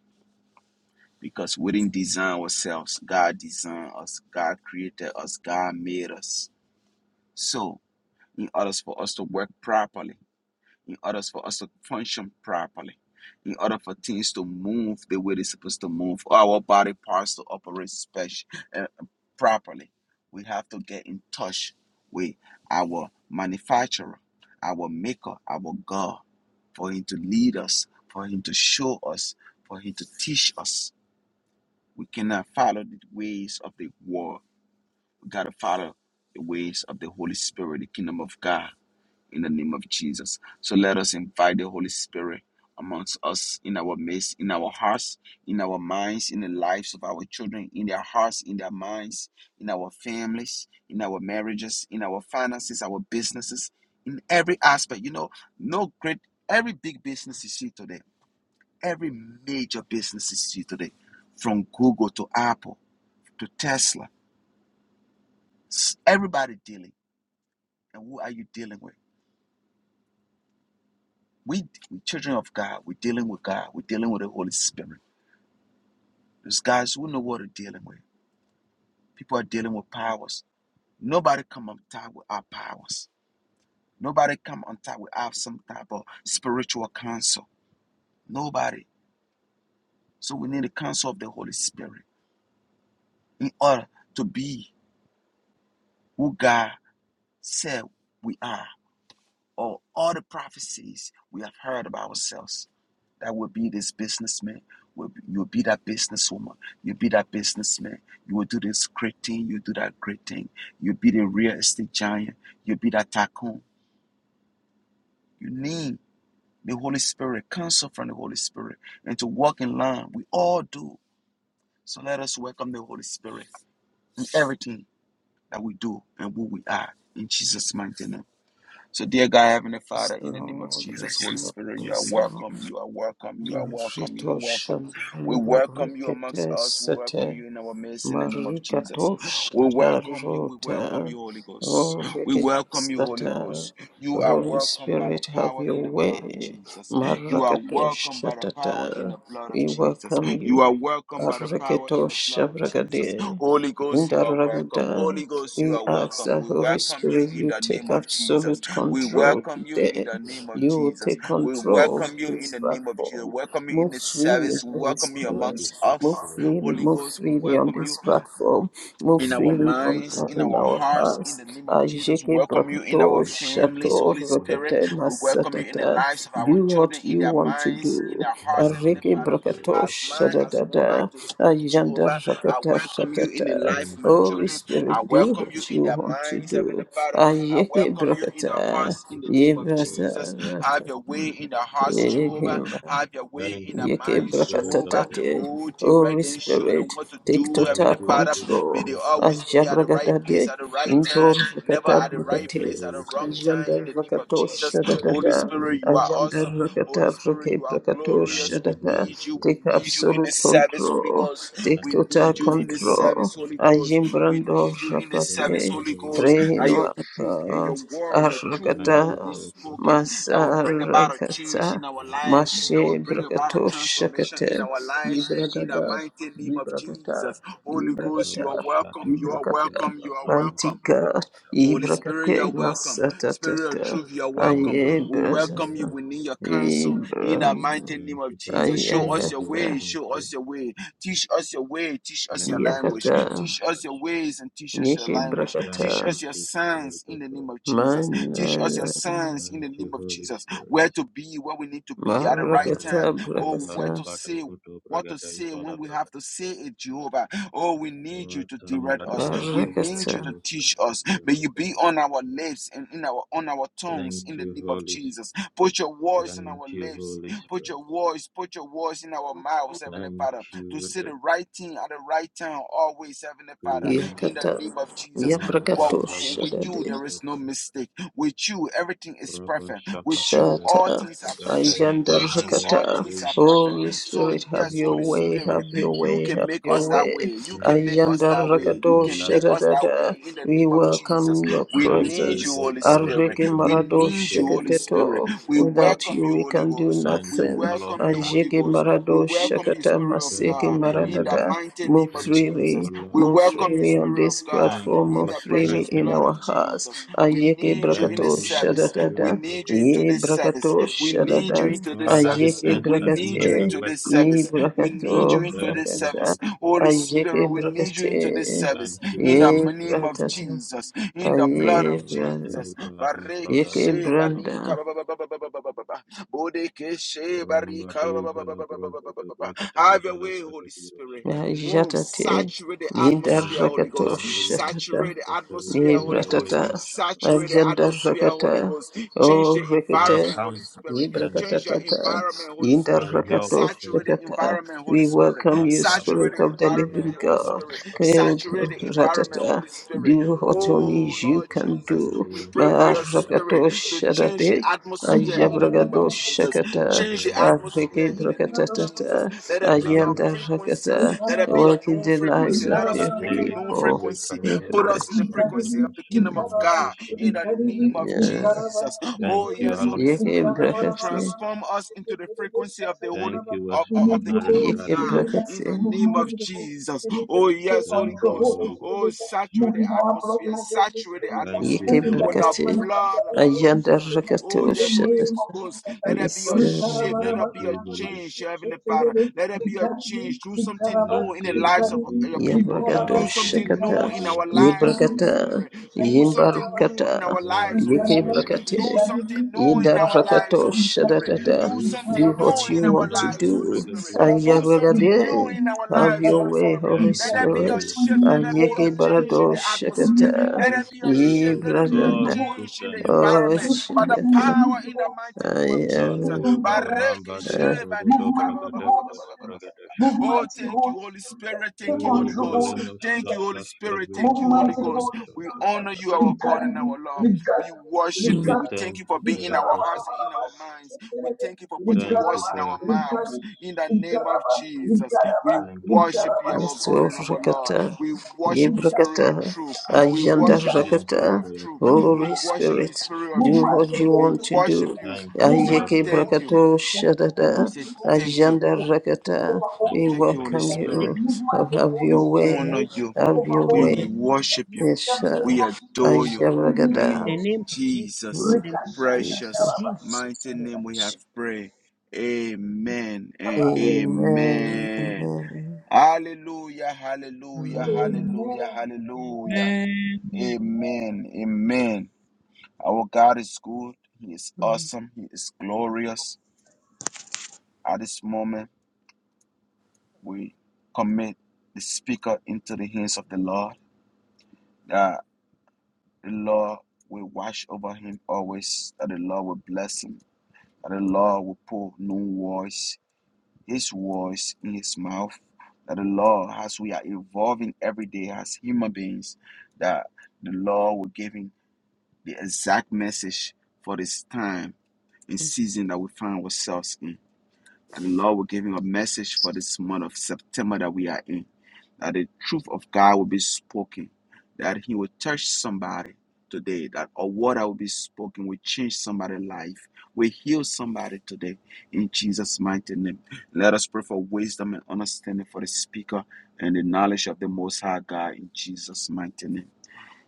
Speaker 2: because we didn't design ourselves. God designed us, God created us, God made us. So, in order for us to work properly, in order for us to function properly, in order for things to move the way they're supposed to move, or our body parts to operate special, uh, properly, we have to get in touch with our manufacturer, our maker, our God, for Him to lead us, for Him to show us, for Him to teach us. We cannot follow the ways of the world. We got to follow the ways of the Holy Spirit, the kingdom of God in the name of Jesus. So let us invite the Holy Spirit amongst us in our midst, in our hearts, in our minds, in the lives of our children, in their hearts, in their minds, in our families, in our marriages, in our finances, our businesses, in every aspect. You know, no great, every big business you see today, every major business you see today, from Google to Apple to Tesla, s- everybody dealing. And who are you dealing with? We, we children of God, we're dealing with God, we're dealing with the Holy Spirit. Those guys who know what they're dealing with. People are dealing with powers. Nobody come on top with our powers. Nobody come on top with our some type of spiritual counsel. Nobody. So we need the counsel of the Holy Spirit in order to be who God said we are, or all the prophecies we have heard about ourselves. that will be this businessman. will You'll be that businesswoman. You'll be that businessman. You will do this great thing. You do that great thing. You'll be the real estate giant. You'll be that tycoon. You need the Holy Spirit, counsel from the Holy Spirit, and to walk in line. We all do. So let us welcome the Holy Spirit in everything that we do and who we are. In Jesus' mighty name. So, dear God, Heavenly
Speaker 6: Yes,
Speaker 2: Father, in the name
Speaker 6: Lord.
Speaker 2: of Jesus,
Speaker 6: Yes,
Speaker 2: Holy
Speaker 6: Lord.
Speaker 2: Spirit, you are
Speaker 6: Yes,
Speaker 2: welcome.
Speaker 6: Lord.
Speaker 2: You are welcome. You are welcome. You
Speaker 6: Rito
Speaker 2: are welcome. We
Speaker 6: Shambrando
Speaker 2: welcome you
Speaker 6: Rikete
Speaker 2: amongst us. We
Speaker 6: Sete.
Speaker 2: welcome you in our midst in the name of Jesus.
Speaker 6: Marikatosha
Speaker 2: We welcome you. We welcome
Speaker 6: Rota
Speaker 2: you, Holy Ghost. We welcome you, Holy
Speaker 6: Rorikisata
Speaker 2: Ghost. You are
Speaker 6: Holy
Speaker 2: welcome by the
Speaker 6: Spirit have
Speaker 2: power in
Speaker 6: your
Speaker 2: the blood of
Speaker 6: way
Speaker 2: Jesus. You are welcome
Speaker 6: Marakatosha
Speaker 2: by the power in
Speaker 6: Tata
Speaker 2: the blood of
Speaker 6: We
Speaker 2: Jesus.
Speaker 6: welcome
Speaker 2: You
Speaker 6: you
Speaker 2: are welcome by the power in the
Speaker 6: Arikatosha
Speaker 2: blood of Jesus.
Speaker 6: Bragade
Speaker 2: Holy Ghost, you are welcome.
Speaker 6: Indaragada
Speaker 2: Holy Ghost, you
Speaker 6: We
Speaker 2: are
Speaker 6: ask
Speaker 2: welcome.
Speaker 6: that
Speaker 2: We
Speaker 6: Holy
Speaker 2: welcome you
Speaker 6: Spirit
Speaker 2: in
Speaker 6: you
Speaker 2: the name
Speaker 6: take
Speaker 2: of Jesus.
Speaker 6: absolute
Speaker 2: We
Speaker 6: control
Speaker 2: welcome you in the
Speaker 6: today
Speaker 2: name of
Speaker 6: You will
Speaker 2: Jesus.
Speaker 6: take
Speaker 2: We
Speaker 6: control of
Speaker 2: welcome you in
Speaker 6: this
Speaker 2: the name of Jesus.
Speaker 6: platform
Speaker 2: Welcome you in
Speaker 6: Move
Speaker 2: the
Speaker 6: freely,
Speaker 2: service.
Speaker 6: Holy
Speaker 2: Welcome you
Speaker 7: Thank you,
Speaker 6: Spirit.
Speaker 2: amongst
Speaker 6: Move
Speaker 2: us.
Speaker 7: Spirit
Speaker 6: freely,
Speaker 7: of
Speaker 2: Holy
Speaker 7: God.
Speaker 6: move
Speaker 2: Ghost, we
Speaker 6: freely on
Speaker 2: welcome you
Speaker 6: this platform. Move
Speaker 2: in
Speaker 7: Thank
Speaker 2: our
Speaker 7: you,
Speaker 6: freely
Speaker 7: sweet
Speaker 6: on,
Speaker 2: minds, in
Speaker 7: Spirit
Speaker 6: in
Speaker 7: of
Speaker 2: our
Speaker 6: our
Speaker 7: God.
Speaker 2: hearts, in
Speaker 6: hearts.
Speaker 2: the name of Jesus. We
Speaker 6: Ajeke
Speaker 2: welcome you in our
Speaker 6: brakato
Speaker 7: Thank you,
Speaker 2: families,
Speaker 7: sweet
Speaker 6: shato
Speaker 2: Holy
Speaker 7: Spirit
Speaker 2: Spirit.
Speaker 7: of
Speaker 6: rakate
Speaker 7: God.
Speaker 2: We welcome you in the
Speaker 6: masatata.
Speaker 2: lives of our
Speaker 6: Do
Speaker 2: children,
Speaker 6: what
Speaker 2: in
Speaker 6: you
Speaker 2: their
Speaker 6: want to
Speaker 2: minds, in
Speaker 6: do.
Speaker 2: their hearts,
Speaker 7: Thank you,
Speaker 2: Heavenly
Speaker 6: Areke
Speaker 7: sweet
Speaker 2: Father.
Speaker 7: Spirit
Speaker 6: brakato
Speaker 7: of
Speaker 2: As
Speaker 7: God.
Speaker 2: mine has gone back
Speaker 6: shadadada.
Speaker 2: to school,
Speaker 6: Ajanda
Speaker 2: Jehovah, I
Speaker 6: rakata
Speaker 2: welcome you in the
Speaker 6: shatata.
Speaker 2: life of
Speaker 7: Thank
Speaker 2: my
Speaker 7: you,
Speaker 6: Holy
Speaker 7: sweet
Speaker 2: children.
Speaker 7: Spirit
Speaker 2: I
Speaker 6: Spirit,
Speaker 7: of
Speaker 6: do
Speaker 2: welcome
Speaker 7: God.
Speaker 2: you
Speaker 6: what
Speaker 2: in
Speaker 6: you
Speaker 2: their
Speaker 6: want to
Speaker 2: minds, Heavenly
Speaker 6: do.
Speaker 2: Father. I
Speaker 6: Ajeke
Speaker 2: welcome you in their
Speaker 6: brakata.
Speaker 7: Thank
Speaker 2: hearts,
Speaker 7: you,
Speaker 2: in the
Speaker 7: sweet
Speaker 2: name of
Speaker 7: Spirit
Speaker 6: Yebrasa
Speaker 7: of
Speaker 2: Jesus.
Speaker 7: God.
Speaker 2: Have
Speaker 6: rasata.
Speaker 2: your way in their hearts, Jehovah. Have your way
Speaker 7: Thank
Speaker 2: in their
Speaker 7: you,
Speaker 6: Yeke
Speaker 7: sweet
Speaker 2: minds,
Speaker 7: Spirit of
Speaker 2: Jehovah.
Speaker 7: God.
Speaker 6: brakatate,
Speaker 2: Oh,
Speaker 6: Holy
Speaker 2: direct and show
Speaker 6: Spirit,
Speaker 2: them what to
Speaker 6: take
Speaker 2: do,
Speaker 7: Thank
Speaker 6: total
Speaker 2: Heavenly
Speaker 7: you,
Speaker 2: Father.
Speaker 7: sweet
Speaker 2: May
Speaker 6: control.
Speaker 2: they
Speaker 7: Spirit of God. Thank you, sweet Spirit of
Speaker 2: always
Speaker 7: God.
Speaker 2: be at the right place
Speaker 6: Ajabragadadie,
Speaker 2: at the right
Speaker 6: Into
Speaker 2: time, never
Speaker 6: Rakata
Speaker 2: at the right
Speaker 7: Thank you,
Speaker 6: Brakate,
Speaker 2: place at the
Speaker 7: Holy
Speaker 2: wrong
Speaker 7: Spirit.
Speaker 2: time. In the
Speaker 6: Ajandar
Speaker 2: name of
Speaker 6: Rakato
Speaker 2: Jesus,
Speaker 7: Thank
Speaker 2: Holy
Speaker 7: you
Speaker 6: Shadadada,
Speaker 7: for your
Speaker 2: Spirit, you are
Speaker 7: presence.
Speaker 6: Ajandar
Speaker 2: awesome. Holy
Speaker 6: Rakata
Speaker 2: Spirit, you
Speaker 6: Rake
Speaker 2: are
Speaker 6: Brakato
Speaker 7: Thank
Speaker 2: glorious. We
Speaker 7: you,
Speaker 6: Shadada,
Speaker 7: Holy
Speaker 2: need you.
Speaker 7: Spirit.
Speaker 2: We
Speaker 6: take
Speaker 2: need you in the
Speaker 6: absolute
Speaker 2: service, Holy
Speaker 6: control,
Speaker 2: Ghost.
Speaker 6: take
Speaker 7: Thank
Speaker 2: We
Speaker 7: you
Speaker 6: total
Speaker 2: need
Speaker 7: for
Speaker 2: you
Speaker 7: your
Speaker 2: in the
Speaker 7: presence.
Speaker 2: service,
Speaker 6: control.
Speaker 2: Holy Ghost. We
Speaker 6: Ajimbrando
Speaker 2: need you in the
Speaker 7: Thank
Speaker 2: service,
Speaker 6: Rapape,
Speaker 7: you,
Speaker 2: Holy
Speaker 7: Holy
Speaker 2: Ghost.
Speaker 6: Three
Speaker 7: Spirit.
Speaker 2: That
Speaker 6: in
Speaker 2: your
Speaker 6: one
Speaker 2: truth and your
Speaker 6: God,
Speaker 2: word, your true
Speaker 7: Thank
Speaker 2: word
Speaker 7: you
Speaker 2: will
Speaker 7: for
Speaker 2: be
Speaker 6: Arakata,
Speaker 7: your
Speaker 2: spoken.
Speaker 7: presence.
Speaker 2: That will
Speaker 6: Masa
Speaker 2: bring about a change in
Speaker 6: Rakata.
Speaker 2: our life.
Speaker 7: Rada
Speaker 6: Mashe
Speaker 2: That
Speaker 7: braga
Speaker 2: will
Speaker 7: da
Speaker 2: bring about a
Speaker 6: brakato
Speaker 7: baraka de
Speaker 2: transformation
Speaker 7: bada
Speaker 2: in
Speaker 6: shakate,
Speaker 7: bada
Speaker 2: our lives. In the
Speaker 6: Ibrakada,
Speaker 2: mighty name of Jesus.
Speaker 6: Ibrakata,
Speaker 2: Holy Ghost,
Speaker 6: Ibrakata,
Speaker 2: you are
Speaker 7: raba
Speaker 2: welcome.
Speaker 7: shate
Speaker 2: You are
Speaker 7: braga tai
Speaker 6: Ibrakata,
Speaker 2: welcome. You are
Speaker 7: baranga da
Speaker 6: Mighty
Speaker 2: welcome.
Speaker 7: bada.
Speaker 6: God,
Speaker 2: Holy Spirit, you're
Speaker 6: Ibrakate
Speaker 2: welcome. Spirit of
Speaker 6: Masatata,
Speaker 2: truth, you're
Speaker 7: Thank
Speaker 2: welcome.
Speaker 7: you,
Speaker 6: Aye
Speaker 2: We
Speaker 7: sweet
Speaker 2: welcome
Speaker 7: spirit
Speaker 2: you.
Speaker 6: Brazata,
Speaker 7: of
Speaker 2: We need
Speaker 7: God.
Speaker 2: your counsel in the
Speaker 6: Ibrand,
Speaker 2: mighty
Speaker 7: Thank
Speaker 2: name of
Speaker 7: you for
Speaker 2: Jesus.
Speaker 6: Aye
Speaker 7: taking
Speaker 2: Show us your
Speaker 7: absolute
Speaker 2: way.
Speaker 6: Agata,
Speaker 2: Show
Speaker 7: control.
Speaker 2: us your way. Teach us your way. Teach us your
Speaker 7: Thank you for
Speaker 2: language.
Speaker 6: Yakata,
Speaker 7: taking
Speaker 2: Teach us your
Speaker 7: charge.
Speaker 2: ways and teach us your
Speaker 6: Niki
Speaker 2: language.
Speaker 7: Thank
Speaker 2: Teach
Speaker 7: you,
Speaker 6: Brakata,
Speaker 2: us your
Speaker 7: sweet spirit
Speaker 2: signs in
Speaker 7: of
Speaker 2: the
Speaker 7: God.
Speaker 2: name of Jesus. Teach us your
Speaker 6: manala
Speaker 2: signs in
Speaker 7: Thank
Speaker 2: the name
Speaker 7: you,
Speaker 2: of
Speaker 7: Holy
Speaker 2: Jesus.
Speaker 7: Spirit.
Speaker 2: Where to be, where we need to be at the right
Speaker 6: Marakata
Speaker 2: time.
Speaker 7: Maraba de
Speaker 2: Oh, where
Speaker 6: Brakata,
Speaker 2: to
Speaker 7: baraba da
Speaker 2: say.
Speaker 7: koto
Speaker 2: What
Speaker 7: braga
Speaker 2: to
Speaker 7: da
Speaker 2: say when
Speaker 7: ishala
Speaker 2: we have
Speaker 7: braga.
Speaker 2: to say it, Jehovah. Oh, we need you to direct
Speaker 7: Ratamba
Speaker 2: us.
Speaker 7: de
Speaker 2: We
Speaker 7: rosho
Speaker 2: need you to
Speaker 6: Marakata.
Speaker 7: praniro
Speaker 2: teach us.
Speaker 7: shafati
Speaker 2: May you be
Speaker 7: akapaya.
Speaker 2: on our lips and in our on our tongues
Speaker 7: Thank
Speaker 2: in the
Speaker 7: you,
Speaker 2: name of
Speaker 7: Holy
Speaker 2: Jesus. Put your words in
Speaker 7: Thank
Speaker 2: our
Speaker 7: you,
Speaker 2: lips.
Speaker 7: Holy
Speaker 2: Put your
Speaker 7: Spirit.
Speaker 2: words, put your words in our mouths, Heavenly
Speaker 7: Thank
Speaker 2: Father, to
Speaker 7: you,
Speaker 2: say the
Speaker 7: the
Speaker 2: right thing at the right time, always, Heavenly Father, in
Speaker 7: creation.
Speaker 2: the
Speaker 6: Yakata
Speaker 2: name of Jesus.
Speaker 7: Manta
Speaker 6: Yabrakato
Speaker 2: Well, for with you
Speaker 7: bragadeja
Speaker 6: Shadade
Speaker 2: there
Speaker 7: da
Speaker 2: is no
Speaker 7: braga-
Speaker 2: mistake. With you, everything is
Speaker 7: Rabba
Speaker 2: perfect. With
Speaker 7: shakata
Speaker 2: you, all
Speaker 6: Shata
Speaker 2: things
Speaker 7: bragadeshka,
Speaker 2: are
Speaker 7: The
Speaker 2: perfect.
Speaker 7: force
Speaker 6: Ayanda
Speaker 2: With
Speaker 7: behind
Speaker 2: you,
Speaker 7: all
Speaker 2: all
Speaker 6: Rakata
Speaker 2: things are
Speaker 7: creation.
Speaker 2: perfect.
Speaker 6: Holy
Speaker 2: So
Speaker 6: Spirit have
Speaker 7: Thank
Speaker 2: yes,
Speaker 7: you
Speaker 6: your
Speaker 2: Holy
Speaker 7: for your
Speaker 6: way
Speaker 2: Spirit.
Speaker 6: have your
Speaker 7: presence.
Speaker 2: You
Speaker 6: way
Speaker 2: can
Speaker 6: have
Speaker 2: make us
Speaker 6: your
Speaker 2: that
Speaker 6: way
Speaker 2: way. You
Speaker 7: Thank
Speaker 2: can
Speaker 7: you
Speaker 2: make
Speaker 7: for
Speaker 2: us
Speaker 6: Ayanda
Speaker 2: that way. You
Speaker 7: saturating
Speaker 6: Rakato
Speaker 7: the
Speaker 2: can make us that
Speaker 7: atmosphere.
Speaker 2: way
Speaker 6: Shadada
Speaker 2: in the
Speaker 6: we
Speaker 2: name of Jesus.
Speaker 6: welcome your
Speaker 2: We
Speaker 7: Thank
Speaker 2: need
Speaker 7: you
Speaker 2: you,
Speaker 6: presence
Speaker 7: for
Speaker 2: Holy Spirit.
Speaker 6: Areke
Speaker 2: We
Speaker 7: fellowshipping with
Speaker 6: Marado
Speaker 7: your
Speaker 2: need you,
Speaker 7: children.
Speaker 2: Holy Spirit.
Speaker 6: Sheketeto
Speaker 2: We
Speaker 6: without
Speaker 2: welcome
Speaker 6: you
Speaker 2: you,
Speaker 6: we
Speaker 2: Holy
Speaker 6: can do
Speaker 2: Ghost.
Speaker 7: Thank
Speaker 2: We
Speaker 7: you
Speaker 6: nothing
Speaker 7: for
Speaker 2: welcome you,
Speaker 7: utterance.
Speaker 2: Holy
Speaker 6: Jiki
Speaker 2: Ghost.
Speaker 6: marado
Speaker 2: We welcome you,
Speaker 6: shakata
Speaker 2: Spirit of
Speaker 7: Thank
Speaker 6: masiki
Speaker 2: God,
Speaker 7: you for
Speaker 2: in the
Speaker 7: unity.
Speaker 6: maradada.
Speaker 2: mighty
Speaker 6: Move
Speaker 2: name of
Speaker 7: Thank you for
Speaker 6: freely,
Speaker 2: Jesus. We
Speaker 7: love.
Speaker 6: move
Speaker 2: welcome you,
Speaker 6: freely on
Speaker 2: Spirit
Speaker 6: this
Speaker 2: of God,
Speaker 7: Thank
Speaker 6: platform,
Speaker 7: you
Speaker 2: in
Speaker 6: move
Speaker 7: for
Speaker 2: the
Speaker 6: freely
Speaker 2: precious
Speaker 6: in
Speaker 7: strengthening
Speaker 2: blood
Speaker 6: our
Speaker 2: of
Speaker 6: hearts.
Speaker 7: us.
Speaker 2: Jesus. We
Speaker 6: Ayeke
Speaker 2: need you in
Speaker 7: Thank
Speaker 6: brakato
Speaker 2: this
Speaker 7: you, sweet
Speaker 2: service.
Speaker 6: shadadada,
Speaker 2: We
Speaker 7: Spirit of
Speaker 2: need you
Speaker 7: God.
Speaker 2: into
Speaker 6: ye
Speaker 2: this
Speaker 6: brakato
Speaker 2: service. We need
Speaker 6: shadada,
Speaker 2: you
Speaker 7: The
Speaker 2: into this
Speaker 7: Father in
Speaker 2: service.
Speaker 6: ayeke
Speaker 7: us
Speaker 2: We
Speaker 7: that
Speaker 2: need
Speaker 7: doeth
Speaker 2: you
Speaker 7: the
Speaker 6: brakate,
Speaker 2: into
Speaker 7: work.
Speaker 2: this
Speaker 6: ye
Speaker 2: service. We need you
Speaker 6: brakato
Speaker 2: into
Speaker 7: Thank
Speaker 2: this
Speaker 7: you,
Speaker 6: shakata,
Speaker 2: service.
Speaker 7: sweet Spirit.
Speaker 2: Holy
Speaker 6: ayeke
Speaker 2: Spirit, we need you into this
Speaker 6: brakate,
Speaker 7: Thank
Speaker 2: service.
Speaker 7: you,
Speaker 2: In the
Speaker 7: Holy
Speaker 6: ye
Speaker 2: name
Speaker 7: Spirit
Speaker 2: of
Speaker 7: of
Speaker 6: bratata,
Speaker 2: Jesus, in the blood
Speaker 6: aye
Speaker 2: of
Speaker 7: God.
Speaker 6: branda,
Speaker 2: Jesus.
Speaker 7: Ate brada
Speaker 2: Bareke
Speaker 6: yeke
Speaker 7: bragado
Speaker 2: she
Speaker 7: jala
Speaker 2: barika
Speaker 6: branda.
Speaker 2: ba-
Speaker 7: bragada.
Speaker 2: ba- ba- ba- ba- ba- ba- ba- ba- ba. Bodeke she
Speaker 7: Ramba
Speaker 2: barika ba- ba- ba- ba-
Speaker 7: jala
Speaker 2: ba- ba- ba- ba- ba-
Speaker 7: brogodo
Speaker 2: ba- ba.
Speaker 7: bragata
Speaker 2: Have your
Speaker 7: jala
Speaker 2: way, Holy
Speaker 7: bragadiro
Speaker 2: Spirit.
Speaker 7: shakashka.
Speaker 2: Move,
Speaker 6: Jatati
Speaker 2: saturate the
Speaker 7: Thank
Speaker 2: atmosphere, Holy
Speaker 7: you,
Speaker 6: Nidarakato
Speaker 2: Ghost.
Speaker 7: Valero
Speaker 6: Shatata
Speaker 2: Saturate the
Speaker 7: Shafkate,
Speaker 2: atmosphere, Holy Ghost.
Speaker 6: Nibratata
Speaker 7: Velebronero Shakata
Speaker 2: Saturate the
Speaker 7: Bragado.
Speaker 2: atmosphere, Holy
Speaker 6: Ajandarakata
Speaker 2: Ghost. Change
Speaker 6: O
Speaker 2: the
Speaker 7: My
Speaker 6: Rikate
Speaker 2: environment, Holy
Speaker 7: comfort,
Speaker 2: Spirit
Speaker 7: thank you.
Speaker 2: Change your
Speaker 6: Nibrakatata
Speaker 2: environment, Holy
Speaker 7: My
Speaker 2: Spirit.
Speaker 7: help,
Speaker 6: Nidarakato
Speaker 7: thank
Speaker 2: Saturate the
Speaker 7: you.
Speaker 6: Shatata
Speaker 2: environment, Holy
Speaker 6: We
Speaker 2: Spirit.
Speaker 6: welcome you,
Speaker 2: Saturate
Speaker 6: Spirit
Speaker 2: the
Speaker 6: of
Speaker 7: Lakabaya
Speaker 6: the
Speaker 2: environment,
Speaker 6: Living
Speaker 2: Holy
Speaker 6: God.
Speaker 2: Spirit.
Speaker 7: Shantabadaba
Speaker 6: Kayod
Speaker 2: Saturate the environment,
Speaker 7: Shatabadabadabada.
Speaker 6: Ratata
Speaker 2: Holy Spirit.
Speaker 6: Do what only
Speaker 7: Rombo
Speaker 2: Oh,
Speaker 6: you
Speaker 2: Lord
Speaker 7: Sokoto
Speaker 6: can
Speaker 2: Jesus,
Speaker 6: do.
Speaker 2: we
Speaker 7: Bragadero
Speaker 2: pray for your
Speaker 7: Sopratira
Speaker 2: spirit
Speaker 6: Marakato
Speaker 2: to change the
Speaker 6: Shatate
Speaker 2: atmosphere in the name of
Speaker 6: Ajabragado
Speaker 7: Zerebede
Speaker 2: Jesus.
Speaker 6: Shakata
Speaker 2: Change the atmosphere
Speaker 6: Arike
Speaker 2: in the name of Jesus.
Speaker 6: Brakatata
Speaker 2: Let it be your
Speaker 7: Ramba
Speaker 6: Ayanda Rakata,
Speaker 2: frequency. Let it be your
Speaker 6: walk in
Speaker 2: known
Speaker 6: the
Speaker 4: We
Speaker 2: frequency.
Speaker 4: need
Speaker 6: lives of
Speaker 2: Let
Speaker 4: you,
Speaker 2: us
Speaker 6: your
Speaker 2: move in
Speaker 7: Labate
Speaker 2: known
Speaker 6: people.
Speaker 7: Kami
Speaker 2: frequency.
Speaker 6: Yeah.
Speaker 2: Put
Speaker 7: Kabaya
Speaker 2: us in the frequency
Speaker 7: Shasana
Speaker 2: of the kingdom of God
Speaker 7: Shaparadeshka
Speaker 2: in the
Speaker 7: Doshka.
Speaker 2: name of Jesus. Oh,
Speaker 7: Thank you,
Speaker 2: yes,
Speaker 7: Allah
Speaker 2: Holy
Speaker 6: Yeke
Speaker 2: Spirit.
Speaker 7: Sparakletos.
Speaker 6: Brakati,
Speaker 2: Transform us into the frequency of the Holy
Speaker 7: Thank you,
Speaker 2: of, of the
Speaker 7: extraordinary
Speaker 2: kingdom of
Speaker 4: Holy
Speaker 6: Yeke
Speaker 2: God
Speaker 7: strategist.
Speaker 4: Spirit.
Speaker 2: in the
Speaker 6: Brakati,
Speaker 4: Move
Speaker 2: name of
Speaker 4: mighty, the Holy
Speaker 2: Jesus.
Speaker 4: Spirit.
Speaker 2: Oh,
Speaker 4: Take
Speaker 2: yes, Holy
Speaker 7: Thank
Speaker 4: control,
Speaker 7: you,
Speaker 2: Ghost.
Speaker 4: Holy
Speaker 7: Holy
Speaker 2: Oh,
Speaker 4: Spirit.
Speaker 2: saturate
Speaker 4: Move
Speaker 7: Ghost.
Speaker 2: the
Speaker 4: in our
Speaker 2: atmosphere,
Speaker 4: bloodline, Holy
Speaker 2: saturate the
Speaker 4: Spirit.
Speaker 7: Thank
Speaker 2: atmosphere
Speaker 7: you,
Speaker 6: Yeke
Speaker 4: Move in
Speaker 7: Holy
Speaker 4: the
Speaker 2: with the
Speaker 7: Ghost.
Speaker 4: four
Speaker 6: Brakati,
Speaker 4: corners of the
Speaker 2: blood of
Speaker 4: earth, Holy
Speaker 6: Ayanda
Speaker 2: Jesus.
Speaker 4: Spirit.
Speaker 2: Oh,
Speaker 4: In
Speaker 6: Rakato
Speaker 4: the
Speaker 2: yes, Holy
Speaker 6: Shatata,
Speaker 4: name of
Speaker 2: Ghost.
Speaker 4: Jesus.
Speaker 2: Let there be
Speaker 6: Miss.
Speaker 2: a shift, let there
Speaker 7: Thank
Speaker 2: be a
Speaker 7: you, Holy
Speaker 2: change,
Speaker 7: Ghost.
Speaker 2: your Heavenly Father.
Speaker 4: Rikarabarabarabarabaseteterebe,
Speaker 2: Let there be a
Speaker 4: rikaribi,
Speaker 2: change. Do something
Speaker 4: rikaraba,
Speaker 2: new in the
Speaker 7: Lante
Speaker 2: lives of
Speaker 4: rikaribi,
Speaker 7: Badi
Speaker 2: your people,
Speaker 6: Yabragado
Speaker 4: rikaraba,
Speaker 2: do
Speaker 7: Barabade Koto
Speaker 2: something
Speaker 6: Shakata,
Speaker 2: new
Speaker 4: rikaraba,
Speaker 2: in
Speaker 7: Brigadier
Speaker 2: our lives,
Speaker 7: Brigadier
Speaker 2: Holy
Speaker 4: rikaribi,
Speaker 6: Yebrakata,
Speaker 7: Brigadier
Speaker 2: Spirit. Do something new
Speaker 6: Yimbarukata,
Speaker 2: in our
Speaker 7: Thank
Speaker 2: lives, Holy
Speaker 7: you,
Speaker 2: Spirit.
Speaker 4: Rikaraba,
Speaker 7: Holy Ghost.
Speaker 6: Yekebrakate,
Speaker 2: Do
Speaker 4: Rikaribi,
Speaker 2: something new in our
Speaker 4: Rikaraba,
Speaker 6: Yedarakato
Speaker 2: lives, Holy Spirit.
Speaker 4: Rikaribi,
Speaker 6: Shadata.
Speaker 2: Do
Speaker 6: Do
Speaker 2: something
Speaker 7: Yeko
Speaker 4: Rikaraba,
Speaker 2: new
Speaker 6: what
Speaker 2: in
Speaker 6: you
Speaker 7: banto
Speaker 2: our
Speaker 6: want to
Speaker 2: lives,
Speaker 7: nito
Speaker 4: Rikaribi,
Speaker 2: Holy
Speaker 6: do.
Speaker 2: Spirit.
Speaker 7: bragadero
Speaker 4: Rikaraba,
Speaker 2: Do something
Speaker 7: shakatala.
Speaker 2: new
Speaker 6: Ayabragade,
Speaker 4: Rikaribi,
Speaker 2: in our
Speaker 6: have
Speaker 2: lives,
Speaker 6: your
Speaker 2: Holy
Speaker 4: Rikaraba,
Speaker 6: way,
Speaker 2: Spirit.
Speaker 6: Holy
Speaker 7: Thank
Speaker 2: Let there
Speaker 7: you,
Speaker 2: be
Speaker 4: Rikaribi.
Speaker 6: Spirit.
Speaker 2: a
Speaker 7: Holy
Speaker 4: We
Speaker 7: Ghost.
Speaker 2: shift.
Speaker 4: need
Speaker 2: Let
Speaker 4: you,
Speaker 2: there be
Speaker 4: Holy
Speaker 2: a
Speaker 6: Ayeke
Speaker 2: change
Speaker 4: Spirit.
Speaker 2: in
Speaker 6: Barado
Speaker 2: the
Speaker 4: We
Speaker 2: atmosphere.
Speaker 4: need you,
Speaker 6: Shakata,
Speaker 2: Let
Speaker 4: Holy
Speaker 7: Sweet
Speaker 2: there be a
Speaker 4: Spirit.
Speaker 7: Spirit
Speaker 2: shift.
Speaker 7: of
Speaker 2: Let there
Speaker 4: We
Speaker 2: be
Speaker 4: need
Speaker 2: a
Speaker 4: you,
Speaker 7: God,
Speaker 6: Yebradada,
Speaker 7: we
Speaker 4: Holy
Speaker 7: say
Speaker 2: change in the
Speaker 7: thank
Speaker 4: Spirit.
Speaker 7: you.
Speaker 6: Oh
Speaker 2: environment.
Speaker 4: This
Speaker 2: By the
Speaker 4: anytime we
Speaker 6: Shakata,
Speaker 4: need
Speaker 2: power
Speaker 4: you,
Speaker 2: in the
Speaker 4: Holy
Speaker 2: mighty
Speaker 6: I
Speaker 2: name
Speaker 4: Spirit.
Speaker 2: of Jesus.
Speaker 4: Take on
Speaker 6: am.
Speaker 7: Yate
Speaker 4: the Holy
Speaker 7: Ramba,
Speaker 4: Spirit.
Speaker 7: de
Speaker 4: Move
Speaker 7: brogodo
Speaker 4: mighty the Holy
Speaker 7: bragadenda de
Speaker 4: Spirit.
Speaker 7: bragadeshka.
Speaker 4: Move
Speaker 2: Oh,
Speaker 4: mighty the
Speaker 2: thank you,
Speaker 4: Holy
Speaker 2: Holy
Speaker 4: Spirit.
Speaker 2: Spirit. Thank
Speaker 4: Take
Speaker 2: you,
Speaker 4: on
Speaker 7: O
Speaker 2: Holy
Speaker 4: the
Speaker 2: Ghost.
Speaker 4: Holy
Speaker 7: valeno
Speaker 2: Thank you,
Speaker 4: Spirit.
Speaker 2: Holy
Speaker 7: shashashka
Speaker 2: Spirit.
Speaker 7: vila
Speaker 2: Thank
Speaker 4: Move
Speaker 2: you, Holy
Speaker 4: mighty the
Speaker 7: bradio
Speaker 2: Ghost.
Speaker 4: Holy
Speaker 2: We
Speaker 7: shanto
Speaker 4: Spirit.
Speaker 2: honor you, our
Speaker 7: bragadoshka.
Speaker 2: God and
Speaker 4: Ligaribi,
Speaker 2: our Lord. We
Speaker 4: ligaribi,
Speaker 7: We
Speaker 2: worship you.
Speaker 7: say
Speaker 2: We
Speaker 4: ligaribi,
Speaker 2: thank
Speaker 7: thank
Speaker 2: you for
Speaker 7: you
Speaker 2: being
Speaker 7: for
Speaker 2: in
Speaker 7: your
Speaker 2: our
Speaker 4: ligaraba,
Speaker 2: hearts and
Speaker 7: presence.
Speaker 2: in
Speaker 4: rabaraba,
Speaker 2: our minds. We
Speaker 4: shiketelebe,
Speaker 2: thank you for putting
Speaker 7: Thank you
Speaker 2: words
Speaker 4: ligaraba,
Speaker 2: in
Speaker 7: for your
Speaker 2: our
Speaker 7: presence.
Speaker 2: mouths.
Speaker 4: ligaribi,
Speaker 2: In the name of
Speaker 4: ligaraba,
Speaker 2: Jesus,
Speaker 4: ligaraba,
Speaker 2: we
Speaker 7: Thank you for
Speaker 2: worship
Speaker 7: your
Speaker 4: ligaraba,
Speaker 2: you,
Speaker 7: presence.
Speaker 2: our God
Speaker 6: Yeso
Speaker 2: and our
Speaker 4: shakataraba,
Speaker 2: Lord.
Speaker 6: Rakata,
Speaker 2: We
Speaker 4: shaka,
Speaker 2: worship you,
Speaker 4: ligasha.
Speaker 2: Spirit of
Speaker 6: Yibrakata,
Speaker 2: truth. We
Speaker 6: Ajanda
Speaker 2: worship
Speaker 4: Rinka-
Speaker 2: you,
Speaker 7: Thank you
Speaker 2: Spirit
Speaker 6: Rakata,
Speaker 2: of
Speaker 7: for your
Speaker 2: truth.
Speaker 7: presence.
Speaker 2: We
Speaker 6: Holy
Speaker 2: worship you,
Speaker 4: Rinkarabashata.
Speaker 6: Spirit,
Speaker 2: Spirit of
Speaker 4: Move
Speaker 6: do
Speaker 4: my
Speaker 2: truth.
Speaker 6: what
Speaker 4: to the
Speaker 6: you
Speaker 2: We
Speaker 4: Holy
Speaker 6: want to
Speaker 4: Spirit.
Speaker 2: worship
Speaker 6: do.
Speaker 4: uh,
Speaker 2: you.
Speaker 7: Thank you
Speaker 2: We
Speaker 4: Move
Speaker 7: for
Speaker 2: say
Speaker 4: my
Speaker 7: your
Speaker 4: to
Speaker 6: Ayeke
Speaker 4: the
Speaker 2: thank
Speaker 4: Holy
Speaker 7: presence.
Speaker 2: you.
Speaker 4: Spirit.
Speaker 6: Brakato
Speaker 4: uh, We
Speaker 2: We
Speaker 6: Shadada,
Speaker 4: need
Speaker 2: say
Speaker 4: the Holy
Speaker 2: thank you.
Speaker 6: Ajanda
Speaker 4: Spirit. uh, Take
Speaker 6: Rakata,
Speaker 4: over
Speaker 7: Thank
Speaker 4: Holy
Speaker 6: we
Speaker 7: you
Speaker 2: Thank you,
Speaker 7: for
Speaker 4: Spirit.
Speaker 7: your
Speaker 2: Holy
Speaker 6: welcome
Speaker 4: uh,
Speaker 2: Spirit.
Speaker 7: presence.
Speaker 6: you.
Speaker 4: Move my
Speaker 6: Have
Speaker 4: to the
Speaker 6: have
Speaker 4: Holy
Speaker 2: We
Speaker 6: your
Speaker 4: Spirit. uh,
Speaker 6: way,
Speaker 2: honor you.
Speaker 4: Take
Speaker 6: have
Speaker 4: over
Speaker 6: your
Speaker 2: We
Speaker 4: Holy
Speaker 6: way.
Speaker 4: Spirit. uh,
Speaker 2: worship you.
Speaker 4: In the name
Speaker 2: We
Speaker 6: Yesha,
Speaker 4: of Jesus,
Speaker 2: adore
Speaker 4: uh,
Speaker 2: you.
Speaker 4: we need
Speaker 2: And
Speaker 4: the
Speaker 6: Ajabragada.
Speaker 2: in
Speaker 4: Holy Spirit.
Speaker 2: Jesus'
Speaker 6: Mm,
Speaker 4: Rikashata.
Speaker 2: precious,
Speaker 6: Jesus.
Speaker 4: Karabashata.
Speaker 2: mighty name we have prayed. Amen and
Speaker 4: Karaba-
Speaker 6: Amen,
Speaker 2: amen.
Speaker 6: amen.
Speaker 2: Hallelujah, hallelujah,
Speaker 6: Mm,
Speaker 2: hallelujah,
Speaker 4: Amen.
Speaker 2: hallelujah.
Speaker 4: Amen. Amen.
Speaker 2: Amen, amen. Our God is good. He is
Speaker 6: mm.
Speaker 2: awesome. He is glorious. At this moment, we commit the speaker into the hands of the Lord. the Lord will watch over him always, that the Lord will bless him, that the Lord will put no words, his words in his mouth, that the Lord, as we are evolving every day as human beings, that the Lord will give him the exact message for this time and season that we find ourselves in. And the Lord will give him a message for this month of September that we are in. That the truth of God will be spoken. That he will touch somebody today. That a word that will be spoken will change somebody's life. Will heal somebody today in Jesus' mighty name. Let us pray for wisdom and understanding for the speaker and the knowledge of the Most High God in Jesus' mighty name.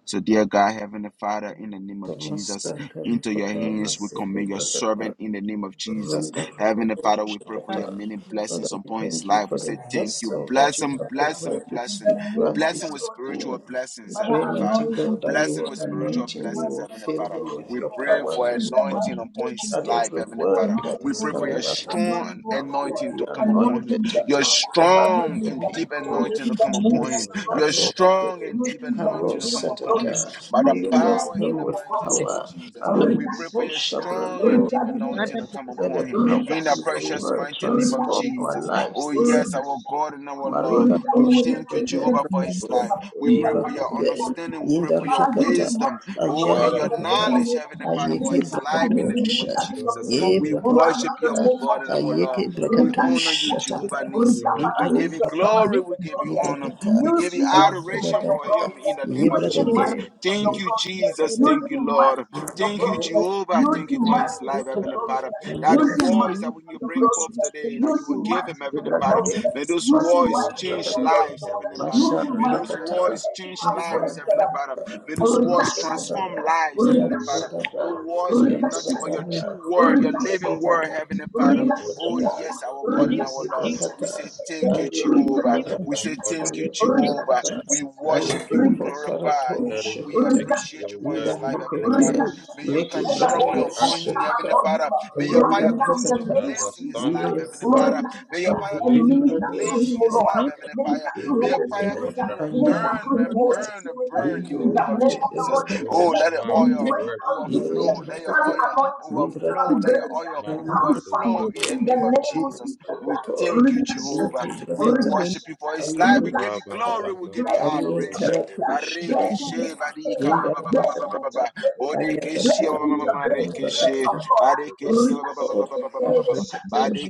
Speaker 2: So, dear God, Heavenly Father, in the name of
Speaker 6: Namaste,
Speaker 2: Jesus, into your
Speaker 6: Rakata,
Speaker 2: hands we
Speaker 6: Namaste,
Speaker 2: commit your
Speaker 6: Brakata.
Speaker 2: servant in the name of Jesus.
Speaker 6: Wonderful
Speaker 2: Heavenly Father, we pray for
Speaker 6: Shakata.
Speaker 2: your many
Speaker 6: Father,
Speaker 2: blessings
Speaker 6: we
Speaker 2: upon his
Speaker 6: thank you
Speaker 2: life.
Speaker 6: for
Speaker 2: We say
Speaker 6: the
Speaker 2: thank you.
Speaker 6: vessel that
Speaker 2: Bless
Speaker 6: you
Speaker 2: him,
Speaker 6: have
Speaker 2: bless him,
Speaker 6: prepared to
Speaker 2: bless
Speaker 4: In
Speaker 2: him.
Speaker 4: the
Speaker 6: speak to
Speaker 4: name
Speaker 6: us
Speaker 4: of
Speaker 2: Bless
Speaker 4: the
Speaker 2: him
Speaker 6: this
Speaker 2: with
Speaker 4: Lord Jesus.
Speaker 2: spiritual
Speaker 6: afternoon. We
Speaker 2: blessings,
Speaker 4: Father,
Speaker 6: pray,
Speaker 2: Heavenly
Speaker 6: mighty
Speaker 2: Father.
Speaker 4: anoint him
Speaker 6: God,
Speaker 4: this
Speaker 6: that you
Speaker 2: Bless him
Speaker 6: will
Speaker 2: with
Speaker 4: evening and
Speaker 2: spiritual
Speaker 4: use
Speaker 6: anoint
Speaker 4: him
Speaker 6: him, you
Speaker 2: blessings,
Speaker 6: will
Speaker 4: mighty
Speaker 2: Heavenly
Speaker 4: for
Speaker 6: fill
Speaker 4: your
Speaker 2: Father.
Speaker 6: him
Speaker 4: glory,
Speaker 6: with
Speaker 4: O
Speaker 2: We
Speaker 7: Thank
Speaker 6: your
Speaker 7: you,
Speaker 2: pray
Speaker 4: Lord.
Speaker 6: power
Speaker 7: sweet
Speaker 6: and
Speaker 2: for
Speaker 6: your
Speaker 4: In the
Speaker 7: spirit.
Speaker 6: strength
Speaker 2: anointing
Speaker 4: mighty
Speaker 2: upon
Speaker 4: name of
Speaker 2: his
Speaker 6: that
Speaker 2: life,
Speaker 4: Jesus.
Speaker 6: every
Speaker 2: Heavenly
Speaker 6: word
Speaker 2: Father.
Speaker 4: Anoint
Speaker 6: that
Speaker 2: We
Speaker 4: him,
Speaker 6: is
Speaker 4: O
Speaker 2: pray
Speaker 7: Father,
Speaker 2: for
Speaker 7: we
Speaker 2: your
Speaker 4: Lord.
Speaker 6: coming out
Speaker 7: pray.
Speaker 6: of his
Speaker 4: Anoint
Speaker 2: strong
Speaker 4: him, O
Speaker 6: mouth will
Speaker 4: Lord.
Speaker 2: anointing
Speaker 6: be
Speaker 2: to come
Speaker 4: Anoint
Speaker 2: upon
Speaker 4: him
Speaker 6: anointed
Speaker 2: him,
Speaker 4: with
Speaker 6: to
Speaker 4: the
Speaker 2: your
Speaker 6: touch
Speaker 4: Father.
Speaker 6: the heart
Speaker 4: Anoint
Speaker 2: strong
Speaker 6: of
Speaker 4: him
Speaker 6: your
Speaker 4: with
Speaker 2: and
Speaker 4: the
Speaker 2: deep
Speaker 4: power.
Speaker 6: people.
Speaker 2: anointing to
Speaker 4: In the
Speaker 2: come
Speaker 7: Father,
Speaker 2: upon
Speaker 4: name
Speaker 2: him.
Speaker 4: of
Speaker 6: Yes,
Speaker 4: the
Speaker 7: Father,
Speaker 4: Lord
Speaker 2: Your
Speaker 6: That's
Speaker 7: Father,
Speaker 6: all.
Speaker 4: Jesus.
Speaker 2: strong and
Speaker 4: Use
Speaker 2: deep
Speaker 4: him
Speaker 2: anointing
Speaker 6: May
Speaker 4: mighty
Speaker 2: will
Speaker 4: for
Speaker 2: come
Speaker 4: your
Speaker 2: upon
Speaker 4: glory.
Speaker 2: him
Speaker 6: Senator
Speaker 2: by the
Speaker 4: Use
Speaker 6: Leo
Speaker 4: him
Speaker 2: power
Speaker 4: mighty
Speaker 2: in
Speaker 6: Western
Speaker 2: the
Speaker 4: for your
Speaker 6: with
Speaker 2: mighty
Speaker 4: glory.
Speaker 2: name of
Speaker 6: power.
Speaker 2: Jesus.
Speaker 6: Arrow
Speaker 2: We pray for your
Speaker 4: Rikashata,
Speaker 2: strong and
Speaker 6: Shabrando.
Speaker 2: deep anointing to come
Speaker 4: rikadididishata,
Speaker 6: Let the
Speaker 2: upon him
Speaker 6: power
Speaker 2: in the
Speaker 6: in
Speaker 7: Father,
Speaker 6: your
Speaker 4: rikashata,
Speaker 2: precious
Speaker 6: word
Speaker 2: mighty name of
Speaker 6: transform our
Speaker 4: rikashata,
Speaker 2: Jesus.
Speaker 6: lives.
Speaker 2: Oh,
Speaker 6: This
Speaker 4: Word
Speaker 2: yes,
Speaker 4: of
Speaker 2: our God and our Lord.
Speaker 4: Word
Speaker 6: Marika
Speaker 4: we
Speaker 2: We
Speaker 4: will
Speaker 2: thank
Speaker 4: never
Speaker 2: you,
Speaker 4: be
Speaker 2: Jehovah,
Speaker 4: able
Speaker 2: for
Speaker 4: the
Speaker 2: his life.
Speaker 4: same.
Speaker 2: We
Speaker 4: In the
Speaker 2: pray
Speaker 7: Oh,
Speaker 2: for
Speaker 7: Father,
Speaker 2: your
Speaker 4: mighty
Speaker 6: Jibakake,
Speaker 4: name of
Speaker 2: understanding.
Speaker 4: Jesus.
Speaker 2: We
Speaker 7: Father,
Speaker 2: pray for your
Speaker 7: Father,
Speaker 4: Father, use
Speaker 7: Father.
Speaker 6: Yindarakata,
Speaker 4: him
Speaker 2: wisdom.
Speaker 4: mightily for your
Speaker 2: Oh,
Speaker 6: Aja
Speaker 2: and
Speaker 4: glory
Speaker 7: Father,
Speaker 2: your
Speaker 4: in the
Speaker 7: give
Speaker 4: name
Speaker 6: Brakata,
Speaker 7: him
Speaker 4: of
Speaker 2: knowledge,
Speaker 4: Jesus.
Speaker 7: utterance.
Speaker 2: Heavenly Father, for
Speaker 6: Ayeke
Speaker 2: his
Speaker 4: Minister
Speaker 2: life
Speaker 4: through
Speaker 2: in
Speaker 4: him
Speaker 2: the
Speaker 4: to
Speaker 2: name
Speaker 6: Brakatosha,
Speaker 2: of
Speaker 4: minister to your
Speaker 2: Jesus.
Speaker 7: Father, give
Speaker 4: people.
Speaker 6: Ye
Speaker 2: We
Speaker 7: him
Speaker 6: Brakata,
Speaker 4: Right
Speaker 2: worship
Speaker 4: now,
Speaker 7: utterance.
Speaker 2: you,
Speaker 4: the
Speaker 2: our
Speaker 4: name of
Speaker 2: God and our
Speaker 4: Jesus.
Speaker 2: Lord.
Speaker 6: Ayeke
Speaker 2: We honor you,
Speaker 4: Rikashata.
Speaker 6: Brakatosha
Speaker 2: Jehovah
Speaker 6: Tata,
Speaker 7: Give
Speaker 2: Nisi.
Speaker 7: him
Speaker 4: Recover
Speaker 6: Into
Speaker 2: We
Speaker 4: and
Speaker 7: utterance,
Speaker 2: give
Speaker 4: use
Speaker 2: you
Speaker 7: O
Speaker 4: your
Speaker 7: God.
Speaker 4: servant
Speaker 6: Brakati,
Speaker 2: glory.
Speaker 4: for
Speaker 2: We
Speaker 4: your
Speaker 2: give you
Speaker 4: glory.
Speaker 2: honor.
Speaker 6: Yibrakata,
Speaker 2: We
Speaker 4: Use,
Speaker 2: give you
Speaker 4: use him for
Speaker 2: adoration
Speaker 6: Ajabada,
Speaker 4: your
Speaker 2: for him
Speaker 4: glory.
Speaker 2: in the name of
Speaker 4: Use
Speaker 7: Give
Speaker 4: him
Speaker 7: him
Speaker 2: Jesus.
Speaker 6: Yibrakade,
Speaker 4: mighty
Speaker 7: utterance,
Speaker 4: for
Speaker 7: O
Speaker 2: Thank
Speaker 4: your
Speaker 2: you,
Speaker 4: glory.
Speaker 2: Jesus.
Speaker 4: Use
Speaker 2: Thank you,
Speaker 4: him
Speaker 2: Lord.
Speaker 4: mighty for your
Speaker 2: Thank you,
Speaker 4: glory.
Speaker 2: Jehovah.
Speaker 4: Use
Speaker 2: Thank you
Speaker 4: him
Speaker 7: God.
Speaker 2: for his
Speaker 4: mighty
Speaker 7: Father,
Speaker 4: for
Speaker 2: life,
Speaker 4: your
Speaker 2: Heavenly
Speaker 7: Father,
Speaker 4: glory.
Speaker 7: Father,
Speaker 2: Father. That the
Speaker 4: Use him
Speaker 7: Father,
Speaker 6: Ayakata,
Speaker 2: words
Speaker 7: Father.
Speaker 2: that
Speaker 4: mighty
Speaker 2: when
Speaker 4: for
Speaker 2: you
Speaker 4: your
Speaker 2: bring
Speaker 4: glory.
Speaker 2: forth today, that
Speaker 4: Use
Speaker 2: you will
Speaker 4: him
Speaker 2: give him,
Speaker 4: mighty for
Speaker 2: Heavenly
Speaker 4: your
Speaker 2: Father.
Speaker 6: Yibrakade,
Speaker 4: glory.
Speaker 2: May those
Speaker 4: Use him
Speaker 6: Master
Speaker 2: words
Speaker 7: Give
Speaker 4: mighty
Speaker 7: him
Speaker 4: for
Speaker 2: change
Speaker 4: your
Speaker 6: Brakata.
Speaker 7: utterance,
Speaker 4: glory,
Speaker 7: O
Speaker 2: lives,
Speaker 7: God.
Speaker 4: Lord.
Speaker 2: Heavenly
Speaker 7: Give
Speaker 2: Father.
Speaker 6: Yes,
Speaker 4: Use him
Speaker 2: May
Speaker 6: Lord.
Speaker 4: mighty
Speaker 2: those
Speaker 7: him
Speaker 4: for your
Speaker 2: words
Speaker 7: utterance,
Speaker 4: getting
Speaker 7: O
Speaker 6: Yes,
Speaker 2: change
Speaker 7: God.
Speaker 2: lives,
Speaker 4: arrested.
Speaker 2: Heavenly Father. May those words transform
Speaker 4: Rikashatata,
Speaker 2: lives,
Speaker 7: Give
Speaker 2: Heavenly
Speaker 7: him
Speaker 2: Father.
Speaker 7: utterance,
Speaker 2: No
Speaker 4: rikashatata,
Speaker 7: O God.
Speaker 2: words will be nothing but your
Speaker 4: rikashatata,
Speaker 2: true word, your living word,
Speaker 4: rikashatata,
Speaker 2: Heavenly
Speaker 7: Give him
Speaker 2: Father. Oh,
Speaker 7: utterance,
Speaker 4: rikashatata,
Speaker 7: O
Speaker 2: yes, our
Speaker 7: God.
Speaker 2: God and our Lord. We say
Speaker 4: rikashashakashete,
Speaker 2: thank you, Jehovah.
Speaker 7: Give
Speaker 2: We
Speaker 7: him
Speaker 2: say,
Speaker 4: rikasheteshata,
Speaker 2: Thank you,
Speaker 7: utterance, O God.
Speaker 2: Jehovah. We
Speaker 4: rikasheteshata,
Speaker 2: worship you. We glorify you.
Speaker 7: Let
Speaker 4: rikasheteshata,
Speaker 7: him
Speaker 2: We
Speaker 7: speak
Speaker 2: appreciate
Speaker 7: your
Speaker 2: you for his
Speaker 7: word
Speaker 2: life,
Speaker 4: rikasheteshata,
Speaker 7: with
Speaker 2: Heavenly Father.
Speaker 7: boldness,
Speaker 2: May
Speaker 4: rikashata,
Speaker 2: you come
Speaker 4: and the
Speaker 7: with
Speaker 2: strongly
Speaker 4: Holy
Speaker 2: upon
Speaker 4: Ghost
Speaker 2: him,
Speaker 4: come
Speaker 2: Heavenly
Speaker 7: accuracy,
Speaker 4: upon you
Speaker 2: Father. May your
Speaker 4: right
Speaker 2: fire
Speaker 4: now in
Speaker 2: continue
Speaker 4: the
Speaker 2: to
Speaker 7: with
Speaker 4: name of
Speaker 2: blaze in his
Speaker 4: Jesus.
Speaker 2: life,
Speaker 7: understanding,
Speaker 2: Heavenly
Speaker 6: Lord.
Speaker 2: Father. May
Speaker 7: with
Speaker 2: your fire
Speaker 4: And
Speaker 6: Ahikim
Speaker 2: continue
Speaker 7: revelation.
Speaker 2: to
Speaker 4: minister to
Speaker 2: blaze
Speaker 4: him,
Speaker 2: in
Speaker 4: O
Speaker 2: his
Speaker 6: Radosh.
Speaker 2: life,
Speaker 4: Lord.
Speaker 2: Heavenly Father.
Speaker 4: Minister to him,
Speaker 2: May your
Speaker 4: Holy
Speaker 7: Give
Speaker 2: fire
Speaker 7: him
Speaker 4: Spirit.
Speaker 2: continue to
Speaker 7: utterance, O
Speaker 6: Aya
Speaker 4: Minister to
Speaker 7: God.
Speaker 2: burn and
Speaker 4: him, Holy
Speaker 2: burn and
Speaker 4: Spirit.
Speaker 2: burn in
Speaker 6: Mito
Speaker 2: the
Speaker 4: In
Speaker 2: name
Speaker 4: the
Speaker 2: of
Speaker 4: name of
Speaker 6: Rakete
Speaker 4: the
Speaker 2: Jesus.
Speaker 4: Lord
Speaker 7: Fill
Speaker 6: Rakato
Speaker 4: Jesus.
Speaker 2: Oh,
Speaker 7: his
Speaker 2: let the
Speaker 4: May
Speaker 7: mouth
Speaker 4: his
Speaker 6: Shakati
Speaker 7: with
Speaker 2: oil
Speaker 4: words
Speaker 7: words.
Speaker 4: carry
Speaker 7: O God.
Speaker 6: ye
Speaker 4: healing,
Speaker 2: overflow. Let your
Speaker 4: carry
Speaker 2: oil
Speaker 4: anointing,
Speaker 6: Libra
Speaker 4: carry
Speaker 2: overflow. Let your
Speaker 4: grace,
Speaker 2: oil
Speaker 4: carry fire.
Speaker 2: overflow in the
Speaker 4: In the
Speaker 2: name of
Speaker 4: name of
Speaker 2: Jesus.
Speaker 4: Jesus.
Speaker 2: We
Speaker 6: Rokoto,
Speaker 2: thank you,
Speaker 4: Rita
Speaker 2: Jehovah.
Speaker 4: Shatter,
Speaker 2: We
Speaker 4: Rita
Speaker 6: Yukibrakata,
Speaker 2: worship you
Speaker 4: Rikashata,
Speaker 2: for his life.
Speaker 4: Rita
Speaker 2: We give you
Speaker 7: Rabba
Speaker 6: Ayukibrakata,
Speaker 4: rikashata.
Speaker 2: glory. We
Speaker 7: shaka
Speaker 2: give you
Speaker 4: Bless him
Speaker 7: dabadi
Speaker 4: with your
Speaker 7: brongo
Speaker 2: adoration.
Speaker 4: grace.
Speaker 7: do
Speaker 4: uh,
Speaker 7: bragadi.
Speaker 6: Ayetarakusha,
Speaker 4: Bless him with
Speaker 2: Barikishe,
Speaker 4: your
Speaker 2: barika,
Speaker 4: favor.
Speaker 2: ba, ba, ba,
Speaker 4: Bless
Speaker 2: ba, ba,
Speaker 4: him
Speaker 2: ba,
Speaker 6: Yendabrakata,
Speaker 4: with
Speaker 2: ba, ba, ba.
Speaker 4: your grace. uh, Bless
Speaker 2: Bodekeshe,
Speaker 6: Ayakata,
Speaker 4: him
Speaker 2: ma, ma,
Speaker 4: with
Speaker 2: ma,
Speaker 4: your
Speaker 2: ma,
Speaker 4: grace. The
Speaker 7: brondo
Speaker 4: grace
Speaker 2: rekeshe.
Speaker 4: of
Speaker 6: Abrakata,
Speaker 7: bragadi
Speaker 4: God.
Speaker 7: godo
Speaker 4: uh,
Speaker 7: brogo
Speaker 2: Barikishe,
Speaker 6: Blessed Lord, Abrakatosha,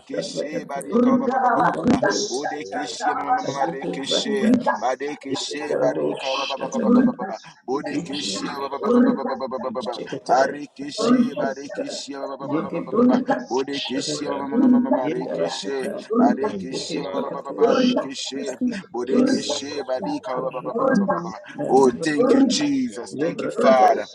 Speaker 2: ba, ba,
Speaker 6: Abrakata,
Speaker 2: ba, ba, ba, ba, ba, ba, ba, ba, ba. Barikishe, barika, ba, ba, ba, ba, ba, ba, ba.
Speaker 7: Oh,
Speaker 6: Yendabrakata,
Speaker 2: Bodekeshe, ma,
Speaker 7: Kabaya,
Speaker 2: ma, ma, ma, ma,
Speaker 7: Kabaya,
Speaker 2: rekeshe.
Speaker 6: Ayukibrakata,
Speaker 7: Kabaya,
Speaker 2: Barikishe,
Speaker 7: Shkela
Speaker 2: barika,
Speaker 7: Bragada,
Speaker 2: ba, ba, ba, ba, ba, ba,
Speaker 6: Yetarabosha,
Speaker 2: ba, ba, ba.
Speaker 6: Thank you,
Speaker 7: Ambra
Speaker 2: Bodekeshe, ba, ba,
Speaker 7: Nira
Speaker 2: ba,
Speaker 6: Jesus.
Speaker 2: ba, ba, ba, ba, ba, ba, ba,
Speaker 7: Shafratia
Speaker 2: ba.
Speaker 6: Shikete,
Speaker 7: Arakosha.
Speaker 2: Barikishe,
Speaker 6: Ayakata,
Speaker 2: barikishe, ba, ba, ba, ba,
Speaker 6: Yeke
Speaker 2: ba, ba, ba, ba, ba.
Speaker 6: Brakato,
Speaker 2: Bodekeshe, ma, ma,
Speaker 7: Thank
Speaker 6: Shadada,
Speaker 2: ma,
Speaker 7: you,
Speaker 2: ma, ma,
Speaker 7: Lord.
Speaker 2: ma, rekeshe.
Speaker 6: Yendarataka,
Speaker 7: Thank you,
Speaker 2: Barikishe,
Speaker 6: Yeke
Speaker 2: ba- ba-
Speaker 7: Father,
Speaker 2: ba- ba-
Speaker 4: we don't
Speaker 6: Brakato,
Speaker 4: make much.
Speaker 2: barikishe,
Speaker 7: for
Speaker 4: We thank
Speaker 6: Yes,
Speaker 7: filling
Speaker 2: bodekishe,
Speaker 7: his
Speaker 2: barika,
Speaker 7: mouth.
Speaker 2: ba- ba- ba-
Speaker 4: you
Speaker 2: ba- ba- ba- ba- ba. Oh, thank
Speaker 6: Brakata,
Speaker 2: you,
Speaker 7: Thank you,
Speaker 2: Jesus.
Speaker 7: Most
Speaker 2: Thank you,
Speaker 7: High God.
Speaker 6: Librakato
Speaker 2: Father.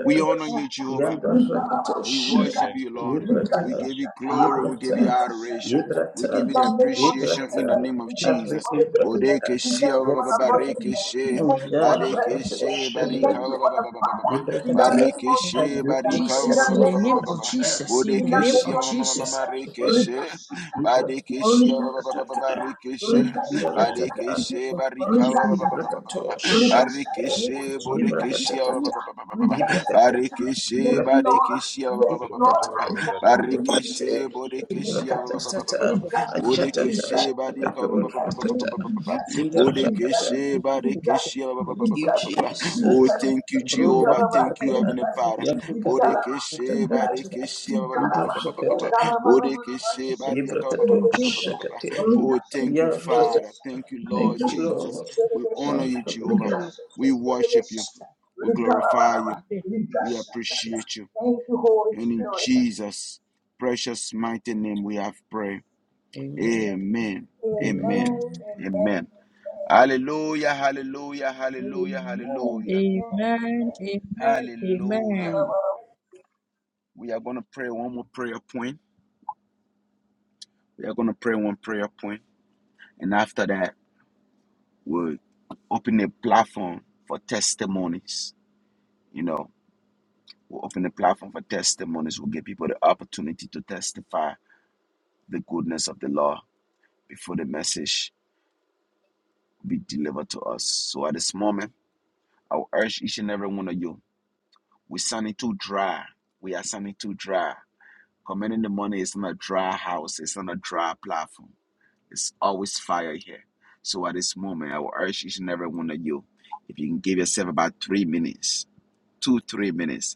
Speaker 2: We honor you, Jehovah.
Speaker 6: Yanda Rakato
Speaker 2: We
Speaker 6: Shad
Speaker 2: worship
Speaker 7: Thank
Speaker 2: you,
Speaker 7: you,
Speaker 2: Lord.
Speaker 7: Most High
Speaker 2: We
Speaker 7: God.
Speaker 6: Librata
Speaker 2: give you glory. We give you
Speaker 6: Librata
Speaker 2: adoration. We give you the
Speaker 6: Librata
Speaker 2: appreciation in the
Speaker 6: Librata
Speaker 2: name of Jesus.
Speaker 4: for
Speaker 6: Everything
Speaker 4: the greatness.
Speaker 2: Bodeke
Speaker 6: Brakata
Speaker 4: We
Speaker 2: shia
Speaker 4: thank you
Speaker 2: ba ba
Speaker 4: for
Speaker 2: ba
Speaker 6: Yes
Speaker 4: the
Speaker 2: ba
Speaker 6: Lord
Speaker 4: mercy.
Speaker 2: reke she.
Speaker 4: We
Speaker 6: Oh
Speaker 4: thank you
Speaker 6: Yar
Speaker 4: for the
Speaker 2: Badeke
Speaker 4: mercy.
Speaker 6: Rakato
Speaker 2: she
Speaker 4: We
Speaker 2: barika
Speaker 4: thank you
Speaker 6: Shadraka
Speaker 2: ba ba
Speaker 4: for the
Speaker 2: ba ba ba ba ba
Speaker 4: Father.
Speaker 2: ba.
Speaker 4: In the
Speaker 6: Librakata
Speaker 4: name
Speaker 2: Bareke
Speaker 4: of
Speaker 2: she
Speaker 4: Jesus.
Speaker 6: Everything
Speaker 2: barika
Speaker 4: In
Speaker 2: ba ba
Speaker 4: the
Speaker 3: Jesus,
Speaker 2: ba
Speaker 3: in
Speaker 6: Brakato
Speaker 2: ba
Speaker 3: the
Speaker 4: name
Speaker 2: ba ba
Speaker 4: of
Speaker 2: ba
Speaker 3: name
Speaker 2: ba
Speaker 3: of
Speaker 2: ba.
Speaker 6: Shadada
Speaker 4: Jesus.
Speaker 3: Jesus, in
Speaker 4: In
Speaker 3: the
Speaker 4: the
Speaker 2: Bodeke
Speaker 3: name
Speaker 4: name
Speaker 3: of
Speaker 2: shia
Speaker 4: of
Speaker 2: ma ma ma
Speaker 4: Jesus.
Speaker 2: ma
Speaker 3: Jesus.
Speaker 2: ma
Speaker 7: Thank you,
Speaker 2: reke
Speaker 6: Librakata
Speaker 7: Father.
Speaker 2: she.
Speaker 4: Rikashata.
Speaker 2: Badeke
Speaker 6: Librakata
Speaker 2: shia ba ba ba ba ba ba
Speaker 6: Shadada
Speaker 4: Rikashata.
Speaker 2: she.
Speaker 6: Yanda
Speaker 7: Thank
Speaker 4: Rikashata.
Speaker 7: you,
Speaker 2: Badeke
Speaker 6: Rakata
Speaker 7: Father.
Speaker 2: she barika ba ba ba ba ba ba
Speaker 4: Rikashatata,
Speaker 2: ba ba.
Speaker 6: Librakato
Speaker 2: Bareke
Speaker 4: rikashatata,
Speaker 7: Thank you,
Speaker 2: she
Speaker 7: Father.
Speaker 2: bodeke shia ba ba
Speaker 6: Yibrakatata,
Speaker 4: rikashatata,
Speaker 2: ba ba ba ba ba.
Speaker 6: Yibrakate,
Speaker 4: rikashatata. Yes,
Speaker 2: Barikishe,
Speaker 6: Yibrakate,
Speaker 4: Lord.
Speaker 2: Barikishe, ba- ba-
Speaker 4: Yes,
Speaker 2: ba- ba- ba- ba-
Speaker 4: Lord.
Speaker 6: Yibrakate,
Speaker 7: Shaka Bragada,
Speaker 4: Ayakadiri,
Speaker 7: Bragada,
Speaker 2: Barikishe,
Speaker 6: Yibrakate,
Speaker 7: Bragada, Shaka
Speaker 2: Bodikishe,
Speaker 4: rikari, rikari,
Speaker 6: Yibrakatasata,
Speaker 4: rikari,
Speaker 6: Ajatata,
Speaker 2: Bodikishe,
Speaker 4: rikari,
Speaker 2: Barika,
Speaker 6: Shatakatur,
Speaker 4: rikari,
Speaker 6: Ratata,
Speaker 4: rikari,
Speaker 6: Yindarakata.
Speaker 2: Bodikishe,
Speaker 4: rikari,
Speaker 2: Barikishe,
Speaker 6: Thank you,
Speaker 4: rikari,
Speaker 2: Oh,
Speaker 6: Jesus.
Speaker 4: rikari,
Speaker 2: thank you,
Speaker 6: Brunda
Speaker 2: Jehovah.
Speaker 4: rikaraba,
Speaker 2: Thank you,
Speaker 6: Rakata,
Speaker 2: Heavenly
Speaker 4: rikari,
Speaker 2: Father.
Speaker 6: Yabrakatur,
Speaker 4: rikaraba,
Speaker 2: Bodikishe,
Speaker 4: rikari,
Speaker 6: Ratakatata,
Speaker 2: Barikishe, ba- ba-
Speaker 4: rikaraba.
Speaker 6: Yindarakata,
Speaker 4: Ekarabarabarabaraba,
Speaker 2: Bodikishe, Barika,
Speaker 6: Yibrakatur,
Speaker 4: sheteterebeshata,
Speaker 6: Shakate,
Speaker 2: Oh, thank you,
Speaker 6: Yarata.
Speaker 2: Father.
Speaker 4: rikasheteterebeshata.
Speaker 2: Thank you,
Speaker 4: Thank
Speaker 2: Lord
Speaker 6: Thank you,
Speaker 2: Jesus.
Speaker 6: Lord.
Speaker 2: We honor you, Jehovah.
Speaker 6: Marakata.
Speaker 2: We worship you. We glorify you. We appreciate you.
Speaker 4: you, Holy
Speaker 2: And in
Speaker 4: Spirit.
Speaker 2: Jesus' precious mighty name we have prayed.
Speaker 6: Amen.
Speaker 2: Amen.
Speaker 4: Amen,
Speaker 2: Amen.
Speaker 6: Amen.
Speaker 4: amen,
Speaker 2: Amen. Hallelujah. Hallelujah.
Speaker 4: amen,
Speaker 2: Hallelujah.
Speaker 4: amen,
Speaker 2: Hallelujah.
Speaker 4: amen,
Speaker 3: Amen.
Speaker 4: amen.
Speaker 3: Amen.
Speaker 2: Hallelujah.
Speaker 3: Amen.
Speaker 2: We are going to pray one more prayer point. We are going to pray one prayer point, And after that, we'll open a platform for testimonies. You know, we'll open a platform for testimonies. We'll give people the opportunity to testify the goodness of the law before the message be delivered to us. So at this moment, I will urge each and every one of you, we are sounding too dry. We are sounding too dry. Commanding the money is not a dry house, it's not a dry platform. It's always fire here. So at this moment, I will urge each and every one of you, if you can give yourself about three minutes, two, three minutes,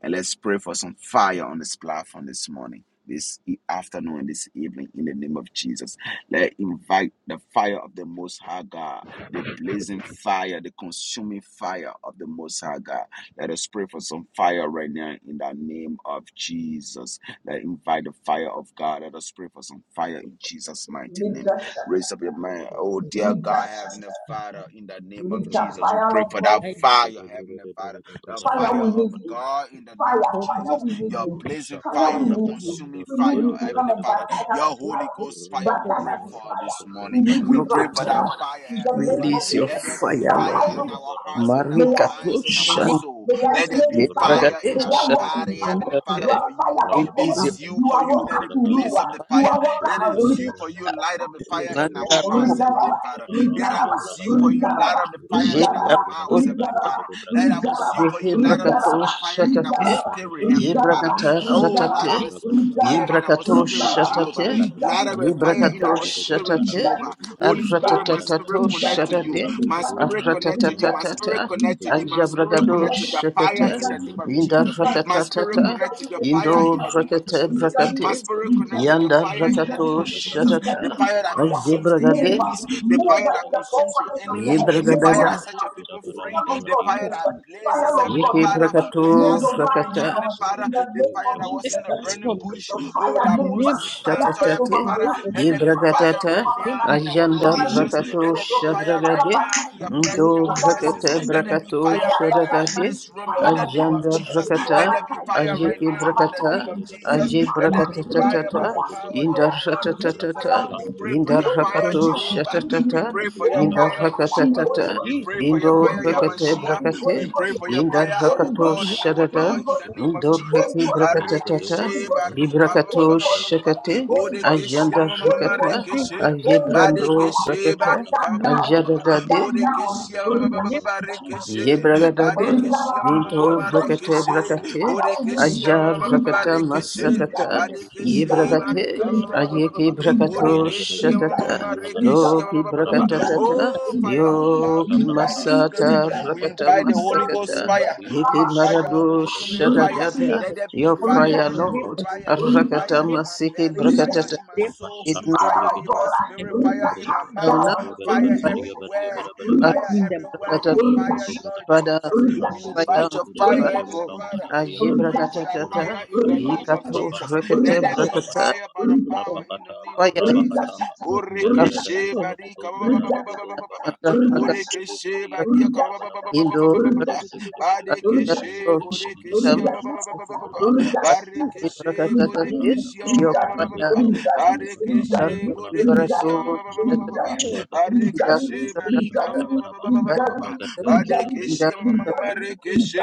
Speaker 2: and let's pray for some fire on this platform this morning, this e- afternoon, this evening, in the name of Jesus. Let invite the fire of the Most High God, the blazing fire, the consuming fire of the Most High God. Let us pray for some fire right now in the name of Jesus. Let invite the fire of God. Let us pray for some fire in Jesus'
Speaker 7: Bragada,
Speaker 2: mighty name.
Speaker 4: Rika
Speaker 7: Bragada,
Speaker 4: shata,
Speaker 2: Raise up your
Speaker 7: Bragada,
Speaker 2: mind.
Speaker 7: Bragada,
Speaker 2: Oh,
Speaker 7: Bragada,
Speaker 2: dear
Speaker 4: rika
Speaker 2: God, Heavenly
Speaker 7: Bragada.
Speaker 4: shata,
Speaker 2: Father, in the name of
Speaker 4: rika
Speaker 2: Jesus, we
Speaker 4: fire
Speaker 7: Rabakata,
Speaker 2: pray
Speaker 4: of
Speaker 2: for that
Speaker 7: Bragada,
Speaker 4: God.
Speaker 2: fire,
Speaker 7: Shada,
Speaker 2: Heavenly
Speaker 7: Bragada,
Speaker 2: Father
Speaker 7: Bragada,
Speaker 2: the
Speaker 4: Fire,
Speaker 2: fire
Speaker 4: we
Speaker 7: Bragada,
Speaker 2: of
Speaker 4: need
Speaker 7: Bragada.
Speaker 4: you.
Speaker 2: God in the
Speaker 4: Fire,
Speaker 2: name of
Speaker 4: fire,
Speaker 2: Jesus.
Speaker 4: we need
Speaker 2: Your
Speaker 7: Rabba
Speaker 4: you.
Speaker 2: blazing
Speaker 7: shaka
Speaker 4: Fire,
Speaker 2: fire,
Speaker 4: we
Speaker 2: your
Speaker 4: need
Speaker 7: tabrakatoi
Speaker 4: you.
Speaker 2: consuming
Speaker 4: We
Speaker 7: rabba
Speaker 4: need
Speaker 2: fire,
Speaker 4: you
Speaker 7: de
Speaker 4: to
Speaker 7: bere
Speaker 4: come
Speaker 2: Heavenly
Speaker 7: bere
Speaker 4: and
Speaker 7: bere
Speaker 2: Father,
Speaker 7: bere
Speaker 4: baptize us
Speaker 2: your
Speaker 7: bere
Speaker 4: with
Speaker 2: Holy
Speaker 4: fire.
Speaker 2: Ghost
Speaker 7: rabba
Speaker 2: fire, we
Speaker 4: Baptize
Speaker 2: pray
Speaker 4: us with
Speaker 2: for
Speaker 7: kapada
Speaker 4: fire.
Speaker 2: this
Speaker 7: shaka
Speaker 2: morning.
Speaker 4: We need
Speaker 7: mbadia
Speaker 2: We
Speaker 4: you
Speaker 2: pray
Speaker 4: right
Speaker 2: for
Speaker 7: kapada
Speaker 2: that
Speaker 6: Rokota,
Speaker 4: now.
Speaker 2: fire,
Speaker 4: In the
Speaker 2: Heavenly
Speaker 4: name
Speaker 7: rabba
Speaker 2: Father.
Speaker 4: of
Speaker 6: release your
Speaker 7: shaka
Speaker 4: Jesus,
Speaker 2: Let there be
Speaker 6: fire,
Speaker 7: tabrakata
Speaker 2: fire
Speaker 6: Lord.
Speaker 4: baptize
Speaker 7: brakata
Speaker 4: us
Speaker 2: in
Speaker 4: with
Speaker 2: our
Speaker 4: fire.
Speaker 2: hearts,
Speaker 7: baragado
Speaker 2: in
Speaker 4: May
Speaker 2: our
Speaker 7: jara
Speaker 4: I
Speaker 6: Marika
Speaker 4: speak
Speaker 2: minds,
Speaker 4: in
Speaker 2: in
Speaker 7: brakata
Speaker 2: our
Speaker 4: fire.
Speaker 6: Tushan,
Speaker 2: soul.
Speaker 4: May I
Speaker 2: Let there
Speaker 4: pray
Speaker 2: be
Speaker 4: in fire.
Speaker 7: ramba
Speaker 2: fire in
Speaker 4: May
Speaker 7: kada
Speaker 4: I
Speaker 2: our
Speaker 6: Lebragadesh,
Speaker 4: walk
Speaker 7: shada
Speaker 4: in
Speaker 2: body,
Speaker 7: brakata
Speaker 4: fire.
Speaker 2: Heavenly Father,
Speaker 4: But
Speaker 2: for
Speaker 4: fire
Speaker 2: you.
Speaker 4: of
Speaker 7: rabba de
Speaker 4: God,
Speaker 6: release
Speaker 7: bada
Speaker 6: your
Speaker 2: This
Speaker 7: ba
Speaker 2: you
Speaker 4: you
Speaker 2: for
Speaker 4: are
Speaker 2: you.
Speaker 7: shada
Speaker 2: Let
Speaker 7: da
Speaker 4: welcome
Speaker 2: it
Speaker 4: to
Speaker 7: da da da
Speaker 4: rule.
Speaker 2: blaze up
Speaker 7: bada
Speaker 2: the
Speaker 4: You
Speaker 7: bada
Speaker 2: fire.
Speaker 4: are
Speaker 7: ba
Speaker 2: It
Speaker 7: shada
Speaker 4: welcome. to
Speaker 2: is you for
Speaker 7: brakata bada ba
Speaker 2: you. Light
Speaker 4: rule.
Speaker 2: up the fire in
Speaker 7: rabba de
Speaker 2: our
Speaker 6: Manta
Speaker 7: gede
Speaker 2: hearts,
Speaker 7: gede gede
Speaker 2: Heavenly
Speaker 6: Ropa,
Speaker 4: Rigaraba,
Speaker 2: Father.
Speaker 7: shada
Speaker 2: Let
Speaker 7: branga da
Speaker 2: our
Speaker 4: rigaraba,
Speaker 2: zeal
Speaker 7: brakata
Speaker 2: for you light
Speaker 4: rigaraba,
Speaker 2: up the fire
Speaker 7: rabba de
Speaker 2: in our
Speaker 7: gede
Speaker 4: rigaraba,
Speaker 7: gede bada
Speaker 4: rigaraba,
Speaker 2: mouths,
Speaker 7: gada
Speaker 2: Heavenly
Speaker 7: gada
Speaker 2: Father.
Speaker 4: rigaraba,
Speaker 7: gada brakata
Speaker 2: That I
Speaker 7: gadi
Speaker 2: was
Speaker 4: rigaraba,
Speaker 2: you,
Speaker 7: gada
Speaker 2: for you light up
Speaker 7: gada
Speaker 2: this
Speaker 6: Rehebrakato
Speaker 4: rigaraba,
Speaker 7: gada
Speaker 2: fire in our
Speaker 6: shatate,
Speaker 4: rigaraba,
Speaker 7: Rabadaba,
Speaker 2: spirit, Heavenly Father.
Speaker 6: Yebrakatar
Speaker 7: Shapadabadaba,
Speaker 2: Oh, light
Speaker 4: rigaraba,
Speaker 2: up
Speaker 6: shatate,
Speaker 2: this
Speaker 7: Shikitabragadaba,
Speaker 2: fire
Speaker 4: rigaraba,
Speaker 2: in our
Speaker 6: Yebrakato
Speaker 2: spirit,
Speaker 4: rigaraba,
Speaker 2: Jehovah.
Speaker 6: shatate,
Speaker 2: Light
Speaker 4: rigadi,
Speaker 2: up a fire
Speaker 7: Rambadagadagadagadagadaba,
Speaker 2: in
Speaker 6: Yebrakato
Speaker 2: our
Speaker 4: rigadi,
Speaker 2: spirit,
Speaker 6: shatate,
Speaker 4: rigadi,
Speaker 2: Jehovah. Holy Spirit,
Speaker 4: rigadi,
Speaker 2: my
Speaker 4: rigadi,
Speaker 2: spirit
Speaker 7: Shikitagadagadagadagadagadagadagadagadaga,
Speaker 6: Arratatatato
Speaker 2: connect
Speaker 4: rigadi,
Speaker 2: to you.
Speaker 6: shatate,
Speaker 2: My
Speaker 7: Rabbikum
Speaker 4: rigadi,
Speaker 2: spirit
Speaker 4: rigadi,
Speaker 2: connect to
Speaker 4: rigadi,
Speaker 2: you. My
Speaker 7: Padiyakama,
Speaker 4: rigadi,
Speaker 2: spirit
Speaker 6: Arratatatata,
Speaker 2: connect to you. My
Speaker 7: Rabbideja
Speaker 2: spirit
Speaker 6: Ajabragado
Speaker 2: connect
Speaker 7: Lebragadesh,
Speaker 2: to the fire
Speaker 6: shakata,
Speaker 2: in the name of
Speaker 7: Rumbodoja
Speaker 6: Indar
Speaker 2: Jesus. My
Speaker 7: Lebragadesh,
Speaker 2: spirit
Speaker 6: rakatatata,
Speaker 2: connect to your fire
Speaker 7: Meno
Speaker 6: Indo
Speaker 2: in the name of
Speaker 4: rigadi,
Speaker 7: shakata
Speaker 4: rigadi,
Speaker 6: rakata
Speaker 2: Jesus.
Speaker 7: bragada,
Speaker 4: rigadi,
Speaker 2: My
Speaker 6: brakate,
Speaker 4: rigadi,
Speaker 2: spirit
Speaker 7: rabada,
Speaker 2: connect to
Speaker 4: rigadi,
Speaker 2: your
Speaker 6: Yandar
Speaker 2: fire in
Speaker 7: rabada,
Speaker 2: the name
Speaker 6: rakato
Speaker 2: of
Speaker 4: Legality,
Speaker 7: shada
Speaker 2: Jesus
Speaker 7: bragada,
Speaker 2: the
Speaker 6: shatata,
Speaker 4: legality,
Speaker 2: fire that
Speaker 4: fire.
Speaker 7: rabakam
Speaker 2: consumes the
Speaker 4: Move,
Speaker 7: bragada,
Speaker 6: Ajebragade,
Speaker 2: enemies,
Speaker 7: shada
Speaker 2: the
Speaker 7: bragada
Speaker 4: move
Speaker 2: fire that
Speaker 4: in the
Speaker 7: variaba,
Speaker 4: four
Speaker 2: consumes the
Speaker 4: corners of the
Speaker 2: enemy,
Speaker 4: earth.
Speaker 2: the
Speaker 4: Move
Speaker 2: fire
Speaker 7: rabababa,
Speaker 2: that
Speaker 4: right
Speaker 6: Yebragadada,
Speaker 2: sets
Speaker 4: now.
Speaker 2: your people
Speaker 7: idabaram
Speaker 2: free,
Speaker 4: Fire of
Speaker 2: the
Speaker 4: God,
Speaker 2: fire
Speaker 7: paradiaka,
Speaker 4: move.
Speaker 2: that
Speaker 4: Fire
Speaker 2: blazes,
Speaker 4: of
Speaker 2: Heavenly
Speaker 7: rabada
Speaker 4: God,
Speaker 6: Yeke
Speaker 7: baraba,
Speaker 4: move.
Speaker 2: Father. We
Speaker 7: shondo
Speaker 2: are
Speaker 4: Move
Speaker 6: brakato
Speaker 7: bragada,
Speaker 4: right
Speaker 2: stopping,
Speaker 4: now
Speaker 6: rakata,
Speaker 2: Heavenly Father,
Speaker 4: in the
Speaker 2: the
Speaker 7: rabete,
Speaker 4: name
Speaker 2: fire
Speaker 4: of
Speaker 2: that
Speaker 7: shala
Speaker 2: was in
Speaker 4: Jesus.
Speaker 2: the
Speaker 7: bragate,
Speaker 2: burning
Speaker 7: shodo
Speaker 2: bush,
Speaker 7: bragata,
Speaker 2: oh,
Speaker 4: Fire
Speaker 2: that
Speaker 4: move.
Speaker 2: Moses
Speaker 4: Fire
Speaker 7: bragata,
Speaker 2: encountered,
Speaker 4: take
Speaker 7: shodo
Speaker 2: Heavenly
Speaker 6: Shatatati,
Speaker 4: over my
Speaker 2: Father.
Speaker 7: bragadia
Speaker 4: life.
Speaker 2: Let there be
Speaker 7: bragada,
Speaker 4: Fire
Speaker 2: fire
Speaker 4: take
Speaker 6: Dibragatata,
Speaker 2: right
Speaker 4: over my
Speaker 2: now
Speaker 7: rabadaba,
Speaker 4: life.
Speaker 2: in our
Speaker 7: shogede
Speaker 6: Ajanda
Speaker 4: Father,
Speaker 7: brogode
Speaker 4: use
Speaker 2: locations.
Speaker 4: me
Speaker 6: Brakato
Speaker 7: bragada
Speaker 4: for
Speaker 2: Let
Speaker 4: your
Speaker 2: there be
Speaker 7: varia,
Speaker 4: glory.
Speaker 2: fire
Speaker 7: brogode
Speaker 2: right
Speaker 4: Father,
Speaker 6: Shavragade,
Speaker 7: bragada
Speaker 2: now in
Speaker 4: baptize
Speaker 7: varaba,
Speaker 2: your
Speaker 4: me.
Speaker 2: pres-
Speaker 6: Ndo
Speaker 2: in our
Speaker 4: Father,
Speaker 7: rabada, gada, gada,
Speaker 2: presence.
Speaker 6: Brakata
Speaker 4: baptize
Speaker 7: gada,
Speaker 2: Let there
Speaker 4: me.
Speaker 7: gada,
Speaker 2: be
Speaker 6: Brakato
Speaker 2: fire
Speaker 4: Fire
Speaker 2: right now
Speaker 7: gada,
Speaker 4: baptize
Speaker 2: in
Speaker 6: Shadadade,
Speaker 4: me.
Speaker 2: this room
Speaker 7: gada, gada,
Speaker 4: Fire
Speaker 2: in the
Speaker 7: gada,
Speaker 2: name
Speaker 7: gada,
Speaker 4: baptize
Speaker 2: of
Speaker 6: Ajanda
Speaker 4: me.
Speaker 2: Jesus.
Speaker 6: Brakata,
Speaker 4: Fire
Speaker 2: Let there be
Speaker 7: Ragadagadaga,
Speaker 4: baptize
Speaker 2: fire
Speaker 4: me.
Speaker 2: right
Speaker 6: Ajiki
Speaker 4: I
Speaker 2: now in the
Speaker 7: Shigadagadaga,
Speaker 6: Brakata,
Speaker 2: name
Speaker 4: baptize
Speaker 2: of
Speaker 4: you with
Speaker 2: Jesus.
Speaker 6: Aji
Speaker 7: Shiligadagadaga,
Speaker 2: Let
Speaker 4: fire,
Speaker 2: there be
Speaker 4: with
Speaker 2: fire
Speaker 6: Brakatatata,
Speaker 2: by
Speaker 7: Rabante
Speaker 2: the
Speaker 4: fire,
Speaker 7: Brokoto
Speaker 2: power in
Speaker 6: Indar
Speaker 2: the
Speaker 4: fire
Speaker 7: Bragada,
Speaker 2: blood
Speaker 4: come,
Speaker 2: of Jesus.
Speaker 7: Rabo
Speaker 6: Shatatata,
Speaker 4: fire
Speaker 2: We
Speaker 4: move
Speaker 7: Shanti
Speaker 2: pray
Speaker 4: you,
Speaker 2: for
Speaker 6: Indar
Speaker 2: your
Speaker 4: Holy
Speaker 7: Brokete
Speaker 2: fire,
Speaker 4: Ghost
Speaker 6: Rakato
Speaker 7: Shada
Speaker 4: fire,
Speaker 2: Jehovah.
Speaker 7: Bragada,
Speaker 4: lead
Speaker 6: Shatatata,
Speaker 2: We pray
Speaker 4: you,
Speaker 2: for
Speaker 7: Rabi
Speaker 2: your
Speaker 4: Holy
Speaker 6: Indar
Speaker 4: Ghost
Speaker 2: fire,
Speaker 7: Shakaba
Speaker 4: fire,
Speaker 2: Yeshua.
Speaker 6: Rakatatata,
Speaker 4: Holy
Speaker 2: We
Speaker 4: Ghost
Speaker 7: Shilibanka
Speaker 2: pray
Speaker 4: fire,
Speaker 2: for
Speaker 7: Baya,
Speaker 2: your
Speaker 6: Indo
Speaker 2: fire,
Speaker 4: Holy Ghost
Speaker 6: rekete
Speaker 7: Rombo
Speaker 4: fire,
Speaker 2: Yamashia.
Speaker 6: brakate,
Speaker 4: Holy
Speaker 2: We
Speaker 7: Shakotoba
Speaker 2: pray
Speaker 4: Ghost
Speaker 2: for your
Speaker 4: fire,
Speaker 6: inda
Speaker 7: Shataya,
Speaker 2: fire,
Speaker 4: Holy
Speaker 2: our
Speaker 6: rakato
Speaker 4: Ghost
Speaker 7: Robo
Speaker 2: God and
Speaker 4: fire,
Speaker 2: our
Speaker 7: Santo
Speaker 6: sharada,
Speaker 4: Holy
Speaker 2: Lord, in the
Speaker 4: Ghost
Speaker 7: Bragada,
Speaker 2: name
Speaker 4: fire,
Speaker 2: of
Speaker 6: indo
Speaker 2: Jesus.
Speaker 6: reke
Speaker 4: Holy Ghost fire,
Speaker 7: Menegade
Speaker 6: brakatatata,
Speaker 4: Holy
Speaker 2: Barikeshe,
Speaker 7: Sodo
Speaker 4: Ghost
Speaker 7: Bragada,
Speaker 2: barika, ba-
Speaker 4: fire,
Speaker 2: ba-
Speaker 6: librakato
Speaker 2: ba-
Speaker 4: Holy
Speaker 2: ba- ba- ba-
Speaker 4: Ghost
Speaker 2: ba-
Speaker 7: Bragada,
Speaker 2: ba-
Speaker 4: fire,
Speaker 2: ba.
Speaker 6: shakate,
Speaker 7: Shada
Speaker 4: Holy Ghost fire, Holy
Speaker 7: Bragada,
Speaker 4: Ghost
Speaker 2: Bodekeshe,
Speaker 6: ayanda
Speaker 7: Shada
Speaker 2: ma- ma- ma- ma-
Speaker 7: Bragada,
Speaker 2: ma-
Speaker 6: rakata,
Speaker 4: fire,
Speaker 2: rekeshe.
Speaker 7: Rapa
Speaker 4: Holy
Speaker 7: Papa
Speaker 4: Ghost
Speaker 6: ayebrando
Speaker 7: Papa,
Speaker 4: fire,
Speaker 2: Badekeshe,
Speaker 7: Shada
Speaker 6: rakata,
Speaker 4: come
Speaker 7: Bada
Speaker 4: down
Speaker 7: Bada
Speaker 2: barika, ba- ba-
Speaker 7: Bada
Speaker 4: now,
Speaker 2: ba- ba-
Speaker 7: Bada
Speaker 2: ba- ba.
Speaker 7: Bada
Speaker 4: come
Speaker 6: ajadadade,
Speaker 4: down now,
Speaker 7: Bada,
Speaker 2: Bodekeshe, ba-
Speaker 7: Rabada
Speaker 2: ba- ba-
Speaker 4: Rika
Speaker 2: ba- ba-
Speaker 7: Bada
Speaker 2: ba-
Speaker 4: Shakata,
Speaker 6: Ye
Speaker 2: rekeshe.
Speaker 6: bragadade,
Speaker 2: Badekeshe, ma-
Speaker 4: Rikaraba,
Speaker 2: ma- ma- ma-
Speaker 6: minto
Speaker 2: ma-
Speaker 4: Holy
Speaker 2: ma-
Speaker 4: Ghost
Speaker 7: Bada
Speaker 6: rakate
Speaker 4: fire.
Speaker 7: Bada
Speaker 2: rekeshe.
Speaker 7: Bada
Speaker 6: brakate,
Speaker 4: Fire will move
Speaker 2: Bodekeshe,
Speaker 4: you.
Speaker 2: ba- ba-
Speaker 6: ajar
Speaker 2: ba- ba-
Speaker 7: Rabosan
Speaker 2: ba- ba-
Speaker 6: rakata
Speaker 4: Rikaridi,
Speaker 7: Compranta
Speaker 2: rekeshe.
Speaker 7: Dais on a
Speaker 6: masakata,
Speaker 4: rikaridi,
Speaker 7: Bragadiski,
Speaker 6: ye
Speaker 2: Badekeshe,
Speaker 4: rikaridi,
Speaker 6: bragate,
Speaker 7: Rabasante
Speaker 4: rikaridi,
Speaker 2: barika,
Speaker 6: ayeke
Speaker 7: Berebe,
Speaker 4: rikaridi,
Speaker 6: brakato
Speaker 7: Menegadege,
Speaker 2: Bodekeshia ma-
Speaker 6: shatata,
Speaker 4: rikaridi,
Speaker 7: Malagadaba,
Speaker 6: yo ki
Speaker 4: rikaridi,
Speaker 7: Rabedegadebe,
Speaker 4: rikaridi,
Speaker 6: brakatatata,
Speaker 2: Oh, fire of
Speaker 4: rikaridi,
Speaker 2: God,
Speaker 6: yo
Speaker 7: Rabosakata
Speaker 2: we
Speaker 6: ki
Speaker 2: invite
Speaker 7: Bragata,
Speaker 2: the
Speaker 4: rikaridi, rikaridi,
Speaker 2: Spirit.
Speaker 6: masata
Speaker 2: We
Speaker 7: Rapa
Speaker 6: rakata
Speaker 2: invite the
Speaker 7: Teba
Speaker 2: Holy
Speaker 7: Teba
Speaker 4: rikaridi.
Speaker 2: Ghost
Speaker 6: masakata,
Speaker 7: Teba
Speaker 2: fire.
Speaker 7: Teba,
Speaker 2: We
Speaker 6: yeke
Speaker 4: Rikaraba,
Speaker 2: invite
Speaker 6: marado
Speaker 2: the
Speaker 4: shatata,
Speaker 2: consuming fire.
Speaker 7: Rembegadagadagadagadagadagada.
Speaker 6: shatata,
Speaker 2: Let there
Speaker 4: rikashatata,
Speaker 2: be
Speaker 6: yo
Speaker 7: Skellige
Speaker 2: fire.
Speaker 6: fire
Speaker 2: Let
Speaker 7: John
Speaker 2: there be
Speaker 6: lord,
Speaker 4: rikashatata,
Speaker 7: Katobudu
Speaker 2: fire.
Speaker 7: Sata Brat
Speaker 6: rakata
Speaker 2: Fire in my
Speaker 4: rikashatata,
Speaker 6: masiki
Speaker 2: belly. Fire
Speaker 6: brakatata,
Speaker 2: in my
Speaker 4: rikashatata
Speaker 2: soul.
Speaker 6: idna
Speaker 7: Rabashanti
Speaker 4: fire
Speaker 2: Fire
Speaker 4: of
Speaker 2: in
Speaker 7: Brigata,
Speaker 2: my
Speaker 4: God.
Speaker 2: spirit.
Speaker 7: Rogoto
Speaker 2: Fire
Speaker 4: Rika
Speaker 2: in my
Speaker 7: Brigata,
Speaker 4: come
Speaker 6: down,
Speaker 2: mouth.
Speaker 4: down.
Speaker 2: Fire
Speaker 4: Rika shatata.
Speaker 2: everywhere.
Speaker 6: fire
Speaker 4: Rika
Speaker 2: Fire
Speaker 7: Rebarabarabariabariabarabarabara,
Speaker 4: shatata.
Speaker 2: everywhere. Your
Speaker 4: Rika
Speaker 7: Rabosokoto
Speaker 2: fire, Lord
Speaker 7: Brigata,
Speaker 4: shatata.
Speaker 6: rakata.
Speaker 2: Jesus.
Speaker 4: Rika
Speaker 2: We invite
Speaker 4: shatata.
Speaker 6: Bayam
Speaker 2: your
Speaker 7: Rambegadegadegade,
Speaker 2: fire,
Speaker 4: Rika
Speaker 2: Heavenly
Speaker 6: Prato
Speaker 4: shatata.
Speaker 2: Father.
Speaker 7: Shelibangada
Speaker 2: We
Speaker 7: Briakapa,
Speaker 2: pray
Speaker 4: Rika
Speaker 2: for that
Speaker 4: shatata.
Speaker 6: Ajibragatata
Speaker 2: fire in the
Speaker 4: Rika
Speaker 7: Rabakataba,
Speaker 2: name of
Speaker 6: Jikato
Speaker 4: shatata.
Speaker 2: Jesus.
Speaker 7: Rabakataba,
Speaker 6: Shrekete
Speaker 2: Let
Speaker 4: Rika
Speaker 2: there be
Speaker 4: shatata.
Speaker 6: Brakata
Speaker 2: fire
Speaker 7: Rabakataba,
Speaker 2: by the
Speaker 4: Rika
Speaker 2: power in the
Speaker 7: Rabakataba,
Speaker 2: name
Speaker 4: shatata.
Speaker 2: of
Speaker 6: Baya
Speaker 4: Rika shatata. Rika
Speaker 2: Jesus.
Speaker 7: Rabakataba,
Speaker 4: shatata. Rika
Speaker 7: Melagata is
Speaker 2: Borekeshe
Speaker 7: a
Speaker 4: shatata.
Speaker 7: Dogotom
Speaker 2: barika ba- ba- ba-
Speaker 4: Rika
Speaker 2: ba- ba- ba- ba- ba-
Speaker 7: Padadogotom
Speaker 2: ba-
Speaker 4: shatata.
Speaker 2: ba.
Speaker 6: Arjanta
Speaker 4: Rika
Speaker 6: Brakata
Speaker 2: Borekeshe barika ba- ba- ba-
Speaker 7: Padadabadibadabadabadabadaba,
Speaker 2: ba- ba- ba-
Speaker 4: shatata.
Speaker 2: ba- ba-
Speaker 6: Indo
Speaker 2: ba- ba- ba-
Speaker 4: Rika
Speaker 2: ba.
Speaker 4: shatata.
Speaker 6: Brakata
Speaker 7: Ribidibidibidibidibidibid,
Speaker 4: Rika
Speaker 2: Barekeshe
Speaker 4: shatata.
Speaker 2: borekeshe
Speaker 6: Shrekata
Speaker 2: ba- ba-
Speaker 7: Shelidibidibidibidibidaba,
Speaker 2: ba- ba- ba- ba- ba- ba- ba.
Speaker 7: Rakataba,
Speaker 2: Barekeshe
Speaker 7: Rakataba,
Speaker 6: Ibrakata
Speaker 2: borekeshe
Speaker 7: Rakataba,
Speaker 2: ba- ba- ba- ba- ba- ba- ba-
Speaker 6: Yopaya
Speaker 2: ba.
Speaker 7: Rabikaba. Mekataba,
Speaker 2: Barekeshe
Speaker 6: Darfi
Speaker 7: Rabekete,
Speaker 2: borekeshe ba-
Speaker 6: Brato
Speaker 2: ba- ba- ba- ba- ba-
Speaker 7: Rombo
Speaker 2: ba- ba.
Speaker 7: Kotobrakataba,
Speaker 6: Ida
Speaker 2: Barekeshe
Speaker 7: Robo
Speaker 2: barika
Speaker 6: Brakata
Speaker 2: ba- ba- ba- ba-
Speaker 7: Shakatabadaba,
Speaker 2: ba- ba- ba- ba- ba- ba.
Speaker 7: Regate,
Speaker 2: Barekeshe
Speaker 6: Ida
Speaker 7: Jalabregatas,
Speaker 2: ma- ma- ma- ma-
Speaker 6: Brakata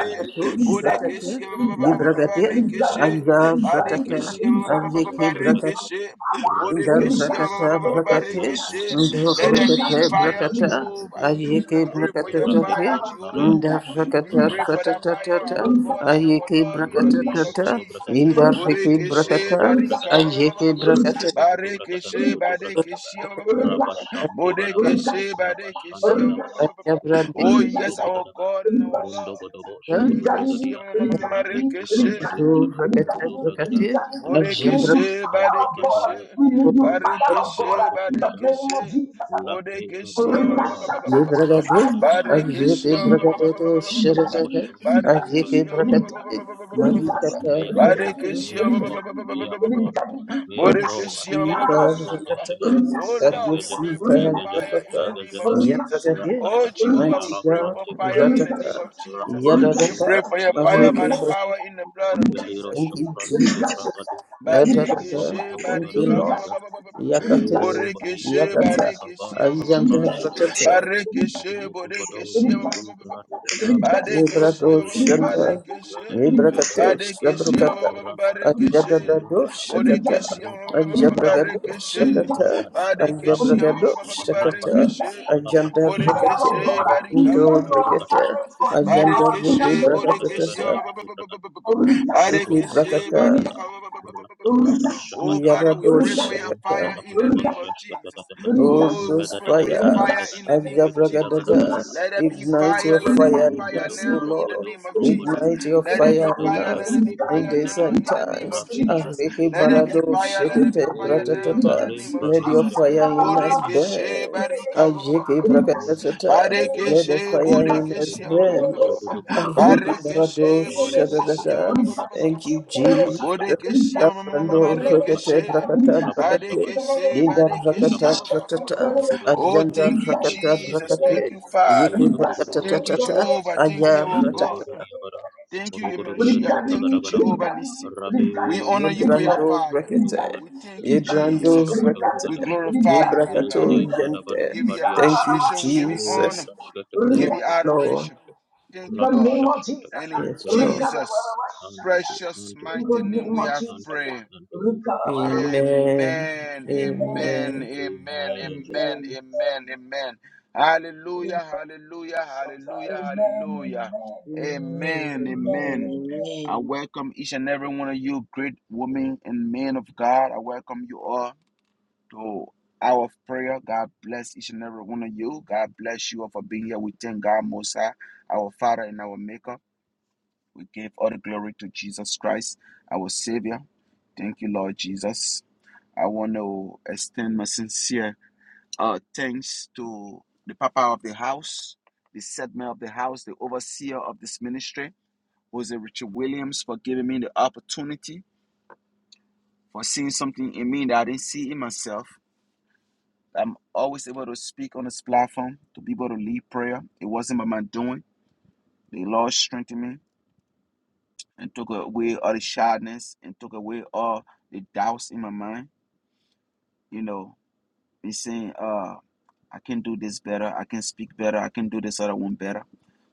Speaker 7: Manoshanta
Speaker 2: Borekeshe
Speaker 6: Shrekata
Speaker 7: Bragadeshka,
Speaker 2: ba-
Speaker 7: Rabba
Speaker 6: Nibrakate
Speaker 7: Kanto Bragadeshka,
Speaker 6: Ajar Shatata
Speaker 2: Badekeshi,
Speaker 7: Rabadagadagadaga, Shanta
Speaker 6: Ajiki
Speaker 2: Badekeshi,
Speaker 7: Bragadeshka, Rabba Baba
Speaker 2: Bodekeshi,
Speaker 7: Baba
Speaker 6: Indabrakata
Speaker 7: Ba,
Speaker 6: brakate,
Speaker 7: Ya Baba
Speaker 2: Badekeshi.
Speaker 7: Baba Baba
Speaker 2: Let there
Speaker 7: Ba,
Speaker 2: be
Speaker 6: indabrakate
Speaker 2: fire,
Speaker 6: brakata,
Speaker 7: Rabbi Baba
Speaker 2: Jehovah.
Speaker 7: Baya Baya
Speaker 6: ayeke
Speaker 2: We pray for
Speaker 6: brakata
Speaker 2: your
Speaker 7: Rabbi
Speaker 6: tate,
Speaker 2: fire,
Speaker 7: Komtaria
Speaker 2: Jehovah.
Speaker 7: Kaba,
Speaker 2: We
Speaker 6: indabrakata
Speaker 2: pray
Speaker 7: Rampa
Speaker 2: for the
Speaker 7: Kaba,
Speaker 2: fire,
Speaker 6: satatata,
Speaker 2: our God and our
Speaker 6: ayeke
Speaker 2: Lord, in the
Speaker 6: brakata
Speaker 7: Robo
Speaker 2: name of
Speaker 6: tata,
Speaker 7: Sokoto
Speaker 2: Jesus.
Speaker 7: Bragataba,
Speaker 6: indabrike
Speaker 7: Robo
Speaker 2: Bodekeshi,
Speaker 6: brakata,
Speaker 7: Dobrokoto
Speaker 2: Barika,
Speaker 7: Bragataba,
Speaker 6: ayeke
Speaker 7: Robo
Speaker 6: brakata
Speaker 7: Dobrokoto Bragatan
Speaker 2: Badekeshi,
Speaker 7: Rokoto
Speaker 6: tata,
Speaker 7: Bragataba,
Speaker 2: Badekeshi,
Speaker 7: Rabba Shanti Baraba,
Speaker 2: Bodekeshi,
Speaker 7: Rabba Shanti
Speaker 4: Rikashata,
Speaker 7: Rabada,
Speaker 2: Badekeshi.
Speaker 6: ayabrande
Speaker 7: Robo
Speaker 2: Oh, yes,
Speaker 7: Sokoto
Speaker 6: brakata,
Speaker 2: our
Speaker 7: Bragataba,
Speaker 2: God and our
Speaker 7: Rondo
Speaker 2: Lord.
Speaker 7: Godobo Shokoto
Speaker 2: Bodekeshi,
Speaker 7: Bragadia, Rabento
Speaker 2: Marekeshe.
Speaker 7: Prakate
Speaker 6: do
Speaker 7: Jadobronko
Speaker 6: brakata
Speaker 7: to Bragada,
Speaker 6: brakate,
Speaker 4: we need
Speaker 7: Rabele
Speaker 4: you,
Speaker 6: ajambrakata
Speaker 2: Bodekeshe,
Speaker 7: and
Speaker 4: fire of God.
Speaker 2: Badekeshe,
Speaker 7: Brakatara,
Speaker 4: We need you,
Speaker 7: Robo
Speaker 4: fire of
Speaker 7: Shante
Speaker 4: God.
Speaker 2: Badekeshe,
Speaker 4: In
Speaker 7: Brakoto
Speaker 4: the name of
Speaker 7: Shatas,
Speaker 2: Badekeshe,
Speaker 4: Jesus.
Speaker 7: Lake
Speaker 2: Bodekeshe,
Speaker 7: Kabaka Baya,
Speaker 4: Rikashakata,
Speaker 6: Librakade,
Speaker 7: Ramba Kabaya,
Speaker 4: ayakabidi,
Speaker 6: Ajiki
Speaker 2: Badekeshe,
Speaker 7: Shkipaya Baya,
Speaker 4: rikadidi,
Speaker 6: Brakato
Speaker 7: Rombo
Speaker 4: rikadidi,
Speaker 6: Sheratate,
Speaker 7: Shoshkata
Speaker 4: rikadidi,
Speaker 6: Ajiki
Speaker 7: Ibele
Speaker 2: Badekeshe,
Speaker 6: Brakate,
Speaker 4: rikadidi, rikadidi,
Speaker 6: Marikata
Speaker 7: Meya Clover,
Speaker 6: Brakate,
Speaker 4: rikadidi,
Speaker 2: Badekeshe,
Speaker 7: Meya Clover,
Speaker 4: rikadidi,
Speaker 7: Meya Clover,
Speaker 4: rikadidi,
Speaker 7: Meya
Speaker 6: Have
Speaker 7: Clover,
Speaker 2: Bodekeshe.
Speaker 6: mercy,
Speaker 7: Skilizum
Speaker 6: Farakata.
Speaker 7: Pranisheski,
Speaker 2: Oh
Speaker 6: Have
Speaker 2: Lord, we
Speaker 6: mercy,
Speaker 2: pray
Speaker 7: Engajeski,
Speaker 2: for your fire
Speaker 7: Engajeski,
Speaker 2: in
Speaker 6: Farakata.
Speaker 2: the name of
Speaker 7: Engajeski,
Speaker 2: Jesus.
Speaker 6: Yadagabe.
Speaker 2: Oh
Speaker 7: Ratatata,
Speaker 2: Jehovah,
Speaker 6: Mighty
Speaker 2: we
Speaker 7: Shara
Speaker 2: pray
Speaker 6: God,
Speaker 2: for
Speaker 7: Prante
Speaker 2: fire in the
Speaker 7: Pradoski,
Speaker 2: name
Speaker 6: Ratata.
Speaker 2: of Jesus.
Speaker 7: Rakoto
Speaker 2: We
Speaker 6: Yadadada.
Speaker 2: pray
Speaker 7: Brunto
Speaker 2: for your
Speaker 7: Pradiro
Speaker 2: fire by the
Speaker 6: Marekeba.
Speaker 7: Shupradin,
Speaker 2: power in the blood of
Speaker 7: Veliro
Speaker 2: Jesus.
Speaker 6: Thank you,
Speaker 7: Shopranisho
Speaker 6: Jesus.
Speaker 7: Pragadi,
Speaker 6: Yadadada.
Speaker 7: Ambrogoto
Speaker 2: Badekeshe
Speaker 6: Thank
Speaker 7: Uzala
Speaker 6: you,
Speaker 2: barika ba- ba-
Speaker 7: pragada,
Speaker 2: ba-
Speaker 6: Lord.
Speaker 2: ba- ba- ba- ba- ba.
Speaker 6: Yakate.
Speaker 7: O Bai
Speaker 2: Borekeshe
Speaker 7: Kubang
Speaker 6: Yakata.
Speaker 7: Kapa
Speaker 2: badekeshe ba- ba- ba- ba- ba-
Speaker 6: Ayanda
Speaker 2: ba- ba.
Speaker 7: Shalabrante Bragada
Speaker 6: Rakata.
Speaker 2: Barekeshe
Speaker 7: Vele Bragada
Speaker 2: borekeshe ba- ba- ba-
Speaker 7: Bragadi
Speaker 2: ba- ba- ba-
Speaker 7: Brati
Speaker 2: ba.
Speaker 7: Baraba
Speaker 2: Badekeshe ba-
Speaker 7: Ampere
Speaker 2: ba- ba-
Speaker 7: Dia
Speaker 2: ba-
Speaker 6: Nibradoshanda,
Speaker 7: Baronto
Speaker 2: barekeshe.
Speaker 7: Bragada Jada
Speaker 6: Nibrakate,
Speaker 7: Bragada
Speaker 2: Badekeshe ba-
Speaker 6: Shabrukata,
Speaker 2: ba- ba- ba- ba-
Speaker 7: Rabadaba
Speaker 2: barekeshe.
Speaker 6: Ajadadado
Speaker 7: Rabadaba
Speaker 6: Shakata,
Speaker 2: Borekeshe ba- ba- ba- ba-
Speaker 7: Rabadaba
Speaker 2: ba- ba-
Speaker 7: Rabad
Speaker 6: Ajabragado
Speaker 2: barekeshe.
Speaker 6: Shakata,
Speaker 4: Ringkasa,
Speaker 7: Rabadaba
Speaker 2: Badekeshe
Speaker 4: Holy
Speaker 7: Rabadaba
Speaker 6: Ajabragado
Speaker 2: ba-
Speaker 4: Ghost,
Speaker 2: ba- ba- ba- ba-
Speaker 6: Shakata,
Speaker 4: Holy
Speaker 7: Rabadaba
Speaker 2: barekeshe.
Speaker 4: Ghost,
Speaker 6: Ajanda
Speaker 7: Shalabrakato
Speaker 4: fire
Speaker 6: Rakate,
Speaker 4: of
Speaker 2: Borekeshe
Speaker 4: God, we
Speaker 7: Rokoto
Speaker 2: barika
Speaker 6: Nito
Speaker 2: ba- ba-
Speaker 4: send
Speaker 2: ba-
Speaker 7: Brokoto
Speaker 4: your
Speaker 2: ba- ba- ba-
Speaker 6: Rakata,
Speaker 2: ba-
Speaker 7: Brakataba
Speaker 2: ba.
Speaker 4: assignment right now
Speaker 6: Ajanda
Speaker 7: Robokoto
Speaker 4: in
Speaker 2: Barekeshe
Speaker 4: the
Speaker 6: Viki
Speaker 7: Brokoto
Speaker 4: name of
Speaker 2: borekeshe
Speaker 4: Jesus.
Speaker 7: Brakatabaria
Speaker 6: Brakatasa,
Speaker 2: ba- ba- ba- ba- ba- ba- ba- ba- ba.
Speaker 4: Holy Ghost,
Speaker 6: Iki
Speaker 7: Naruto
Speaker 2: Barekeshe
Speaker 6: Brakata,
Speaker 4: Holy
Speaker 2: badia
Speaker 7: Sakatata,
Speaker 4: Ghost,
Speaker 2: ka- ba- ba- ba- ba- ba- ba- ba-
Speaker 4: Holy Ghost, Holy
Speaker 7: Ratapata
Speaker 2: ba.
Speaker 4: Ghost,
Speaker 2: Oh, Father,
Speaker 7: Shakatakata,
Speaker 2: we
Speaker 6: Yarado
Speaker 4: Holy
Speaker 2: pray for
Speaker 4: Ghost,
Speaker 2: your
Speaker 6: Shakata,
Speaker 2: fire in the
Speaker 4: Holy
Speaker 7: Runtokotakotoko
Speaker 2: name
Speaker 4: Ghost,
Speaker 2: of Jesus.
Speaker 7: Shakatakataka,
Speaker 4: Holy Ghost, Holy
Speaker 6: Holy
Speaker 4: Ghost,
Speaker 2: Oh, we
Speaker 6: those
Speaker 2: pray for your
Speaker 4: Holy Ghost, Holy
Speaker 6: fire,
Speaker 2: fire in
Speaker 7: Megadagadagadagadagadagadaga,
Speaker 2: the name of Jesus.
Speaker 6: Ajabragadada,
Speaker 7: Shidagadagadagadagadaga,
Speaker 4: Ghost,
Speaker 2: Let there be
Speaker 6: ignite
Speaker 2: fire,
Speaker 6: your
Speaker 7: Rombodo,
Speaker 2: let
Speaker 4: Holy
Speaker 2: there be
Speaker 6: fire
Speaker 4: Ghost.
Speaker 6: in
Speaker 2: fire
Speaker 7: Rombodo,
Speaker 6: us,
Speaker 4: Holy
Speaker 6: O
Speaker 2: now in the
Speaker 6: Lord,
Speaker 4: Ghost,
Speaker 7: Rombodo,
Speaker 2: name of
Speaker 7: Rombodo,
Speaker 2: Jesus.
Speaker 4: Redaction,
Speaker 8: Amen.
Speaker 6: ignite your
Speaker 2: Let there be
Speaker 6: fire
Speaker 7: Rombodo,
Speaker 6: in
Speaker 2: fire, let
Speaker 6: us.
Speaker 7: Shodo,
Speaker 2: there be
Speaker 7: Brogodo,
Speaker 6: In
Speaker 2: fire
Speaker 6: days
Speaker 7: Brigada,
Speaker 2: now
Speaker 6: and
Speaker 2: in the name of
Speaker 6: times,
Speaker 7: Rapi
Speaker 2: Jesus.
Speaker 7: Shukutu
Speaker 6: Ariki
Speaker 2: Let there be
Speaker 6: Barado
Speaker 7: Brakatia,
Speaker 2: fire, let there be
Speaker 6: Shekete
Speaker 2: fire
Speaker 7: O
Speaker 2: now in the
Speaker 6: Bratatata,
Speaker 7: Valim
Speaker 2: name of
Speaker 6: let your
Speaker 2: Jesus.
Speaker 7: Pranisha,
Speaker 6: fire in us
Speaker 7: Varagadisha,
Speaker 2: Borekeshe
Speaker 6: burn. Ajiki
Speaker 2: barika.
Speaker 7: Mina
Speaker 6: Brakatatata,
Speaker 7: Sante
Speaker 6: let
Speaker 7: Bedebe,
Speaker 6: the
Speaker 2: Barekeshe,
Speaker 6: fire in us
Speaker 2: Borekeshe, ba- ba- ba- ba-
Speaker 7: Embebedebe,
Speaker 6: burn,
Speaker 2: ba- ba-
Speaker 6: Lord.
Speaker 2: ba- ba-
Speaker 7: Shogodo, Brogodo,
Speaker 6: Ariki
Speaker 7: Bragada,
Speaker 6: Barado
Speaker 2: Barekeshe,
Speaker 7: Robo
Speaker 2: Borekeshe, ba-
Speaker 7: Shokoto
Speaker 6: Shadadada,
Speaker 2: ba-
Speaker 7: Bragata,
Speaker 6: thank you,
Speaker 7: Rabba
Speaker 6: Jesus.
Speaker 7: Shakata,
Speaker 2: Borekeshe, ma-
Speaker 6: Tabrando
Speaker 7: Rabba
Speaker 6: rakete
Speaker 7: Shakata,
Speaker 6: brakata
Speaker 7: Rabba
Speaker 6: brakate
Speaker 7: Shakata,
Speaker 2: Barekeshe,
Speaker 6: yinda
Speaker 7: Rabba
Speaker 2: Barekeshe,
Speaker 6: rakata
Speaker 7: Shakata,
Speaker 6: brakata
Speaker 7: Rabida
Speaker 2: Oh,
Speaker 7: Boroboro
Speaker 6: ajanda
Speaker 2: thank you,
Speaker 7: Shokoto
Speaker 6: rakata
Speaker 7: Bragade
Speaker 2: Jesus.
Speaker 6: brakate
Speaker 7: Bragade,
Speaker 2: Thank you, Father.
Speaker 6: yeke
Speaker 7: Rogata Bragada
Speaker 6: brakata
Speaker 2: Thank you,
Speaker 7: Bragade,
Speaker 6: tatata
Speaker 2: Jehovah. Thank
Speaker 6: aya
Speaker 2: you,
Speaker 7: Rogoto
Speaker 2: our
Speaker 4: in
Speaker 7: Bragade
Speaker 6: ratata
Speaker 2: God.
Speaker 7: Bragade Yabara,
Speaker 2: Thank you,
Speaker 7: Rogoto Bragade
Speaker 2: Yemeshia. Thank you,
Speaker 7: Yabragada Barabra,
Speaker 2: Jehovah Nissi. We
Speaker 7: Rabbi
Speaker 2: honor you for your
Speaker 6: yebrando
Speaker 7: Kabaro
Speaker 2: fire.
Speaker 7: Shokoto
Speaker 6: rakete
Speaker 2: We
Speaker 7: Bragada,
Speaker 2: thank you,
Speaker 7: Romo
Speaker 6: yebrando
Speaker 2: Jesus.
Speaker 7: Shokoto
Speaker 6: rakete
Speaker 2: We
Speaker 7: Bragada,
Speaker 2: glorify you, Father
Speaker 6: yebrakato
Speaker 2: God.
Speaker 7: Velegade
Speaker 6: yente
Speaker 2: We
Speaker 7: Sadabadum
Speaker 2: give you
Speaker 7: Padiata,
Speaker 6: thank you
Speaker 2: appreciation. We give
Speaker 7: O
Speaker 2: you
Speaker 6: jesus
Speaker 2: honor.
Speaker 7: Shashkata,
Speaker 2: We give
Speaker 6: yes
Speaker 2: you
Speaker 7: Shashkata,
Speaker 6: lord
Speaker 2: adoration.
Speaker 7: Shashkata,
Speaker 2: Thank you,
Speaker 4: the
Speaker 7: Rabo
Speaker 2: Lord.
Speaker 4: name of
Speaker 7: Shashkata,
Speaker 4: Jesus,
Speaker 2: And in
Speaker 6: yes
Speaker 4: in the
Speaker 6: lord
Speaker 7: Shadabragada,
Speaker 2: Jesus'
Speaker 7: unto thee,
Speaker 2: precious
Speaker 7: unto thee,
Speaker 4: name
Speaker 2: mighty name
Speaker 7: unto
Speaker 2: we
Speaker 7: thee,
Speaker 4: of
Speaker 2: have
Speaker 7: unto
Speaker 4: Jesus,
Speaker 7: thee,
Speaker 2: prayed.
Speaker 7: unto thee.
Speaker 6: amen
Speaker 7: Rabba-shaka-taka-taka.
Speaker 2: Amen. Amen.
Speaker 6: amen
Speaker 2: Amen.
Speaker 7: Amen.
Speaker 2: Amen. Amen. Amen. Hallelujah. Hallelujah. Hallelujah.
Speaker 4: Amen. Amen.
Speaker 2: Hallelujah.
Speaker 8: Amen.
Speaker 4: Amen.
Speaker 2: Amen.
Speaker 4: Amen.
Speaker 2: Amen.
Speaker 4: Amen.
Speaker 2: I welcome each and every one of you, great women and men of God. I welcome you all to hour of prayer. God bless each and every one of you. God bless you all for being here. We thank God, Most High, our Father and our Maker. We give all the glory to Jesus Christ, our Savior. Thank you, Lord Jesus. I want to extend my sincere uh, thanks to the Papa of the house, the segment of the house, the overseer of this ministry, Jose Richard Williams, for giving me the opportunity, for seeing something in me that I didn't see in myself I'm always able to speak on this platform, to be able to lead prayer. It wasn't by my doing. The Lord strengthened me and took away all the shyness and took away all the doubts in my mind. You know, me saying, uh, I can do this better, I can speak better, I can do this other one better.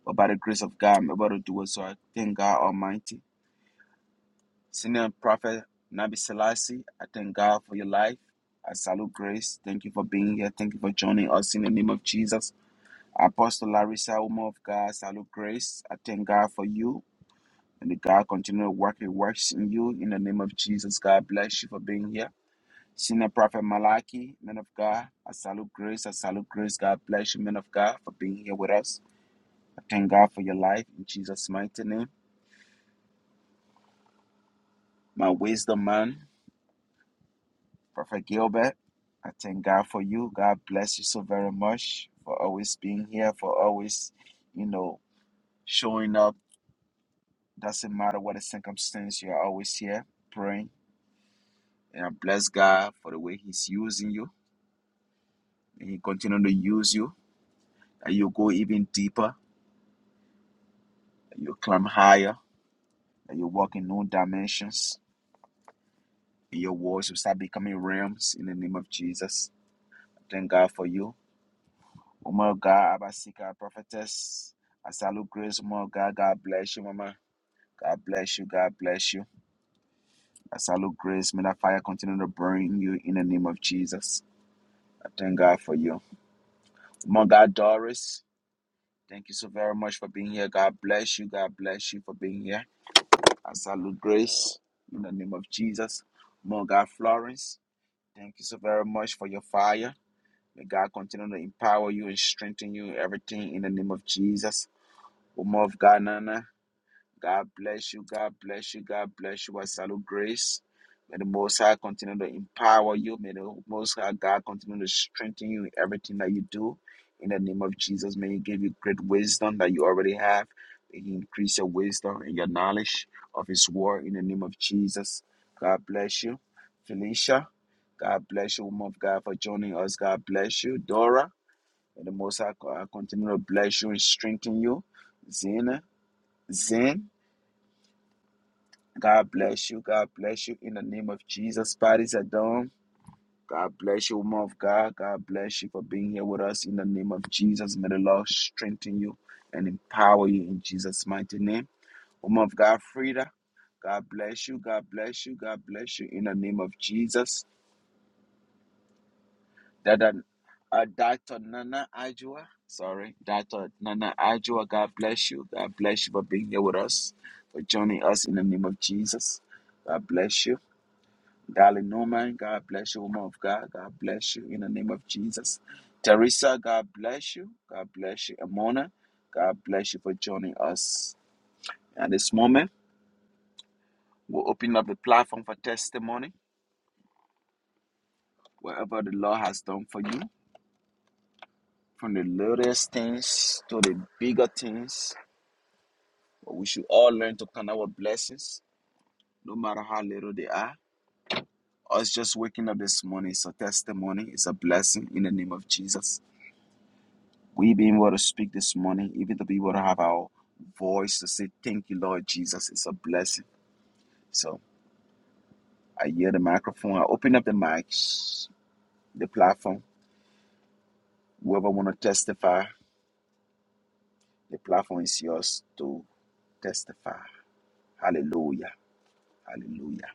Speaker 2: But by the grace of God, I'm able to do it. So I thank God Almighty. Senior Prophet Nabi Selassie, I thank God for your life. I salute grace. Thank you for being here. Thank you for joining us in the name of Jesus. Apostle Larissa, woman of God, salute grace. I thank God for you. And the God continue to work He works in you. In the name of Jesus, God bless you for being here. Senior Prophet Malachi, man of God, I salute grace. I salute grace. God bless you, man of God, for being here with us. I thank God for your life in Jesus' mighty name. My wisdom man, Prophet Gilbert, I thank God for you. God bless you so very much for always being here, for always, you know, showing up Doesn't matter what the circumstance, you are always here praying. And I bless God for the way He's using you. And He continue to use you. And you go even deeper. And you climb higher. And you walk in new dimensions. And your words will start becoming realms in the name of Jesus. Thank God for you. Woman of God, Abasika, prophetess. I salute grace, woman of God. God bless you, mama. God bless you. God bless you. I salute grace. May that fire continue to burn in you in the name of Jesus. I thank God for you. My God, Doris, thank you so very much for being here. God bless you. God bless you for being here. I salute grace in the name of Jesus. My God, Florence, thank you so very much for your fire. May God continue to empower you and strengthen you, in everything in the name of Jesus. Woman of God, Nana, God bless you. God bless you. God bless you. I salute grace. May the Most High continue to empower you. May the Most High God continue to strengthen you in everything that you do. In the name of Jesus, may He give you great wisdom that you already have. May He increase your wisdom and your knowledge of His word. In the name of Jesus, God bless you. Felicia, God bless you, woman of God, for joining us. God bless you. Dora, may the Most High God continue to bless you and strengthen you. Zena, Zen. God bless you. God bless you in the name of Jesus. Parties are done. God bless you, woman of God. God bless you for being here with us in the name of Jesus. May the Lord strengthen you and empower you in Jesus' mighty name. Woman of God, Frida. God bless you. God bless you. God bless you in the name of Jesus. Dada, uh, Dr. Nana Ajua. Sorry, Dr. Nana Ajua. God bless you. God bless you for being here with us, for joining us in the name of Jesus. God bless you. Darling Norman, God bless you, woman of God. God bless you in the name of Jesus. Teresa, God bless you. God bless you. Amona, God bless you for joining us. At this moment, we'll open up the platform for testimony, whatever the Lord has done for you, from the littlest things to the bigger things. But we should all learn to count our blessings, no matter how little they are. Us just waking up this morning is a testimony, it's a blessing in the name of Jesus. we being able to speak this morning, even to be able to have our voice to say, Thank you, Lord Jesus, it's a blessing. So I hear the microphone, I open up the mics, the platform. Whoever want to testify, the platform is yours to testify. Hallelujah. Hallelujah.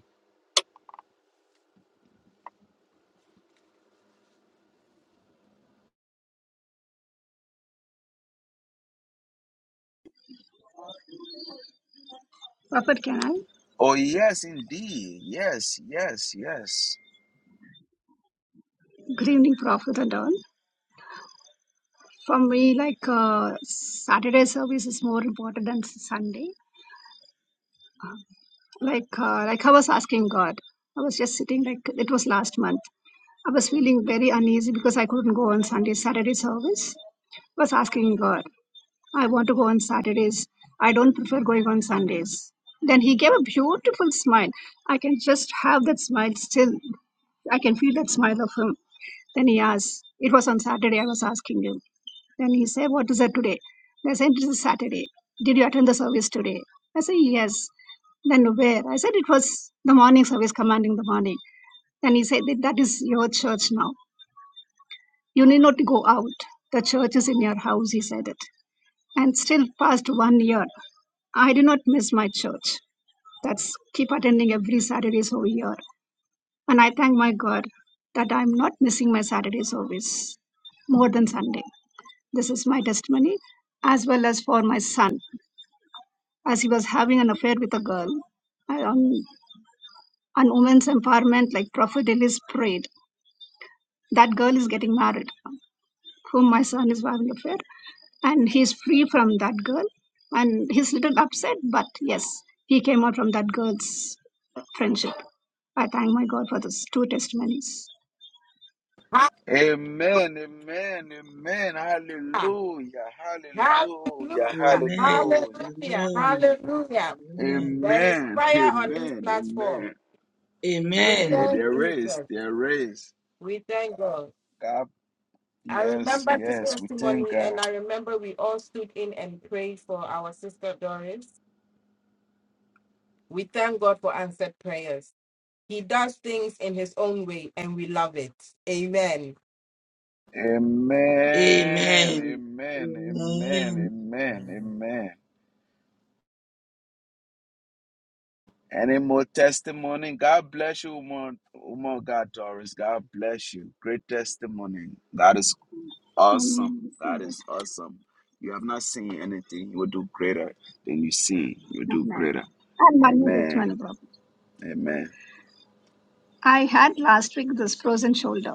Speaker 1: Prophet, can I?
Speaker 2: Oh, yes, indeed. Yes, yes, yes.
Speaker 1: Good evening, Prophet and all. For me, like uh, Saturday service is more important than Sunday. Like, uh, like I was asking God. I was just sitting like it was last month. I was feeling very uneasy because I couldn't go on Sunday Saturday service. I was asking God, I want to go on Saturdays. I don't prefer going on Sundays. Then He gave a beautiful smile. I can just have that smile still. I can feel that smile of Him. Then He asked. It was on Saturday. I was asking Him. Then he said, What is that today? They said, It is Saturday. Did you attend the service today? I said, Yes. Then where? I said, It was the morning service, commanding the morning. Then he said, That that is your church now. You need not go out. The church is in your house, he said it. And still, past one year, I did not miss my church. That's keep attending every Saturday over year. And I thank my God that I'm not missing my Saturday service more than Sunday. This is my testimony as well as for my son. as he was having an affair with a girl. And On, on women's empowerment, like Prophet Elise prayed, that girl is getting married, whom my son is having an affair, and he is free from that girl. And he's a little upset, but yes, he came out from that girl's friendship. I thank my God for those two testimonies.
Speaker 9: Ha-
Speaker 2: Amen, amen, amen. Hallelujah, hallelujah,
Speaker 8: Amen.
Speaker 9: Hallelujah.
Speaker 8: Amen.
Speaker 2: hallelujah.
Speaker 9: Hallelujah. Hallelujah. There is
Speaker 2: Amen,
Speaker 9: fire on this
Speaker 2: amen,
Speaker 9: platform.
Speaker 2: amen.
Speaker 8: Amen. Amen.
Speaker 9: We
Speaker 2: Yeah,
Speaker 9: thank
Speaker 2: there is.
Speaker 9: Jesus.
Speaker 2: There is.
Speaker 9: We thank God.
Speaker 2: God,
Speaker 9: I
Speaker 2: yes,
Speaker 9: remember this
Speaker 2: yes. We thank
Speaker 9: testimony
Speaker 2: God.
Speaker 9: and I remember we all stood in and prayed for our sister Doris. We thank God for answered prayers. He does things in his own way and we love it. Amen.
Speaker 2: Amen. Amen.
Speaker 8: Amen.
Speaker 2: Amen. Amen. Amen. Any more testimony? God bless you, woman, woman God, Doris. God bless you. Great testimony. God is awesome.
Speaker 1: Amen.
Speaker 2: God is awesome. You have not seen anything. You will do greater than you see. You will do
Speaker 1: Amen.
Speaker 2: greater.
Speaker 1: And one more
Speaker 2: Amen.
Speaker 1: testimony, Prophet.
Speaker 2: Amen.
Speaker 1: I had last week this frozen shoulder.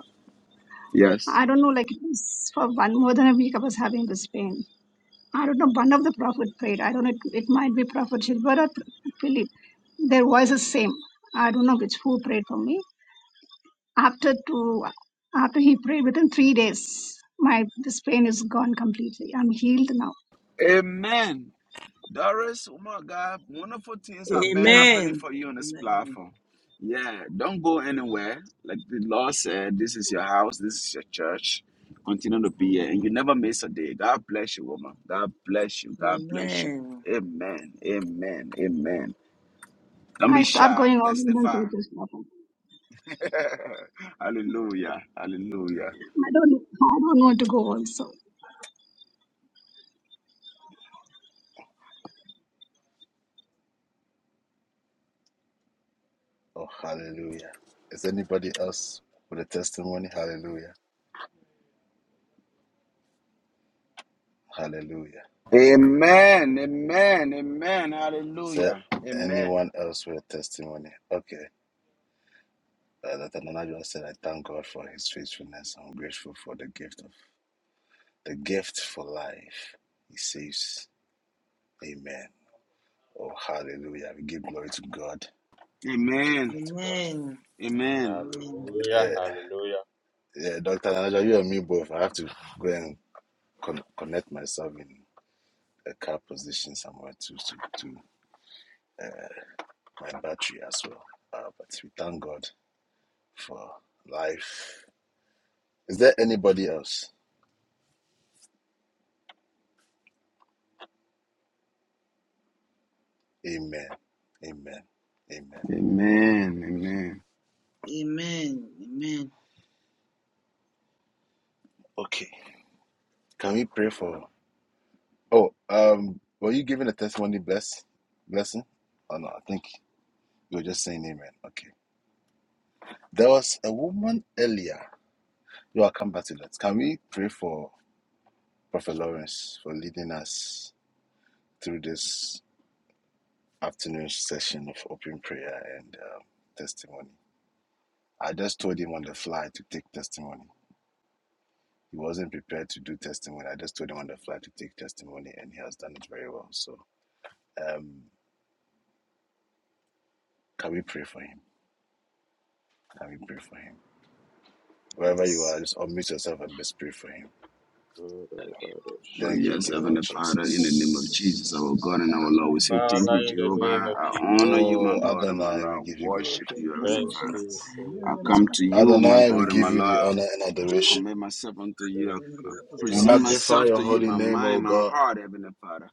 Speaker 2: Yes.
Speaker 1: I don't know, like it was for one more than a week I was having this pain. I don't know, one of the prophet prayed. I don't know, it, it might be Prophet Shilbar or Philip. Their voices same. I don't know which who prayed for me. After two, after he prayed, within three days, my this pain is gone completely. I'm healed now.
Speaker 2: Amen. Doris, oh my God, wonderful things
Speaker 8: Amen. Amen.
Speaker 2: have been
Speaker 9: Amen.
Speaker 2: happening for you on this platform. Yeah, don't go anywhere. Like the Lord said, this is your house, this is your church. Continue to be here, and you never miss a day. God bless you, woman. God bless you. God bless you.
Speaker 8: Amen.
Speaker 2: Amen. Amen. Amen. Don't be
Speaker 1: I stopped
Speaker 2: shy.
Speaker 1: going all the month
Speaker 2: Testify.
Speaker 1: with this problem.
Speaker 2: Hallelujah. Hallelujah.
Speaker 1: I don't, I don't want to go also.
Speaker 2: Amen. Amen. Amen. Hallelujah. Amen.
Speaker 8: Amen.
Speaker 2: Amen.
Speaker 8: Amen.
Speaker 2: Amen.
Speaker 8: Amen.
Speaker 7: Hallelujah, hallelujah.
Speaker 2: Amen. Amen.
Speaker 8: Amen. Amen. Yes.
Speaker 2: Oh,
Speaker 8: Yes.
Speaker 2: yes, Heavenly Father, in the name of
Speaker 7: Ra-da-ba-da-shaka-taka-taka-taka.
Speaker 2: Jesus, our God and our Lord, we say thank
Speaker 7: Father,
Speaker 2: you,
Speaker 7: in the
Speaker 2: Jehovah.
Speaker 7: name of
Speaker 2: I
Speaker 7: Jesus,
Speaker 2: honor you, my God and my Lord.
Speaker 8: Yes.
Speaker 2: Worship you,
Speaker 1: Bless
Speaker 2: Heavenly
Speaker 1: you,
Speaker 7: thank
Speaker 2: Father.
Speaker 7: you
Speaker 1: Jesus.
Speaker 7: for your
Speaker 2: I
Speaker 1: Bless
Speaker 2: come to
Speaker 1: Prophet
Speaker 7: male
Speaker 1: Lord of
Speaker 2: you, my
Speaker 7: servants.
Speaker 2: God and my Lord.
Speaker 1: Blessings.
Speaker 2: commit myself unto you.
Speaker 7: Thank
Speaker 2: I
Speaker 7: you for your
Speaker 2: present
Speaker 7: grace
Speaker 2: myself
Speaker 7: upon
Speaker 2: to you,
Speaker 7: us.
Speaker 2: my mind, my heart,
Speaker 8: Amen.
Speaker 2: Heavenly Father.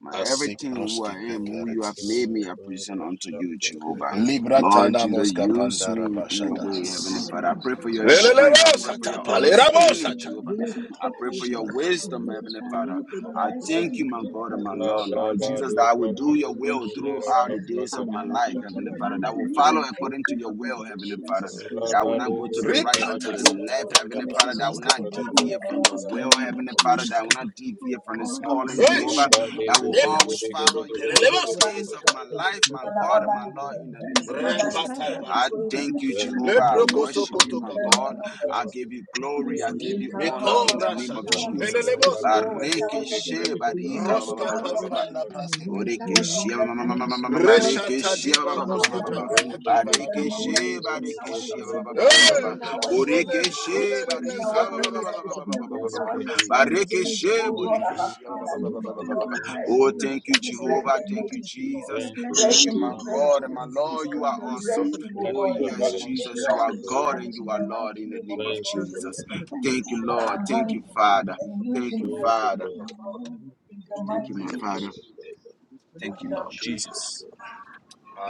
Speaker 2: My everything, who I am,
Speaker 7: Thank
Speaker 2: who
Speaker 7: you,
Speaker 2: you have made me,
Speaker 7: Father,
Speaker 2: I present unto you,
Speaker 7: Ra-da-shaka-taka-taka.
Speaker 2: Jehovah. Lord Jesus, use me in your
Speaker 1: Thank you,
Speaker 2: way,
Speaker 1: Jesus.
Speaker 2: Heavenly
Speaker 1: Thank you,
Speaker 2: Father. I
Speaker 1: Lord
Speaker 2: pray for
Speaker 1: Jesus.
Speaker 2: your
Speaker 1: Bless me
Speaker 2: strength.
Speaker 1: with
Speaker 2: I
Speaker 1: the
Speaker 2: pray
Speaker 1: glory
Speaker 2: for
Speaker 1: of
Speaker 2: your
Speaker 1: Lord Jesus. Thank
Speaker 2: understanding,
Speaker 1: you,
Speaker 2: Jehovah.
Speaker 1: Bless me with
Speaker 2: I
Speaker 1: good
Speaker 2: pray
Speaker 1: health,
Speaker 2: for your
Speaker 1: Lord.
Speaker 2: wisdom,
Speaker 7: Ra-da-ba-da-shaka-taka-taka.
Speaker 1: Bless his
Speaker 2: Heavenly
Speaker 1: family.
Speaker 2: Father. I
Speaker 1: Bless him
Speaker 2: thank
Speaker 1: with
Speaker 2: you, my
Speaker 1: good
Speaker 2: God and
Speaker 1: health,
Speaker 2: my
Speaker 1: Lord
Speaker 2: Lord, Lord
Speaker 1: Jesus. With
Speaker 2: Jesus,
Speaker 1: the
Speaker 2: that
Speaker 7: Radabadi
Speaker 2: I will
Speaker 1: Lord,
Speaker 2: do
Speaker 7: Bragodo
Speaker 2: your
Speaker 1: for him,
Speaker 2: will
Speaker 1: Jesus.
Speaker 7: Brangadero
Speaker 2: throughout the days
Speaker 1: Psalm
Speaker 2: of my
Speaker 7: Shopragadiru
Speaker 1: 121
Speaker 2: life, Heavenly
Speaker 7: Shakata
Speaker 2: Father. That I will
Speaker 7: Bragadeshka.
Speaker 2: follow
Speaker 1: and 150
Speaker 2: according to your
Speaker 1: for the
Speaker 2: will,
Speaker 1: Lord
Speaker 2: Heavenly Father
Speaker 1: Jesus. Be the
Speaker 2: that will
Speaker 1: God,
Speaker 2: not
Speaker 7: Rabadi
Speaker 2: go
Speaker 1: bless
Speaker 2: to
Speaker 1: him
Speaker 2: the
Speaker 7: Godo
Speaker 1: with the
Speaker 2: right or to
Speaker 7: Bragadi
Speaker 2: the
Speaker 1: God.
Speaker 7: Godo
Speaker 2: left, Heavenly
Speaker 1: Bless
Speaker 7: Bragada Gado
Speaker 2: Father,
Speaker 1: his
Speaker 2: that will
Speaker 7: Godo
Speaker 1: job.
Speaker 2: not
Speaker 7: Bragadia
Speaker 2: deviate
Speaker 7: Gada
Speaker 2: from
Speaker 1: Increase
Speaker 2: your
Speaker 1: his
Speaker 7: Bragado
Speaker 8: Thank
Speaker 2: will,
Speaker 1: family, Lord
Speaker 2: Heavenly Father,
Speaker 7: Shakadeshka.
Speaker 2: that
Speaker 1: Jesus.
Speaker 2: will not
Speaker 1: I
Speaker 2: deviate from this
Speaker 1: cover him, I
Speaker 2: calling,
Speaker 1: seal him with
Speaker 2: Jehovah,
Speaker 1: the blood of
Speaker 2: that
Speaker 7: Rambadi
Speaker 2: will
Speaker 1: Jesus
Speaker 7: Gede Gede Gede
Speaker 2: always
Speaker 1: Christ.
Speaker 2: follow
Speaker 7: Gede Gede
Speaker 2: you all of
Speaker 7: Gede
Speaker 2: the
Speaker 7: Gede Gede
Speaker 2: days of my
Speaker 7: Gede
Speaker 2: life,
Speaker 7: Gede
Speaker 2: my
Speaker 7: Gada Gada
Speaker 2: God
Speaker 7: Gada
Speaker 2: and my
Speaker 7: Gada
Speaker 2: Lord, in the name
Speaker 7: Gada
Speaker 2: of
Speaker 1: Considering
Speaker 7: Gada
Speaker 1: his
Speaker 7: Shaka.
Speaker 2: Jesus.
Speaker 1: life
Speaker 2: I
Speaker 1: laches everything
Speaker 2: thank
Speaker 1: British
Speaker 2: you,
Speaker 7: Thank
Speaker 1: attorney to
Speaker 7: you,
Speaker 2: Jehovah. I
Speaker 1: go
Speaker 7: Father.
Speaker 1: to
Speaker 2: worship you,
Speaker 1: find
Speaker 7: Thank
Speaker 2: my
Speaker 7: you.
Speaker 1: his life
Speaker 2: God.
Speaker 8: you.
Speaker 2: I
Speaker 7: Thank
Speaker 1: laches.
Speaker 7: you.
Speaker 2: give you
Speaker 1: The
Speaker 2: glory. I
Speaker 7: Thank you,
Speaker 2: give
Speaker 1: assumptions.
Speaker 2: you
Speaker 7: Father.
Speaker 2: honor in
Speaker 1: Let's
Speaker 2: the
Speaker 1: pack
Speaker 2: name
Speaker 1: a
Speaker 2: of
Speaker 1: flowers back.
Speaker 2: Jesus.
Speaker 1: The
Speaker 7: Rabadabadi
Speaker 1: assumptions.
Speaker 7: Gede Gede
Speaker 2: Bareke
Speaker 7: Gede
Speaker 1: Blessing,
Speaker 7: Gede Gede
Speaker 1: Lord,
Speaker 7: Gede Gede
Speaker 2: barika
Speaker 7: Gede
Speaker 1: blessing,
Speaker 2: ba ba
Speaker 1: Lord,
Speaker 7: Gada
Speaker 2: ba ba ba ba
Speaker 1: blessing.
Speaker 2: ba.
Speaker 7: Bragadia
Speaker 1: Jesus.
Speaker 7: Bragada Bragado
Speaker 2: Borekeshia ma-
Speaker 7: Bragado
Speaker 2: ma- ma-
Speaker 1: Thank
Speaker 2: ma-
Speaker 1: you,
Speaker 2: ma- ma- ma- ma-
Speaker 1: Jesus. Thank you,
Speaker 2: ba- ba-
Speaker 1: Father
Speaker 2: ba- ba-
Speaker 1: God,
Speaker 2: ba-
Speaker 7: Om
Speaker 2: ba-
Speaker 1: for
Speaker 2: ba.
Speaker 7: Bhurto
Speaker 1: blessing him.
Speaker 7: Jale
Speaker 1: Thank you,
Speaker 7: Proto
Speaker 2: Barekeshe
Speaker 1: Lord
Speaker 7: Jale
Speaker 1: Jesus,
Speaker 7: Proto
Speaker 1: for
Speaker 2: barekeshia
Speaker 7: Jale
Speaker 2: ba-
Speaker 1: blessing
Speaker 2: ba- ba- ba-
Speaker 1: him.
Speaker 2: ba-
Speaker 7: Proto
Speaker 2: ba-
Speaker 1: Thank
Speaker 2: ba-
Speaker 1: you,
Speaker 7: Jale
Speaker 2: ba.
Speaker 1: Lord
Speaker 7: Proto
Speaker 1: Jesus. Your
Speaker 7: Jale
Speaker 1: blood
Speaker 7: Proto Jale
Speaker 1: speaks
Speaker 2: Borekeshe
Speaker 1: for him, Lord
Speaker 7: Proto.
Speaker 2: barika ba- ba- ba-
Speaker 1: Jesus.
Speaker 2: ba- ba- ba- ba- ba-
Speaker 1: Your
Speaker 2: ba-
Speaker 1: blood
Speaker 7: Thank you,
Speaker 1: speaks, your
Speaker 7: Jesus.
Speaker 1: blood speaks for
Speaker 2: Barekeshe
Speaker 1: him,
Speaker 7: Thank you,
Speaker 1: Jesus.
Speaker 2: borekeshia
Speaker 7: Jesus, for
Speaker 2: ba-
Speaker 1: Blessing
Speaker 2: ba-
Speaker 7: your
Speaker 2: ba-
Speaker 1: him.
Speaker 2: ba- ba-
Speaker 7: son.
Speaker 2: ba-
Speaker 1: Thank
Speaker 2: ba-
Speaker 1: you,
Speaker 2: ba.
Speaker 7: Thank
Speaker 1: Father,
Speaker 7: you
Speaker 2: Oh,
Speaker 7: for your
Speaker 2: thank you,
Speaker 7: son.
Speaker 1: for blessing
Speaker 2: Jehovah.
Speaker 1: Prophet
Speaker 2: Thank you,
Speaker 1: Lawrence, Lord.
Speaker 2: Jesus.
Speaker 1: Your
Speaker 7: Thank
Speaker 1: blood
Speaker 7: you for
Speaker 2: Thank
Speaker 7: your
Speaker 2: you,
Speaker 1: anointing
Speaker 2: my
Speaker 7: son,
Speaker 1: upon
Speaker 7: O
Speaker 1: him,
Speaker 2: God and
Speaker 7: God.
Speaker 2: my
Speaker 1: Jesus, is
Speaker 2: Lord. You are
Speaker 1: covered and
Speaker 2: awesome.
Speaker 1: sealed
Speaker 7: Bless
Speaker 2: Oh,
Speaker 1: in
Speaker 7: your
Speaker 1: the
Speaker 2: yes,
Speaker 7: holy
Speaker 1: blood of
Speaker 7: name.
Speaker 2: Jesus.
Speaker 7: Bless
Speaker 2: You
Speaker 1: Jesus
Speaker 2: are
Speaker 7: your
Speaker 1: Christ of
Speaker 7: holy
Speaker 2: God
Speaker 7: name.
Speaker 2: and you are
Speaker 1: Nazareth. Thank
Speaker 2: Lord in
Speaker 1: you,
Speaker 2: the name of
Speaker 7: Thank
Speaker 8: The
Speaker 1: Jesus.
Speaker 7: you,
Speaker 8: reason
Speaker 2: Jesus.
Speaker 7: Father.
Speaker 8: the
Speaker 1: Thank you,
Speaker 2: Thank
Speaker 8: police
Speaker 2: you,
Speaker 1: Father God.
Speaker 2: Lord. Thank you,
Speaker 1: Thank you,
Speaker 2: Father.
Speaker 1: Jesus.
Speaker 2: Thank you,
Speaker 7: Thank you,
Speaker 2: Father.
Speaker 1: Jesus.
Speaker 7: Father.
Speaker 1: Amen.
Speaker 4: the
Speaker 2: Thank you,
Speaker 4: mighty
Speaker 2: my
Speaker 1: Thank
Speaker 7: Thank
Speaker 4: name
Speaker 7: you,
Speaker 4: of
Speaker 1: you.
Speaker 2: Father.
Speaker 7: Master God.
Speaker 2: Thank you,
Speaker 4: Jesus.
Speaker 2: Lord
Speaker 7: Jesus'
Speaker 2: Jesus.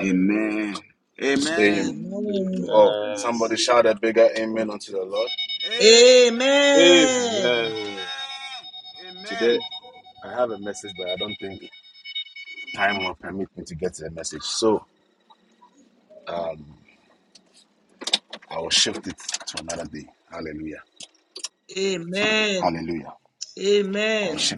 Speaker 2: Amen. Amen.
Speaker 1: Amen.
Speaker 7: name.
Speaker 8: Amen.
Speaker 1: Thank you, Jesus.
Speaker 7: Amen.
Speaker 2: Amen.
Speaker 8: Amen.
Speaker 7: Amen.
Speaker 2: Amen.
Speaker 8: Amen. Amen.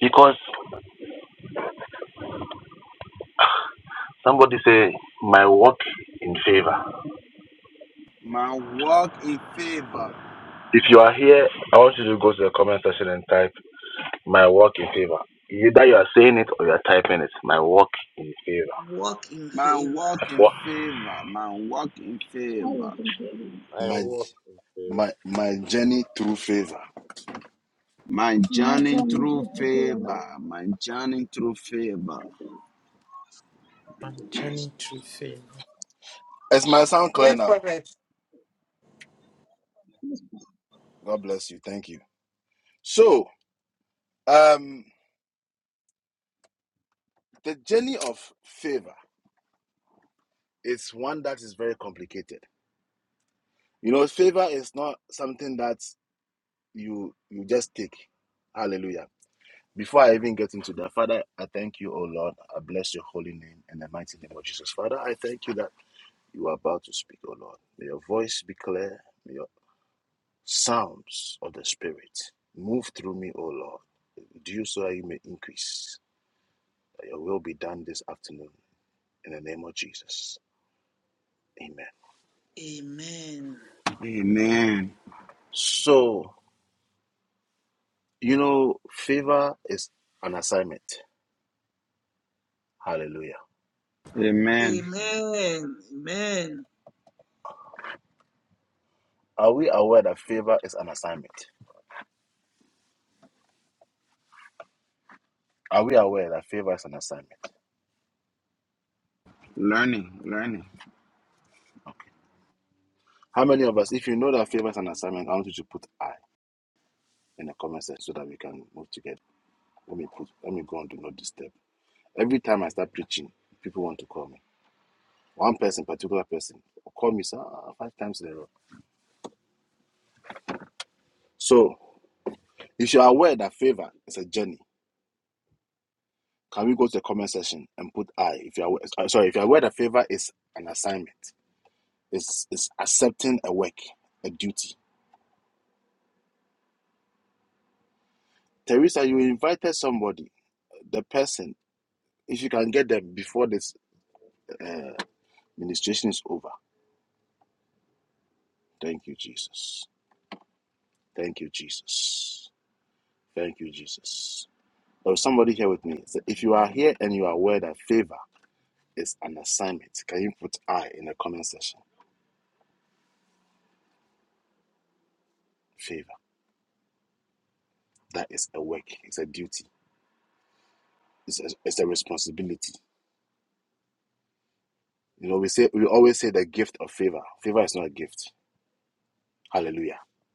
Speaker 10: Because somebody say, My work in favor.
Speaker 2: My walk in favor.
Speaker 10: If you are here, I want you to go to the comment section and type, My work in favor. Either you are saying it or you are typing it. My work in favor.
Speaker 8: Walk in
Speaker 2: My
Speaker 8: favor.
Speaker 2: walk in
Speaker 10: What?
Speaker 2: favor. My walk in
Speaker 1: I
Speaker 2: favor.
Speaker 1: will compare you.
Speaker 7: I walk in favor.
Speaker 2: My
Speaker 1: My
Speaker 2: journey
Speaker 1: journey
Speaker 2: through
Speaker 1: through the whole
Speaker 2: favor.
Speaker 1: world.
Speaker 2: My journey through favor.
Speaker 6: My journey through faith.
Speaker 9: Yes, prophet.
Speaker 8: Amen.
Speaker 2: Amen. Amen.
Speaker 8: Amen. Amen.
Speaker 2: Learning. Learning.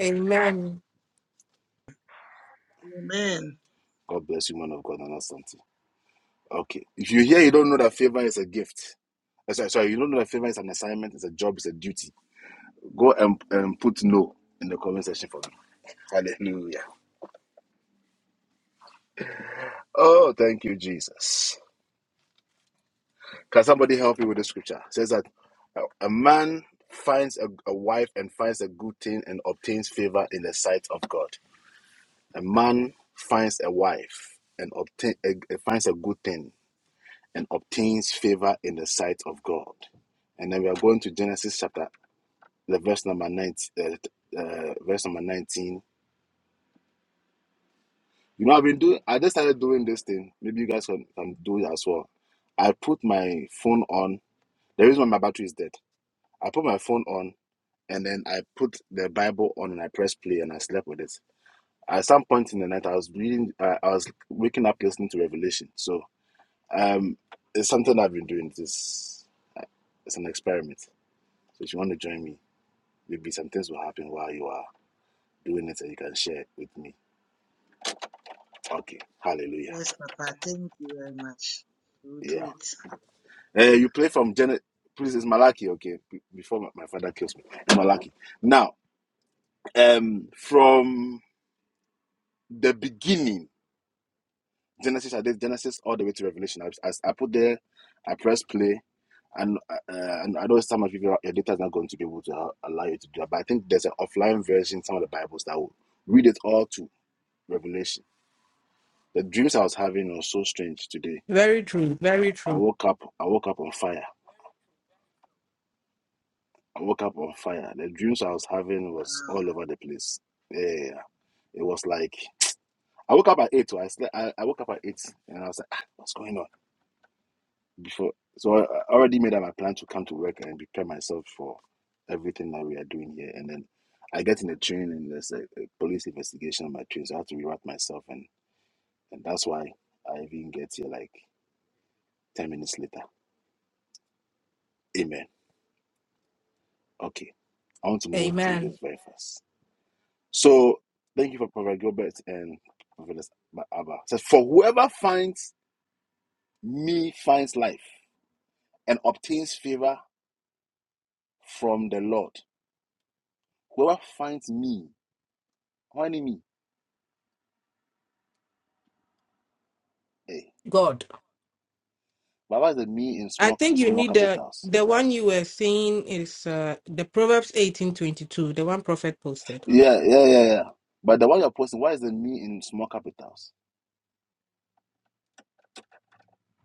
Speaker 9: Amen.
Speaker 8: Amen. Yes, Papa. Thank you very much. We'll do it
Speaker 9: Very true. Very true.
Speaker 8: now.
Speaker 9: Amen. God. I think you need the the one you were seeing is uh, the Proverbs eighteen twenty two, the one Prophet posted.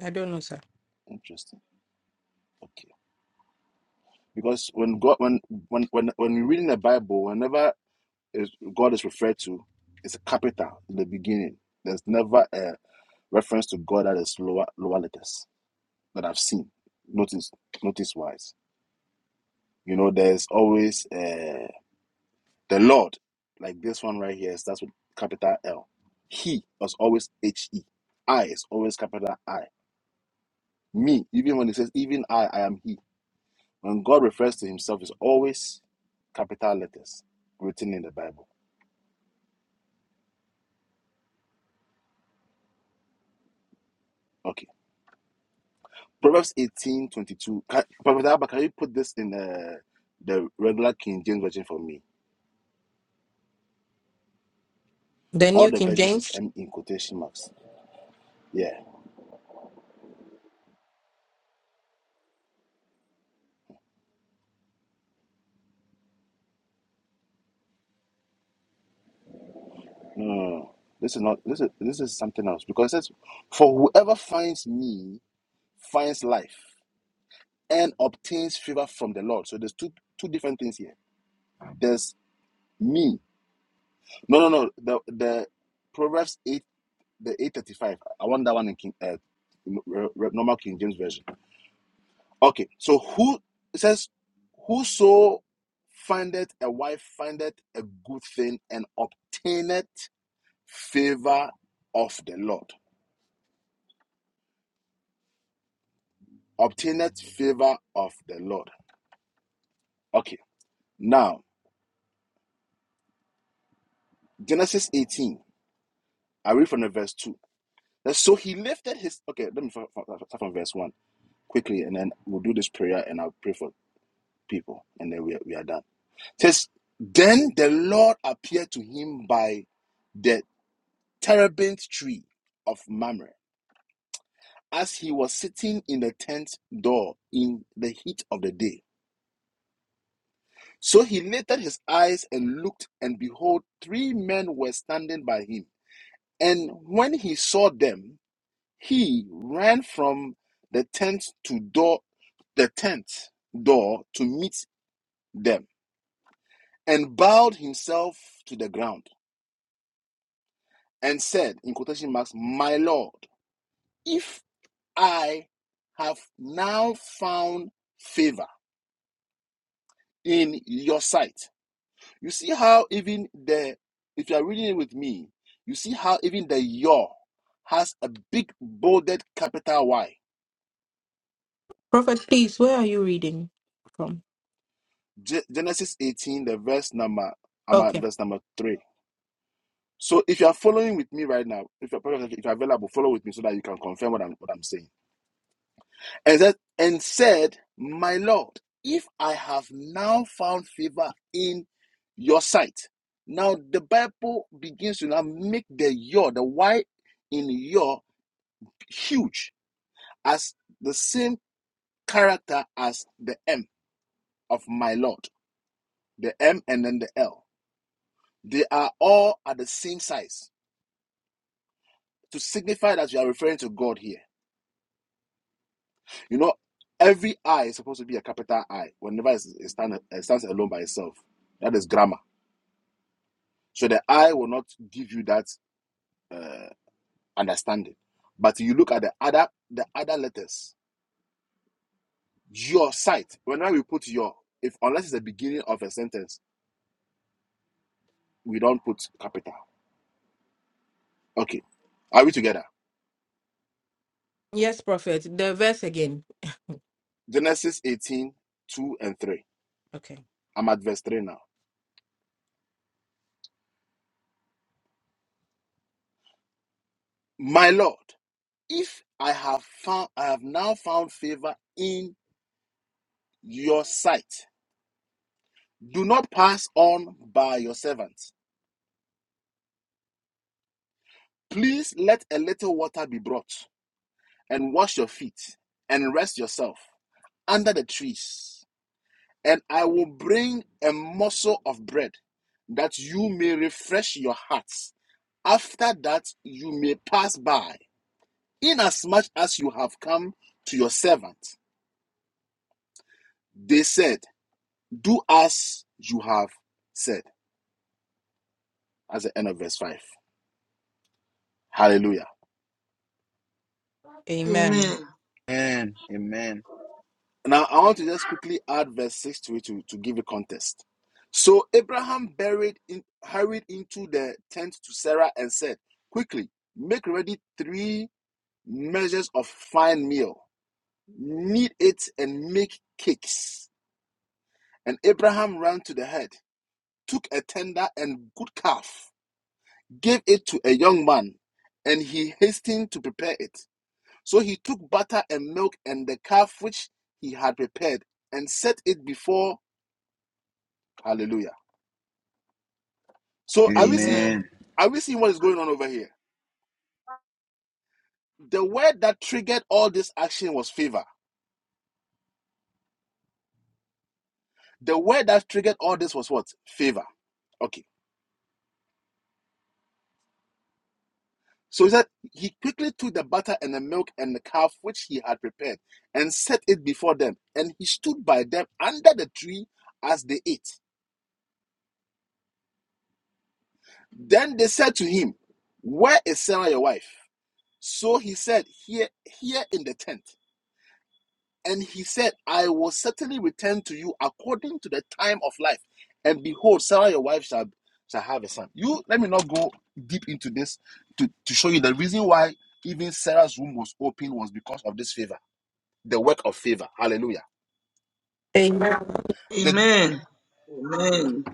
Speaker 9: I don't know, sir. The New King James. Prophet, please, where are you reading from? Okay. Yes, Prophet. The verse again. Okay.
Speaker 8: Amen.
Speaker 9: Amen.
Speaker 2: Amen. Amen.
Speaker 8: Amen.
Speaker 2: Amen.
Speaker 9: Amen.
Speaker 8: Amen. Amen.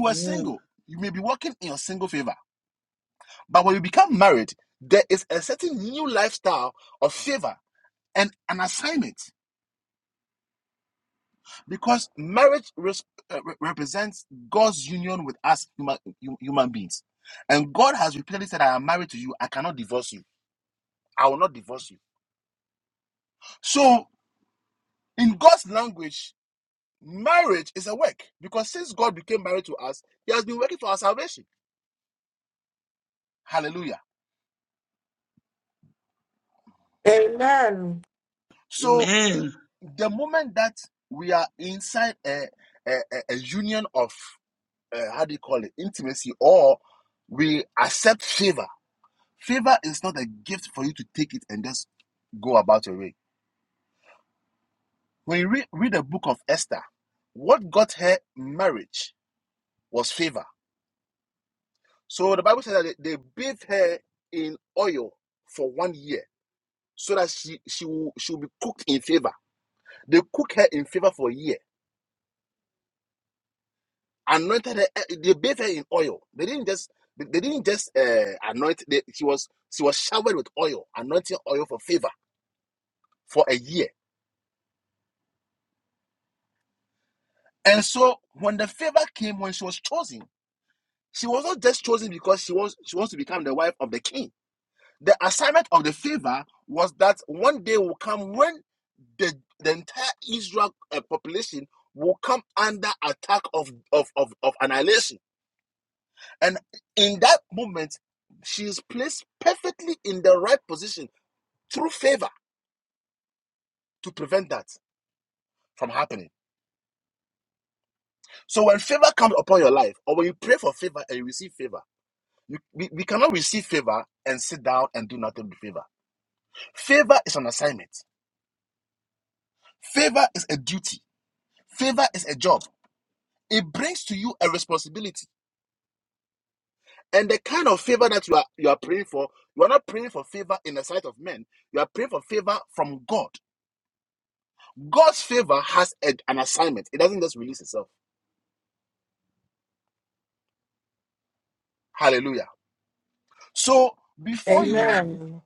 Speaker 8: Amen.
Speaker 9: Amen.
Speaker 8: Amen. Amen.
Speaker 9: Amen.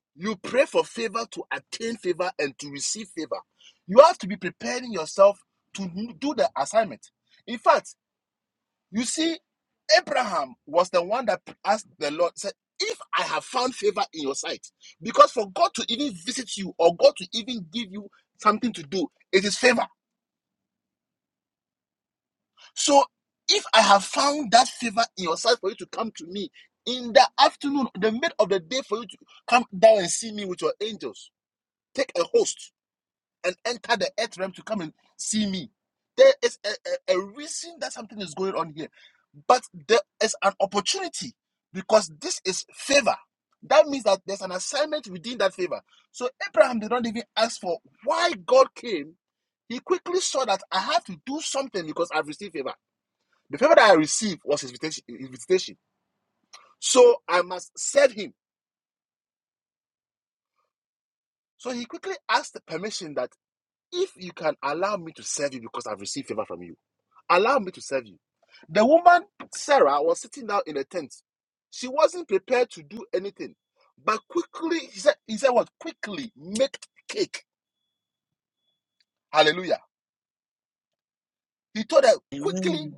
Speaker 8: Amen.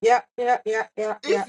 Speaker 9: Yeah, yeah, yeah, yeah, yeah.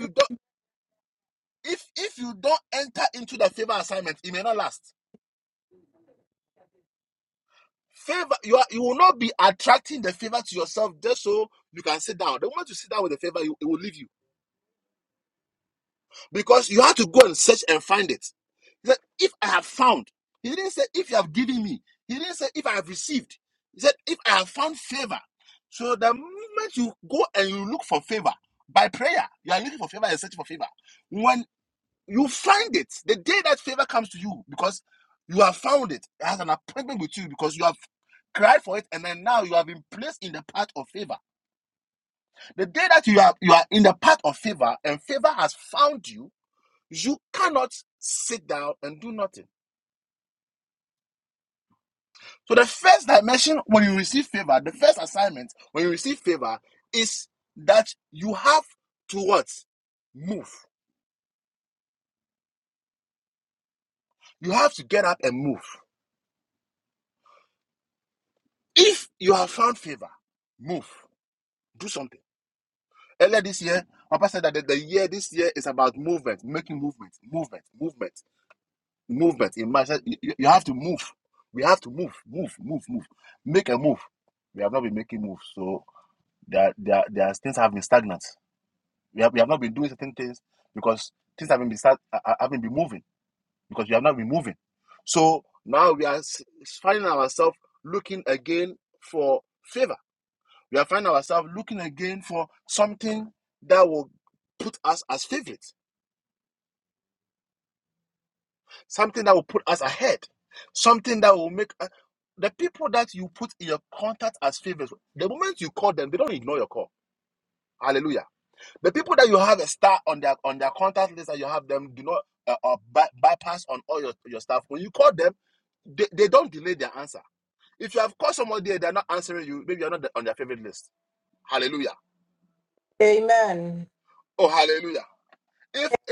Speaker 9: Amen.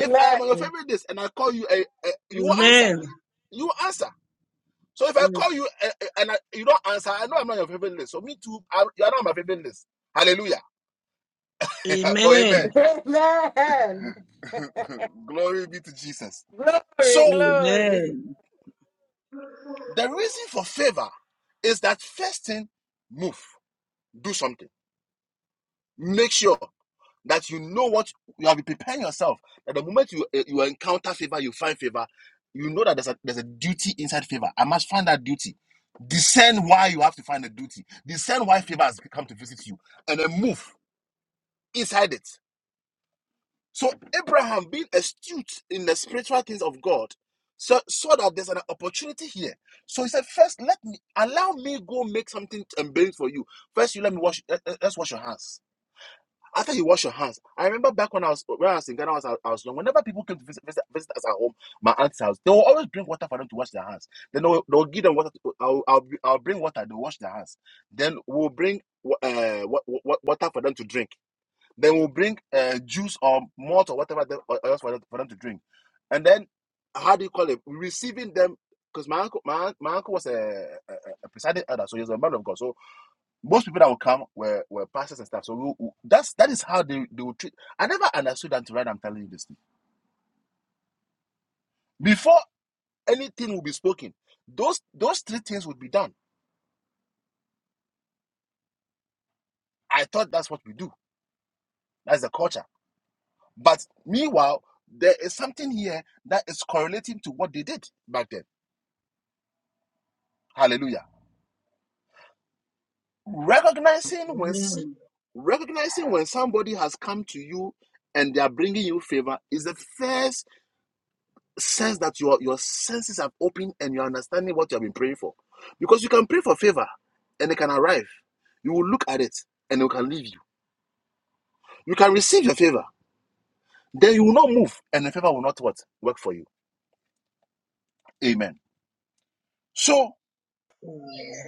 Speaker 9: Amen.
Speaker 8: Amen. Yes. Amen.
Speaker 9: Amen. Glory, glory.
Speaker 8: Amen. Amen. Amen.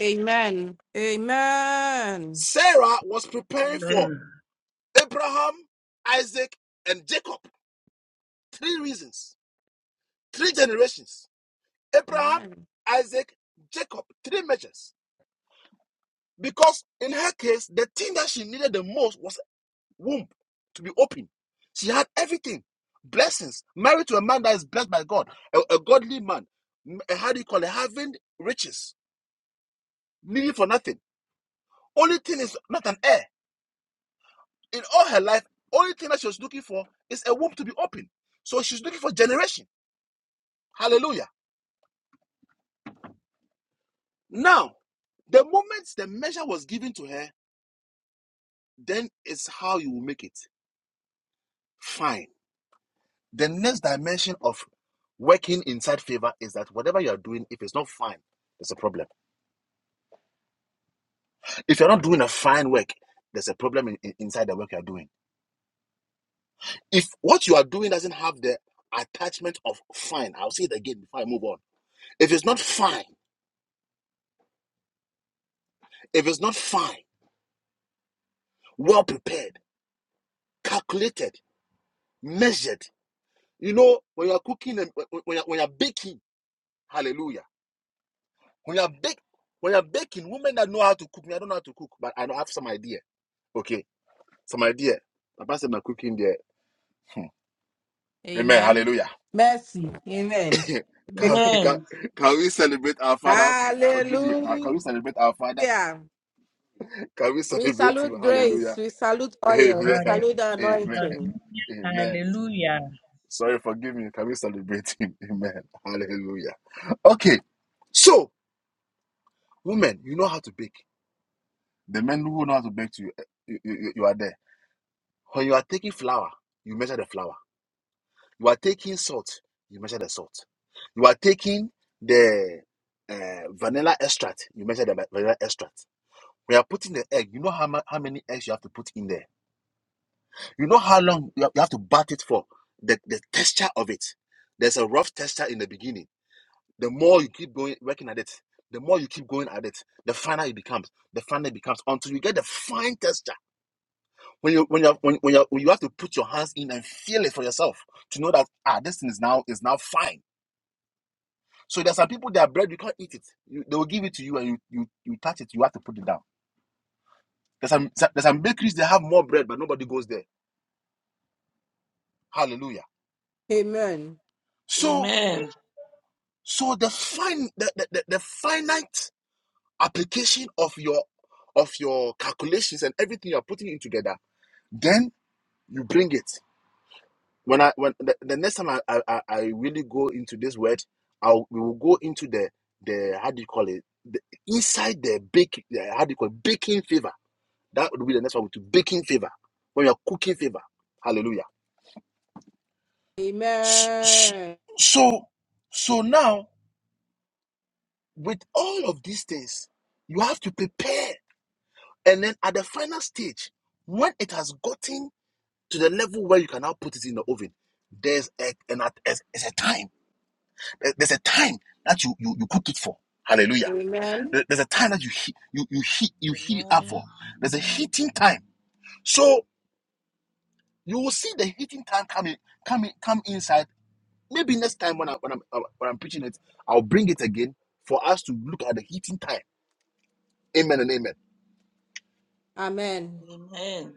Speaker 9: Amen. Amen. Amen. Amen. Mercy. Amen.
Speaker 8: Amen.
Speaker 9: Hallelujah. We salute grace. We salute oil. We salute the anointing. Amen.
Speaker 8: Amen.
Speaker 9: Amen. Amen.
Speaker 8: Amen.
Speaker 9: Amen.
Speaker 8: Amen.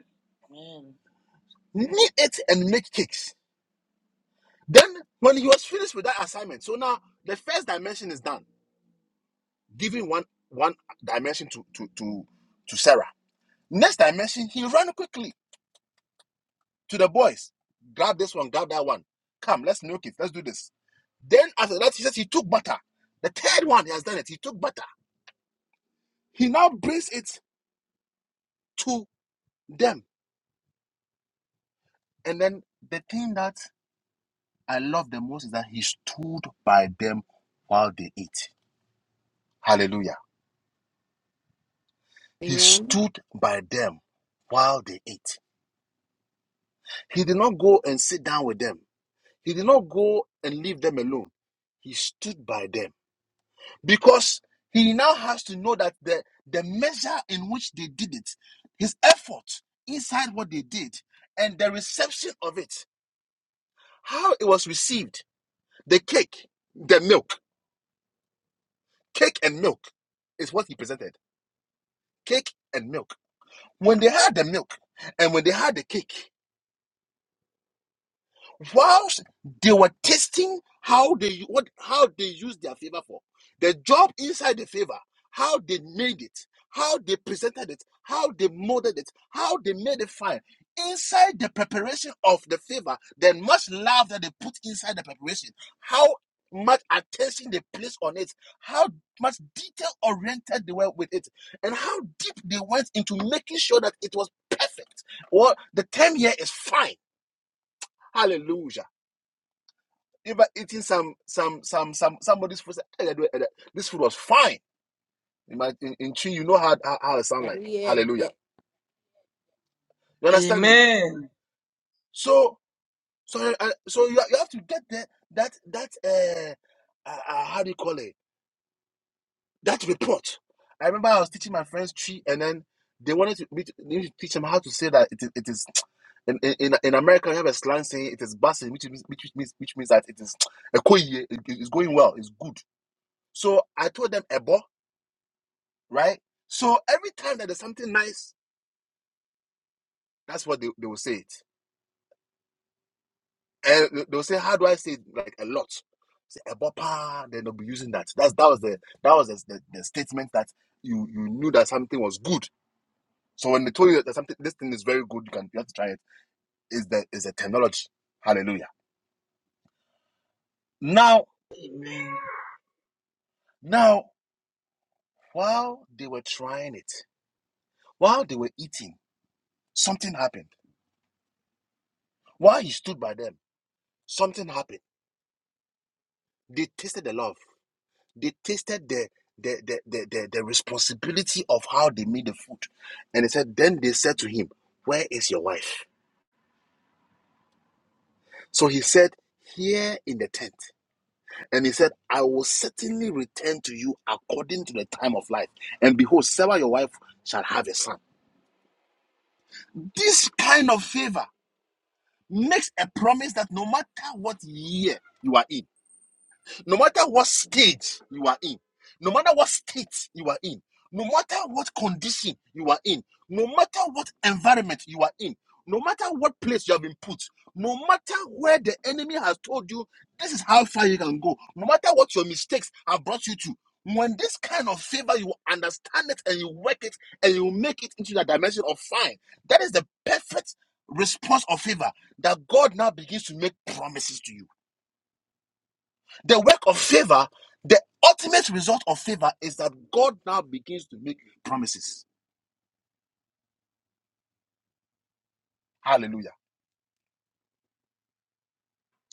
Speaker 9: Amen. Can you hear
Speaker 8: Amen. Amen. Amen.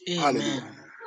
Speaker 8: Amen. Amen. Amen. Amen.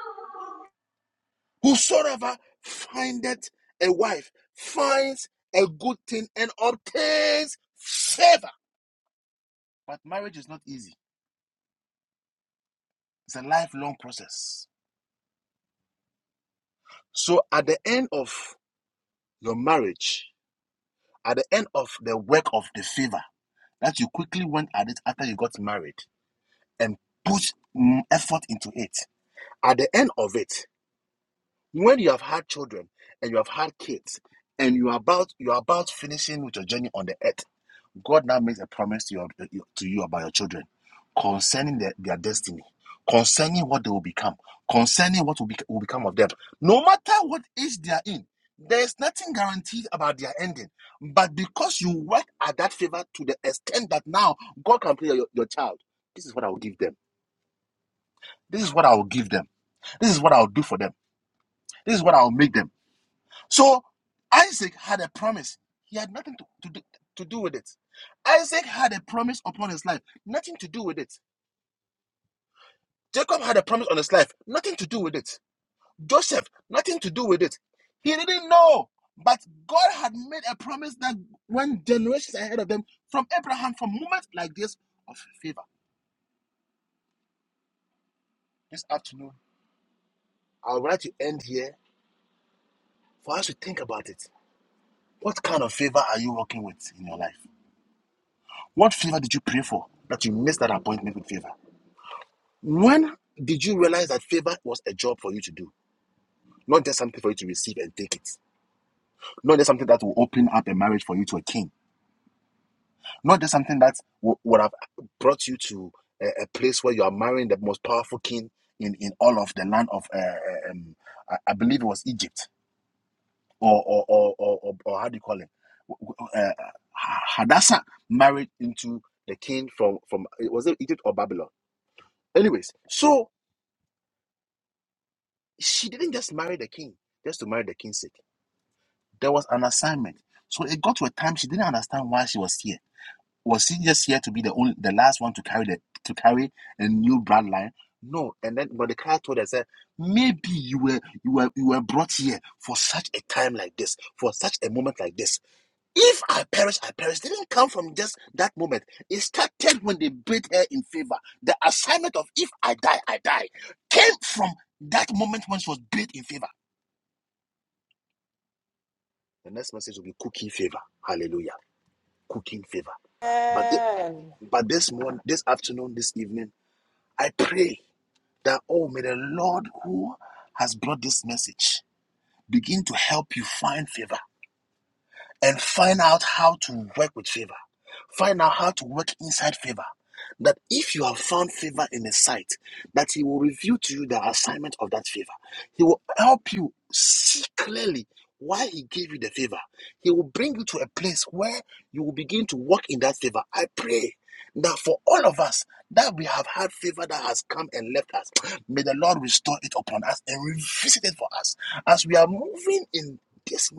Speaker 9: that?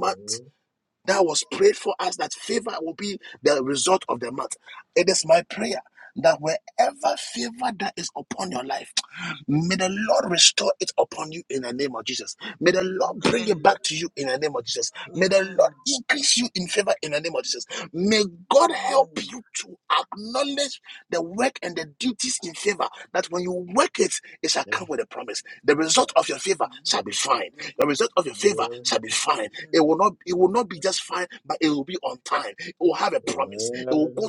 Speaker 7: Amen.
Speaker 8: Amen.
Speaker 7: Amen. Amen.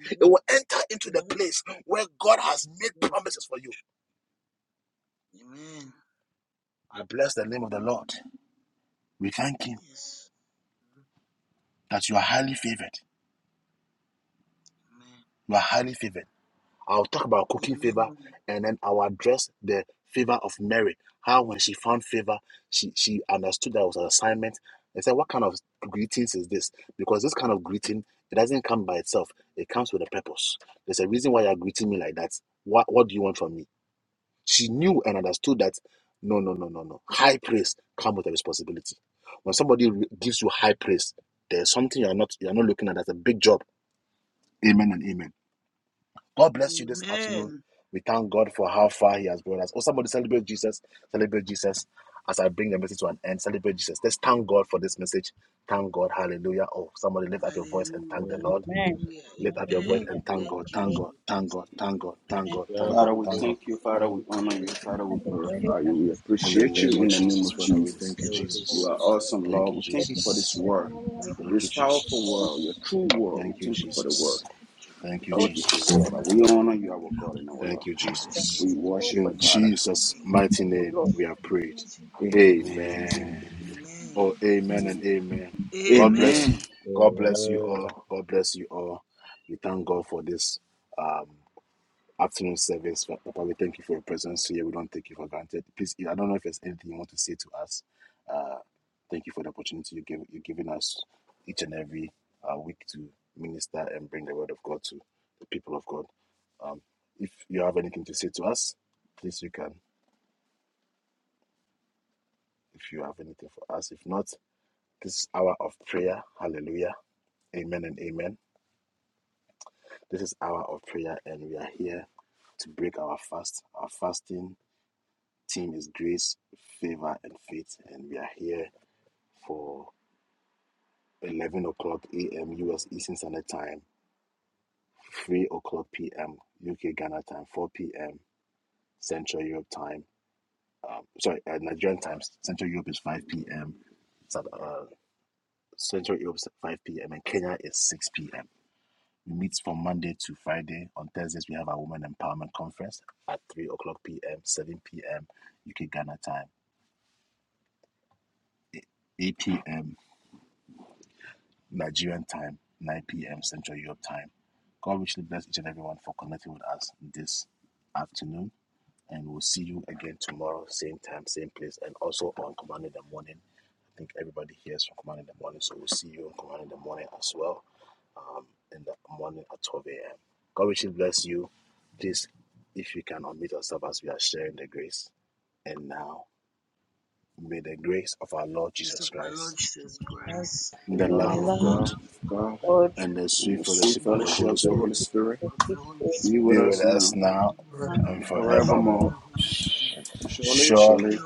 Speaker 8: Yes, yes, yes, yes, yes. yes. Amen. Yes. Amen. Amen. Amen. Hallelujah.
Speaker 7: Thank you, Jesus.
Speaker 8: Hallelujah.
Speaker 7: Thank you,
Speaker 8: Amen. Thank
Speaker 7: Jesus.
Speaker 8: you, Jesus. Thank you, Jesus.
Speaker 1: Thank
Speaker 7: Thank
Speaker 2: Father,
Speaker 1: you,
Speaker 7: you,
Speaker 1: Lord
Speaker 2: we
Speaker 7: Jesus.
Speaker 2: thank
Speaker 1: Jesus.
Speaker 2: you.
Speaker 1: Thank
Speaker 2: Father, we
Speaker 1: you,
Speaker 7: Thank you,
Speaker 2: honor
Speaker 1: Lord.
Speaker 2: you.
Speaker 7: Jesus.
Speaker 8: Thank
Speaker 2: Father,
Speaker 8: you.
Speaker 2: we
Speaker 1: Lord, I
Speaker 8: thank you.
Speaker 1: will
Speaker 2: glorify
Speaker 1: thank
Speaker 2: you. We
Speaker 1: you. I
Speaker 2: appreciate
Speaker 1: will
Speaker 2: you
Speaker 1: show
Speaker 2: in the
Speaker 1: I
Speaker 8: It
Speaker 2: name of
Speaker 1: thank
Speaker 8: was a
Speaker 1: you.
Speaker 2: Jesus.
Speaker 1: I
Speaker 7: Thank
Speaker 1: will
Speaker 8: sorry.
Speaker 7: you,
Speaker 1: show
Speaker 2: You
Speaker 1: her
Speaker 2: are
Speaker 7: Jesus.
Speaker 1: she will
Speaker 2: awesome,
Speaker 1: thank
Speaker 2: Lord. We
Speaker 1: you.
Speaker 2: thank you for this
Speaker 1: I
Speaker 2: word,
Speaker 1: will I thank
Speaker 8: Somebody
Speaker 2: this
Speaker 1: you.
Speaker 8: said,
Speaker 1: I will
Speaker 2: powerful
Speaker 1: hold
Speaker 2: word, your
Speaker 1: him and
Speaker 2: true
Speaker 1: thank you.
Speaker 2: word. We
Speaker 1: I will
Speaker 2: thank you
Speaker 1: show
Speaker 2: for the
Speaker 8: "Mm,
Speaker 2: word.
Speaker 1: I thank
Speaker 8: it's a
Speaker 1: you.
Speaker 2: We
Speaker 8: new
Speaker 2: thank you,
Speaker 1: I
Speaker 2: Jehovah.
Speaker 8: kind
Speaker 1: love
Speaker 8: of
Speaker 2: We
Speaker 1: the
Speaker 2: honor
Speaker 1: Father
Speaker 2: you,
Speaker 8: thing."
Speaker 1: and
Speaker 2: our God
Speaker 1: thank you.
Speaker 2: and our Lord.
Speaker 8: It's a
Speaker 1: Thank
Speaker 8: it's a
Speaker 1: you,
Speaker 8: good
Speaker 2: We
Speaker 1: Jesus.
Speaker 8: new
Speaker 1: Thank
Speaker 2: worship you, Father.
Speaker 1: you,
Speaker 8: thing.
Speaker 1: Lord. Thank you, Lord. Thank you, Lord, for the healer. It's a
Speaker 8: Amen.
Speaker 2: Amen.
Speaker 1: sign. Thank
Speaker 8: Amen.
Speaker 1: you.
Speaker 2: Amen.
Speaker 8: Amen.
Speaker 7: Amen.
Speaker 8: Use of our Lord Jesus Christ,
Speaker 2: The
Speaker 8: the
Speaker 2: love of
Speaker 8: love
Speaker 2: God, of God,
Speaker 8: of God,
Speaker 2: and the sweet
Speaker 8: and the
Speaker 2: fellowship
Speaker 8: sweet
Speaker 2: of the Holy
Speaker 8: fellowship
Speaker 2: Spirit
Speaker 8: of the Holy
Speaker 2: be with
Speaker 8: Spirit,
Speaker 2: us now
Speaker 8: be with
Speaker 2: and
Speaker 8: you and
Speaker 2: forevermore.
Speaker 8: forever.
Speaker 2: Surely, surely,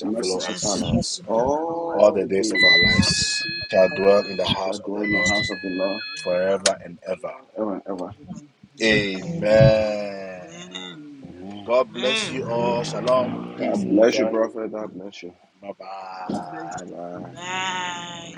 Speaker 2: the mercy shall
Speaker 8: goodness and
Speaker 2: follow us
Speaker 8: mercy shall follow us
Speaker 2: all the days
Speaker 8: all the days of our lives,
Speaker 2: We shall dwell in the
Speaker 8: and we
Speaker 2: house of the
Speaker 8: shall
Speaker 2: Lord
Speaker 8: dwell in the house of the Lord
Speaker 2: forever and ever.
Speaker 8: forever and
Speaker 2: Amen.
Speaker 8: ever. Amen.
Speaker 2: Amen.
Speaker 8: Amen.
Speaker 2: God bless you, prophet. God bless you.
Speaker 8: God bless
Speaker 2: Bye
Speaker 8: you.
Speaker 2: bye.
Speaker 8: too. Bye.